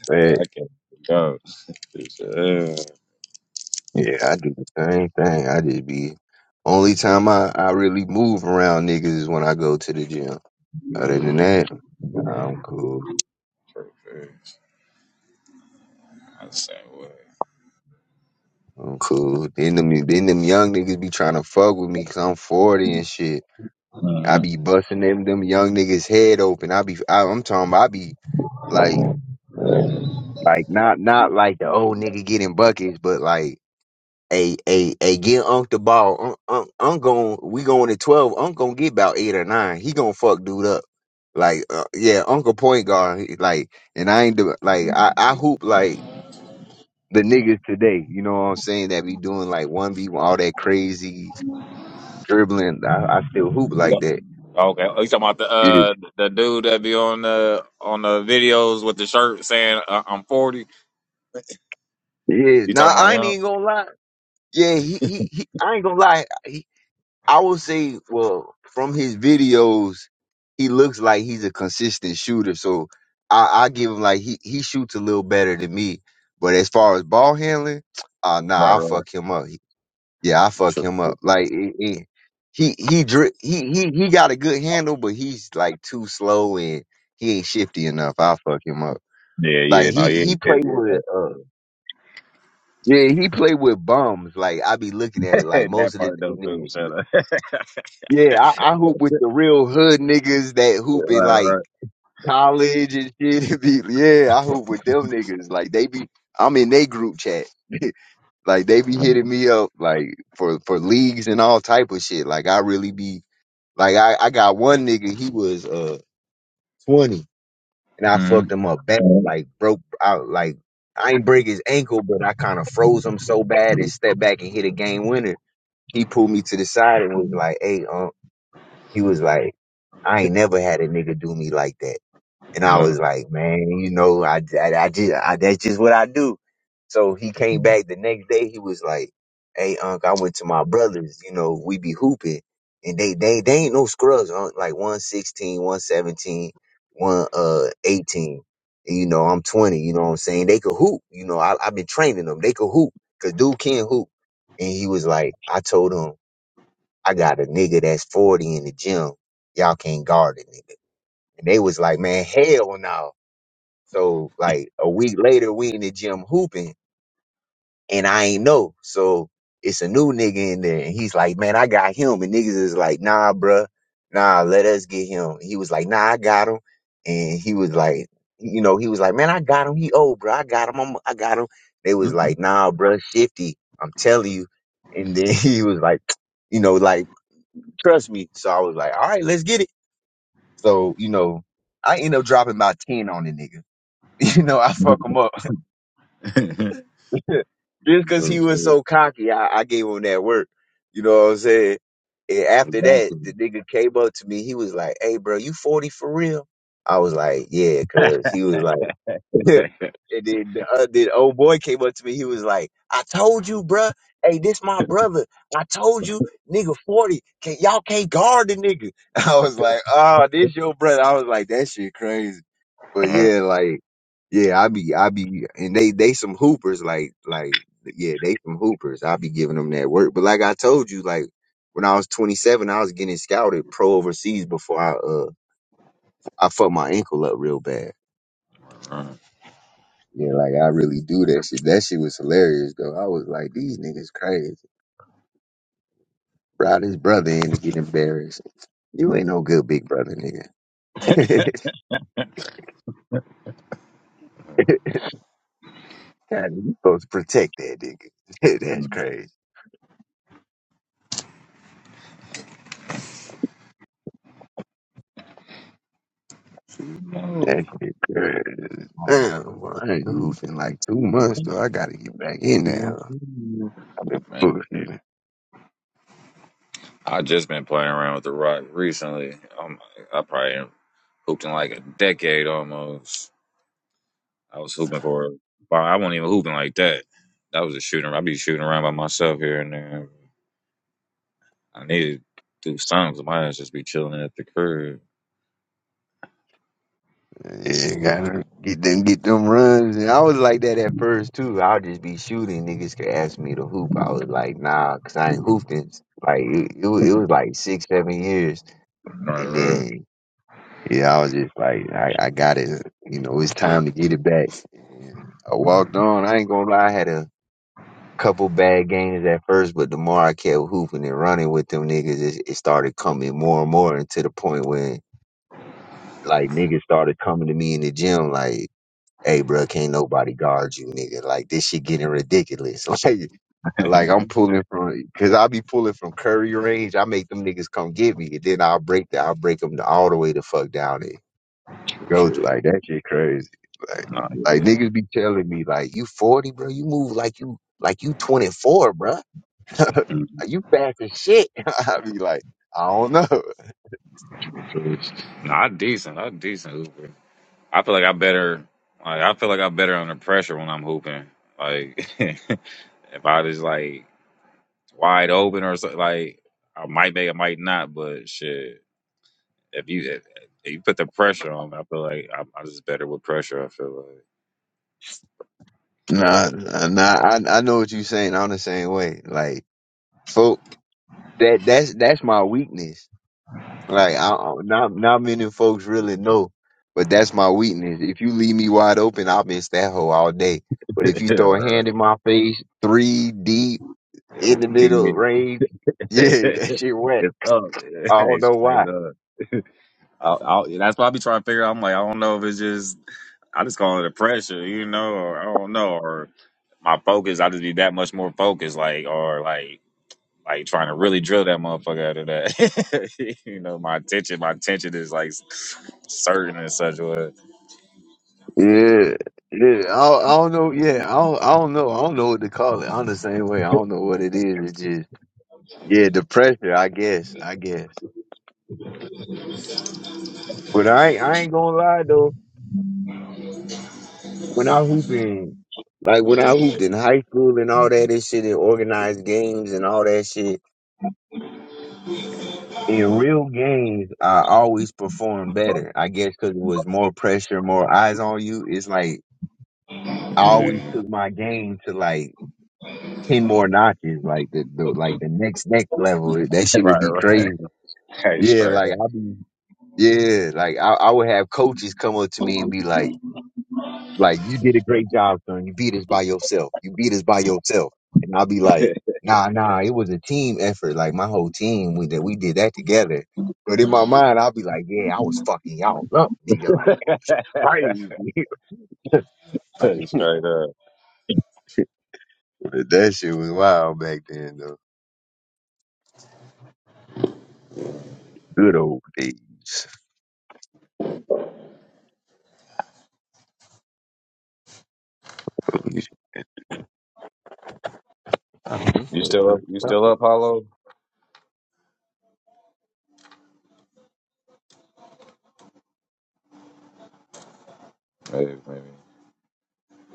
Speaker 2: Right. Yeah, I do the same thing. I just be only time I, I really move around niggas is when I go to the gym. Other than that, nah, I'm cool. I'm cool. Then them then them young niggas be trying to fuck with me 'cause I'm forty and shit. I be busting them them young niggas head open. I be I, I'm talking. About I be like like not not like the old nigga getting buckets, but like. Hey, hey, hey, get Unc the ball. Unc, Unc, Unc gon' we going to 12. Unc gonna get about eight or nine. He gonna fuck dude up. Like, uh, yeah, Uncle point guard. he- Like, and I ain't do like, I, I hoop like the niggas today. You know what I'm saying? That be doing like 1v1, all that crazy dribbling. I, I still hoop like that. Yeah, yeah. Nah, I ain't even gonna lie. Yeah, he, he, he I ain't gonna lie. I would say, well, from his videos, he looks like he's a consistent shooter. So I, I give him like he he shoots a little better than me. But as far as ball handling, uh nah, I fuck him up. Yeah, I fuck him up. Like it- it- he he dri- he he he got a good handle, but he's like too slow and he ain't shifty enough. I fuck him up. Like he he play with uh yeah he play with bums. Like I be looking at it like most of the Yeah, I, I hoop with the real hood niggas that hoop in like college and shit. It be- yeah, I hoop with them niggas. Like they be, I'm in they group chat. like they be hitting me up like for for leagues and all type of shit. Like I really be like I I got one nigga he was uh 20 and I fucked him up bad. Like broke out like I ain't break his ankle, but I kind of froze him so bad and stepped back and hit a game winner. He pulled me to the side and was like, "Hey, um." He was like, I ain't never had a nigga do me like that. And I was like, man, you know, I, I, I just, I, that's just what I do. So he came back the next day. He was like, hey, unc, I went to my brothers, you know, we be hooping and they, they, they ain't no scrubs, unc, like one sixteen, one seventeen, one uh, 18. And, you know, I'm 20, you know what I'm saying? They could hoop, you know, I, I've been training them. They could hoop because dude can hoop. And he was like, I told him, I got a nigga that's 40 in the gym. Y'all can't guard a nigga. And they was like, man, hell no. So like a week later, we in the gym hooping and I ain't know. So it's a new nigga in there. And he's like, man, I got him. And niggas is like, nah, bruh. Nah, let us get him. He was like, nah, I got him. And he was like, you know, he was like, man, I got him. He old, bro. I got him. I'm, I got him. They was like, nah, bruh, shifty. I'm telling you. And then he was like, you know, like Trust me. So I was like, all right, let's get it. So, you know, I end up dropping about 10 on the nigga. You know, I fuck him up. Just cause he was so cocky, I, I gave him that work. You know what I'm saying? And after that, the nigga came up to me. He was like, hey, bro, you 40 for real? I was like, yeah, cause he was like, and then the, uh, then old boy came up to me. He was like, "I told you, bruh. Hey, this my brother. I told you, nigga, forty. Can, y'all can't guard the nigga." I was like, "Oh, this your brother." I was like, "That shit crazy." But yeah, like yeah, I be I be and they they some hoopers. Like like yeah, they some hoopers. I be giving them that work. But like I told you, like. When I was 27, I was getting scouted pro overseas before I uh I fucked my ankle up real bad. Yeah, like I really do that shit. That shit was hilarious though. I was like, these niggas crazy. Brought his brother in to get embarrassed. You ain't no good big brother, nigga. God, you supposed to protect that nigga. That's crazy. That shit crazy. Damn, boy, I ain't hooped in like two months though. I gotta get back in now. I've been bullshitting. Yeah, gotta get them get them runs. And I was like that at first too. I'll just be shooting. Niggas could ask me to hoop. I was like, nah, cause I ain't hooped in like it, it, was, it was like six, seven years. And then yeah, I was just like, I, I got it. You know, it's time to get it back. And I walked on. I ain't gonna lie, I had a couple bad games at first, but the more I kept hooping and running with them niggas, it, it started coming more and more, and to the point when like niggas started coming to me in the gym like. hey, bro, can't nobody guard you, nigga. Like this shit getting ridiculous. Like, like I'm pulling from, cause I be pulling from Curry range. I make them niggas come get me, and then I'll break that. I'll break them all the way the fuck down there. Go to like that shit crazy. Like, like niggas be telling me like you 40, bro. You move like you like you 24, bro. you fast as shit. I be like, I don't know. Nah, nah, nah, I I know what you're saying. I'm the same way. Like, so that that's that's my weakness Like I, I- not not many folks really know, but that's my weakness. If you leave me wide open, I'll miss that hole all day. But if you throw a hand in my face, three deep in the middle range, yeah, that shit wet. I don't know why. Yeah, yeah. I, don't- I don't know. Yeah, I don't, I don't know. I don't know what to call it. I'm the same way. I don't know what it is. It's just yeah, the pressure. I guess. I guess. But I ain't, I ain't gonna lie though. when I hooped in, like when I hooped in high school and all that, this shit and organized games and all that shit. In real games, I always perform better. I guess because it was more pressure, more eyes on you. It's like I always took my game to like ten more notches, like the, the like the next next level. That shit would be crazy. Yeah, like I be yeah, like I, I would have coaches come up to me and be like. Like you did a great job, son. You beat us by yourself. You beat us by yourself. And I'll be like, nah, nah, it was a team effort. Like my whole team, we that we did that together. But in my mind, I'll be like, yeah, I was fucking y'all up, nigga. Like that shit crazy. like but that shit was wild back then, though. Good old days. I don't know what the fuck.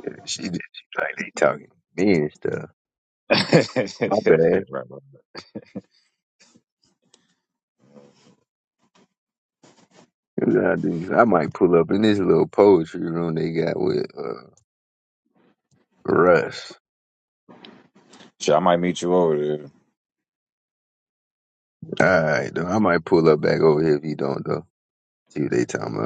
Speaker 2: Yeah, she did. She like they talking to me and stuff. My bad. I, do. I might pull up in this little poetry room they got with. uh, Russ. All right, though. I might pull up back over here if you don't, though. See what they talking about.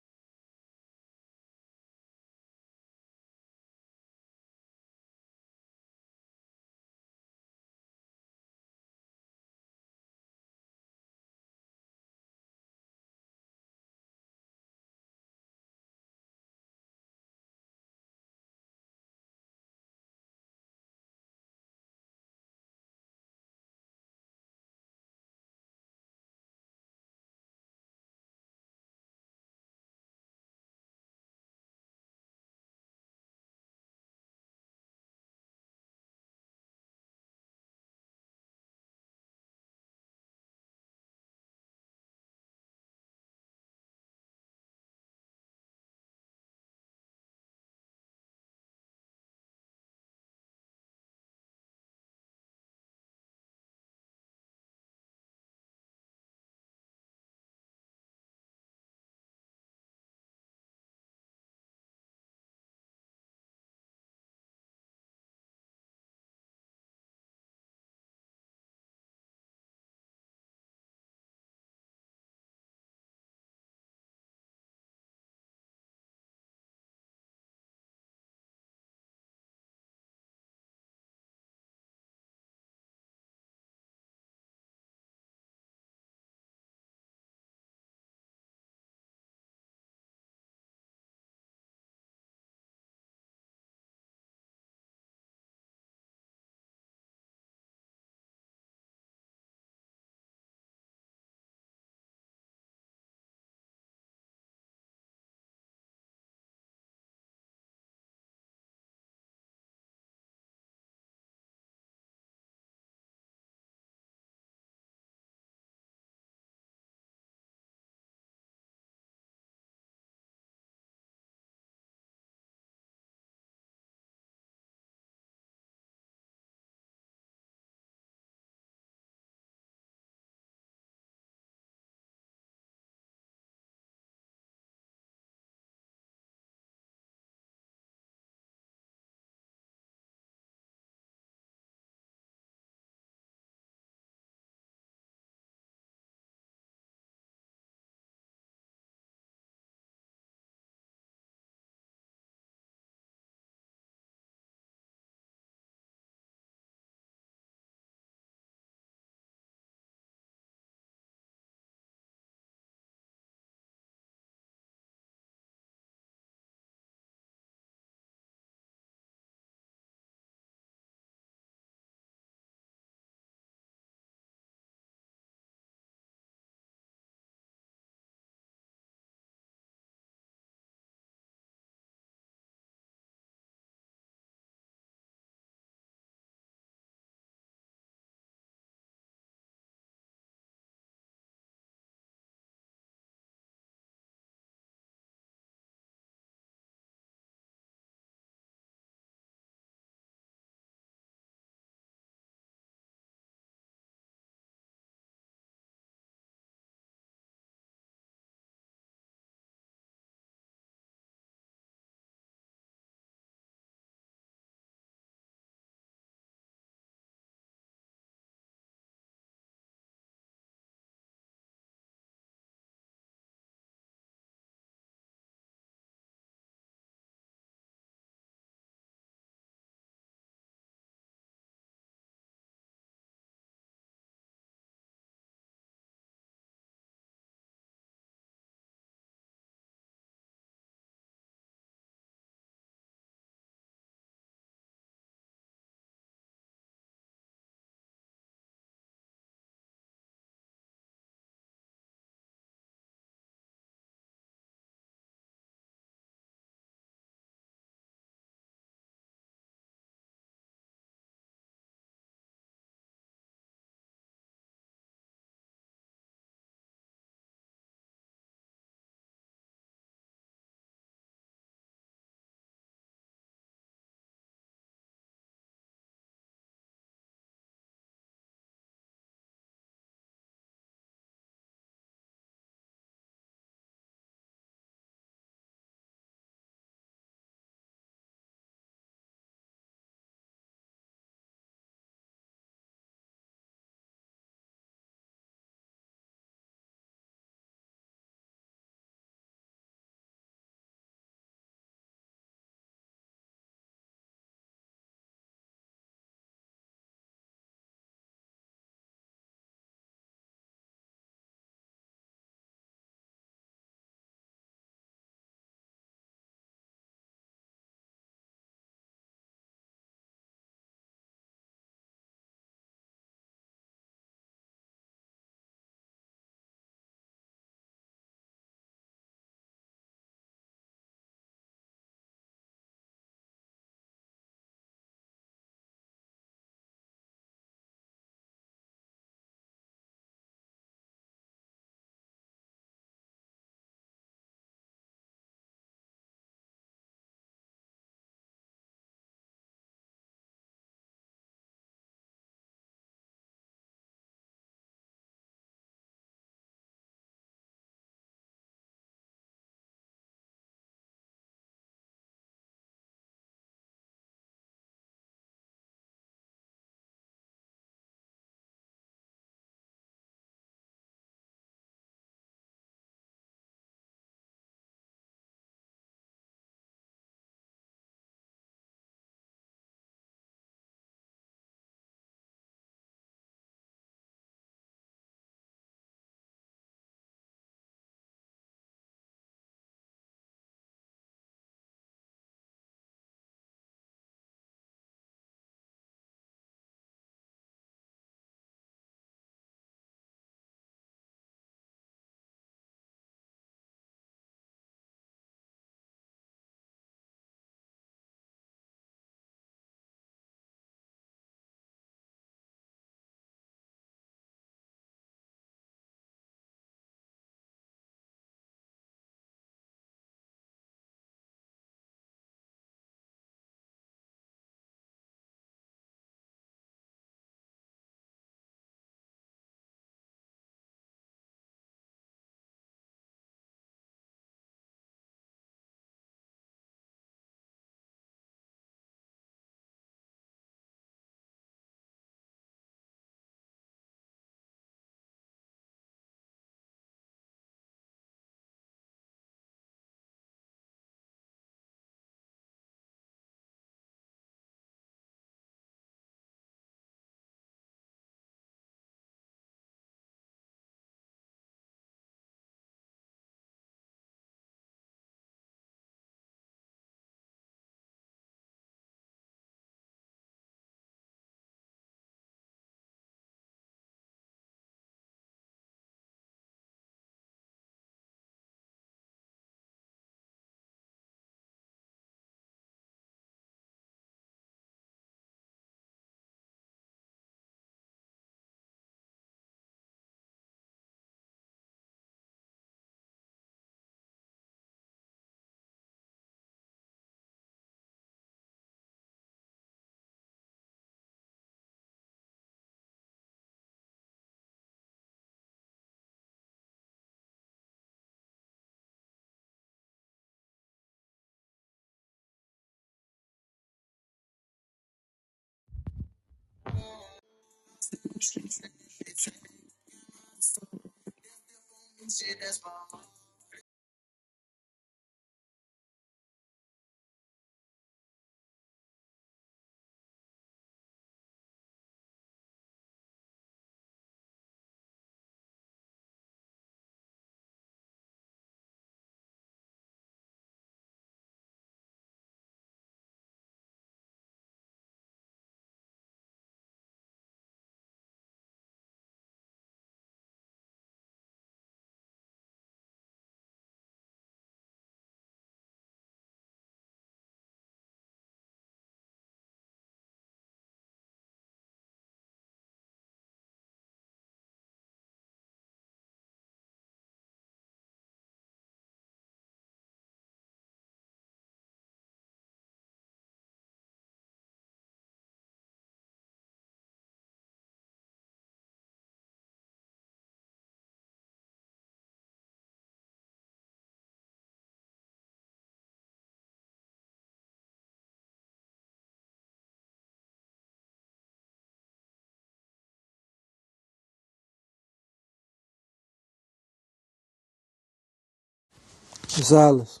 Speaker 8: Gonzalez.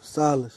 Speaker 8: Gonzalez.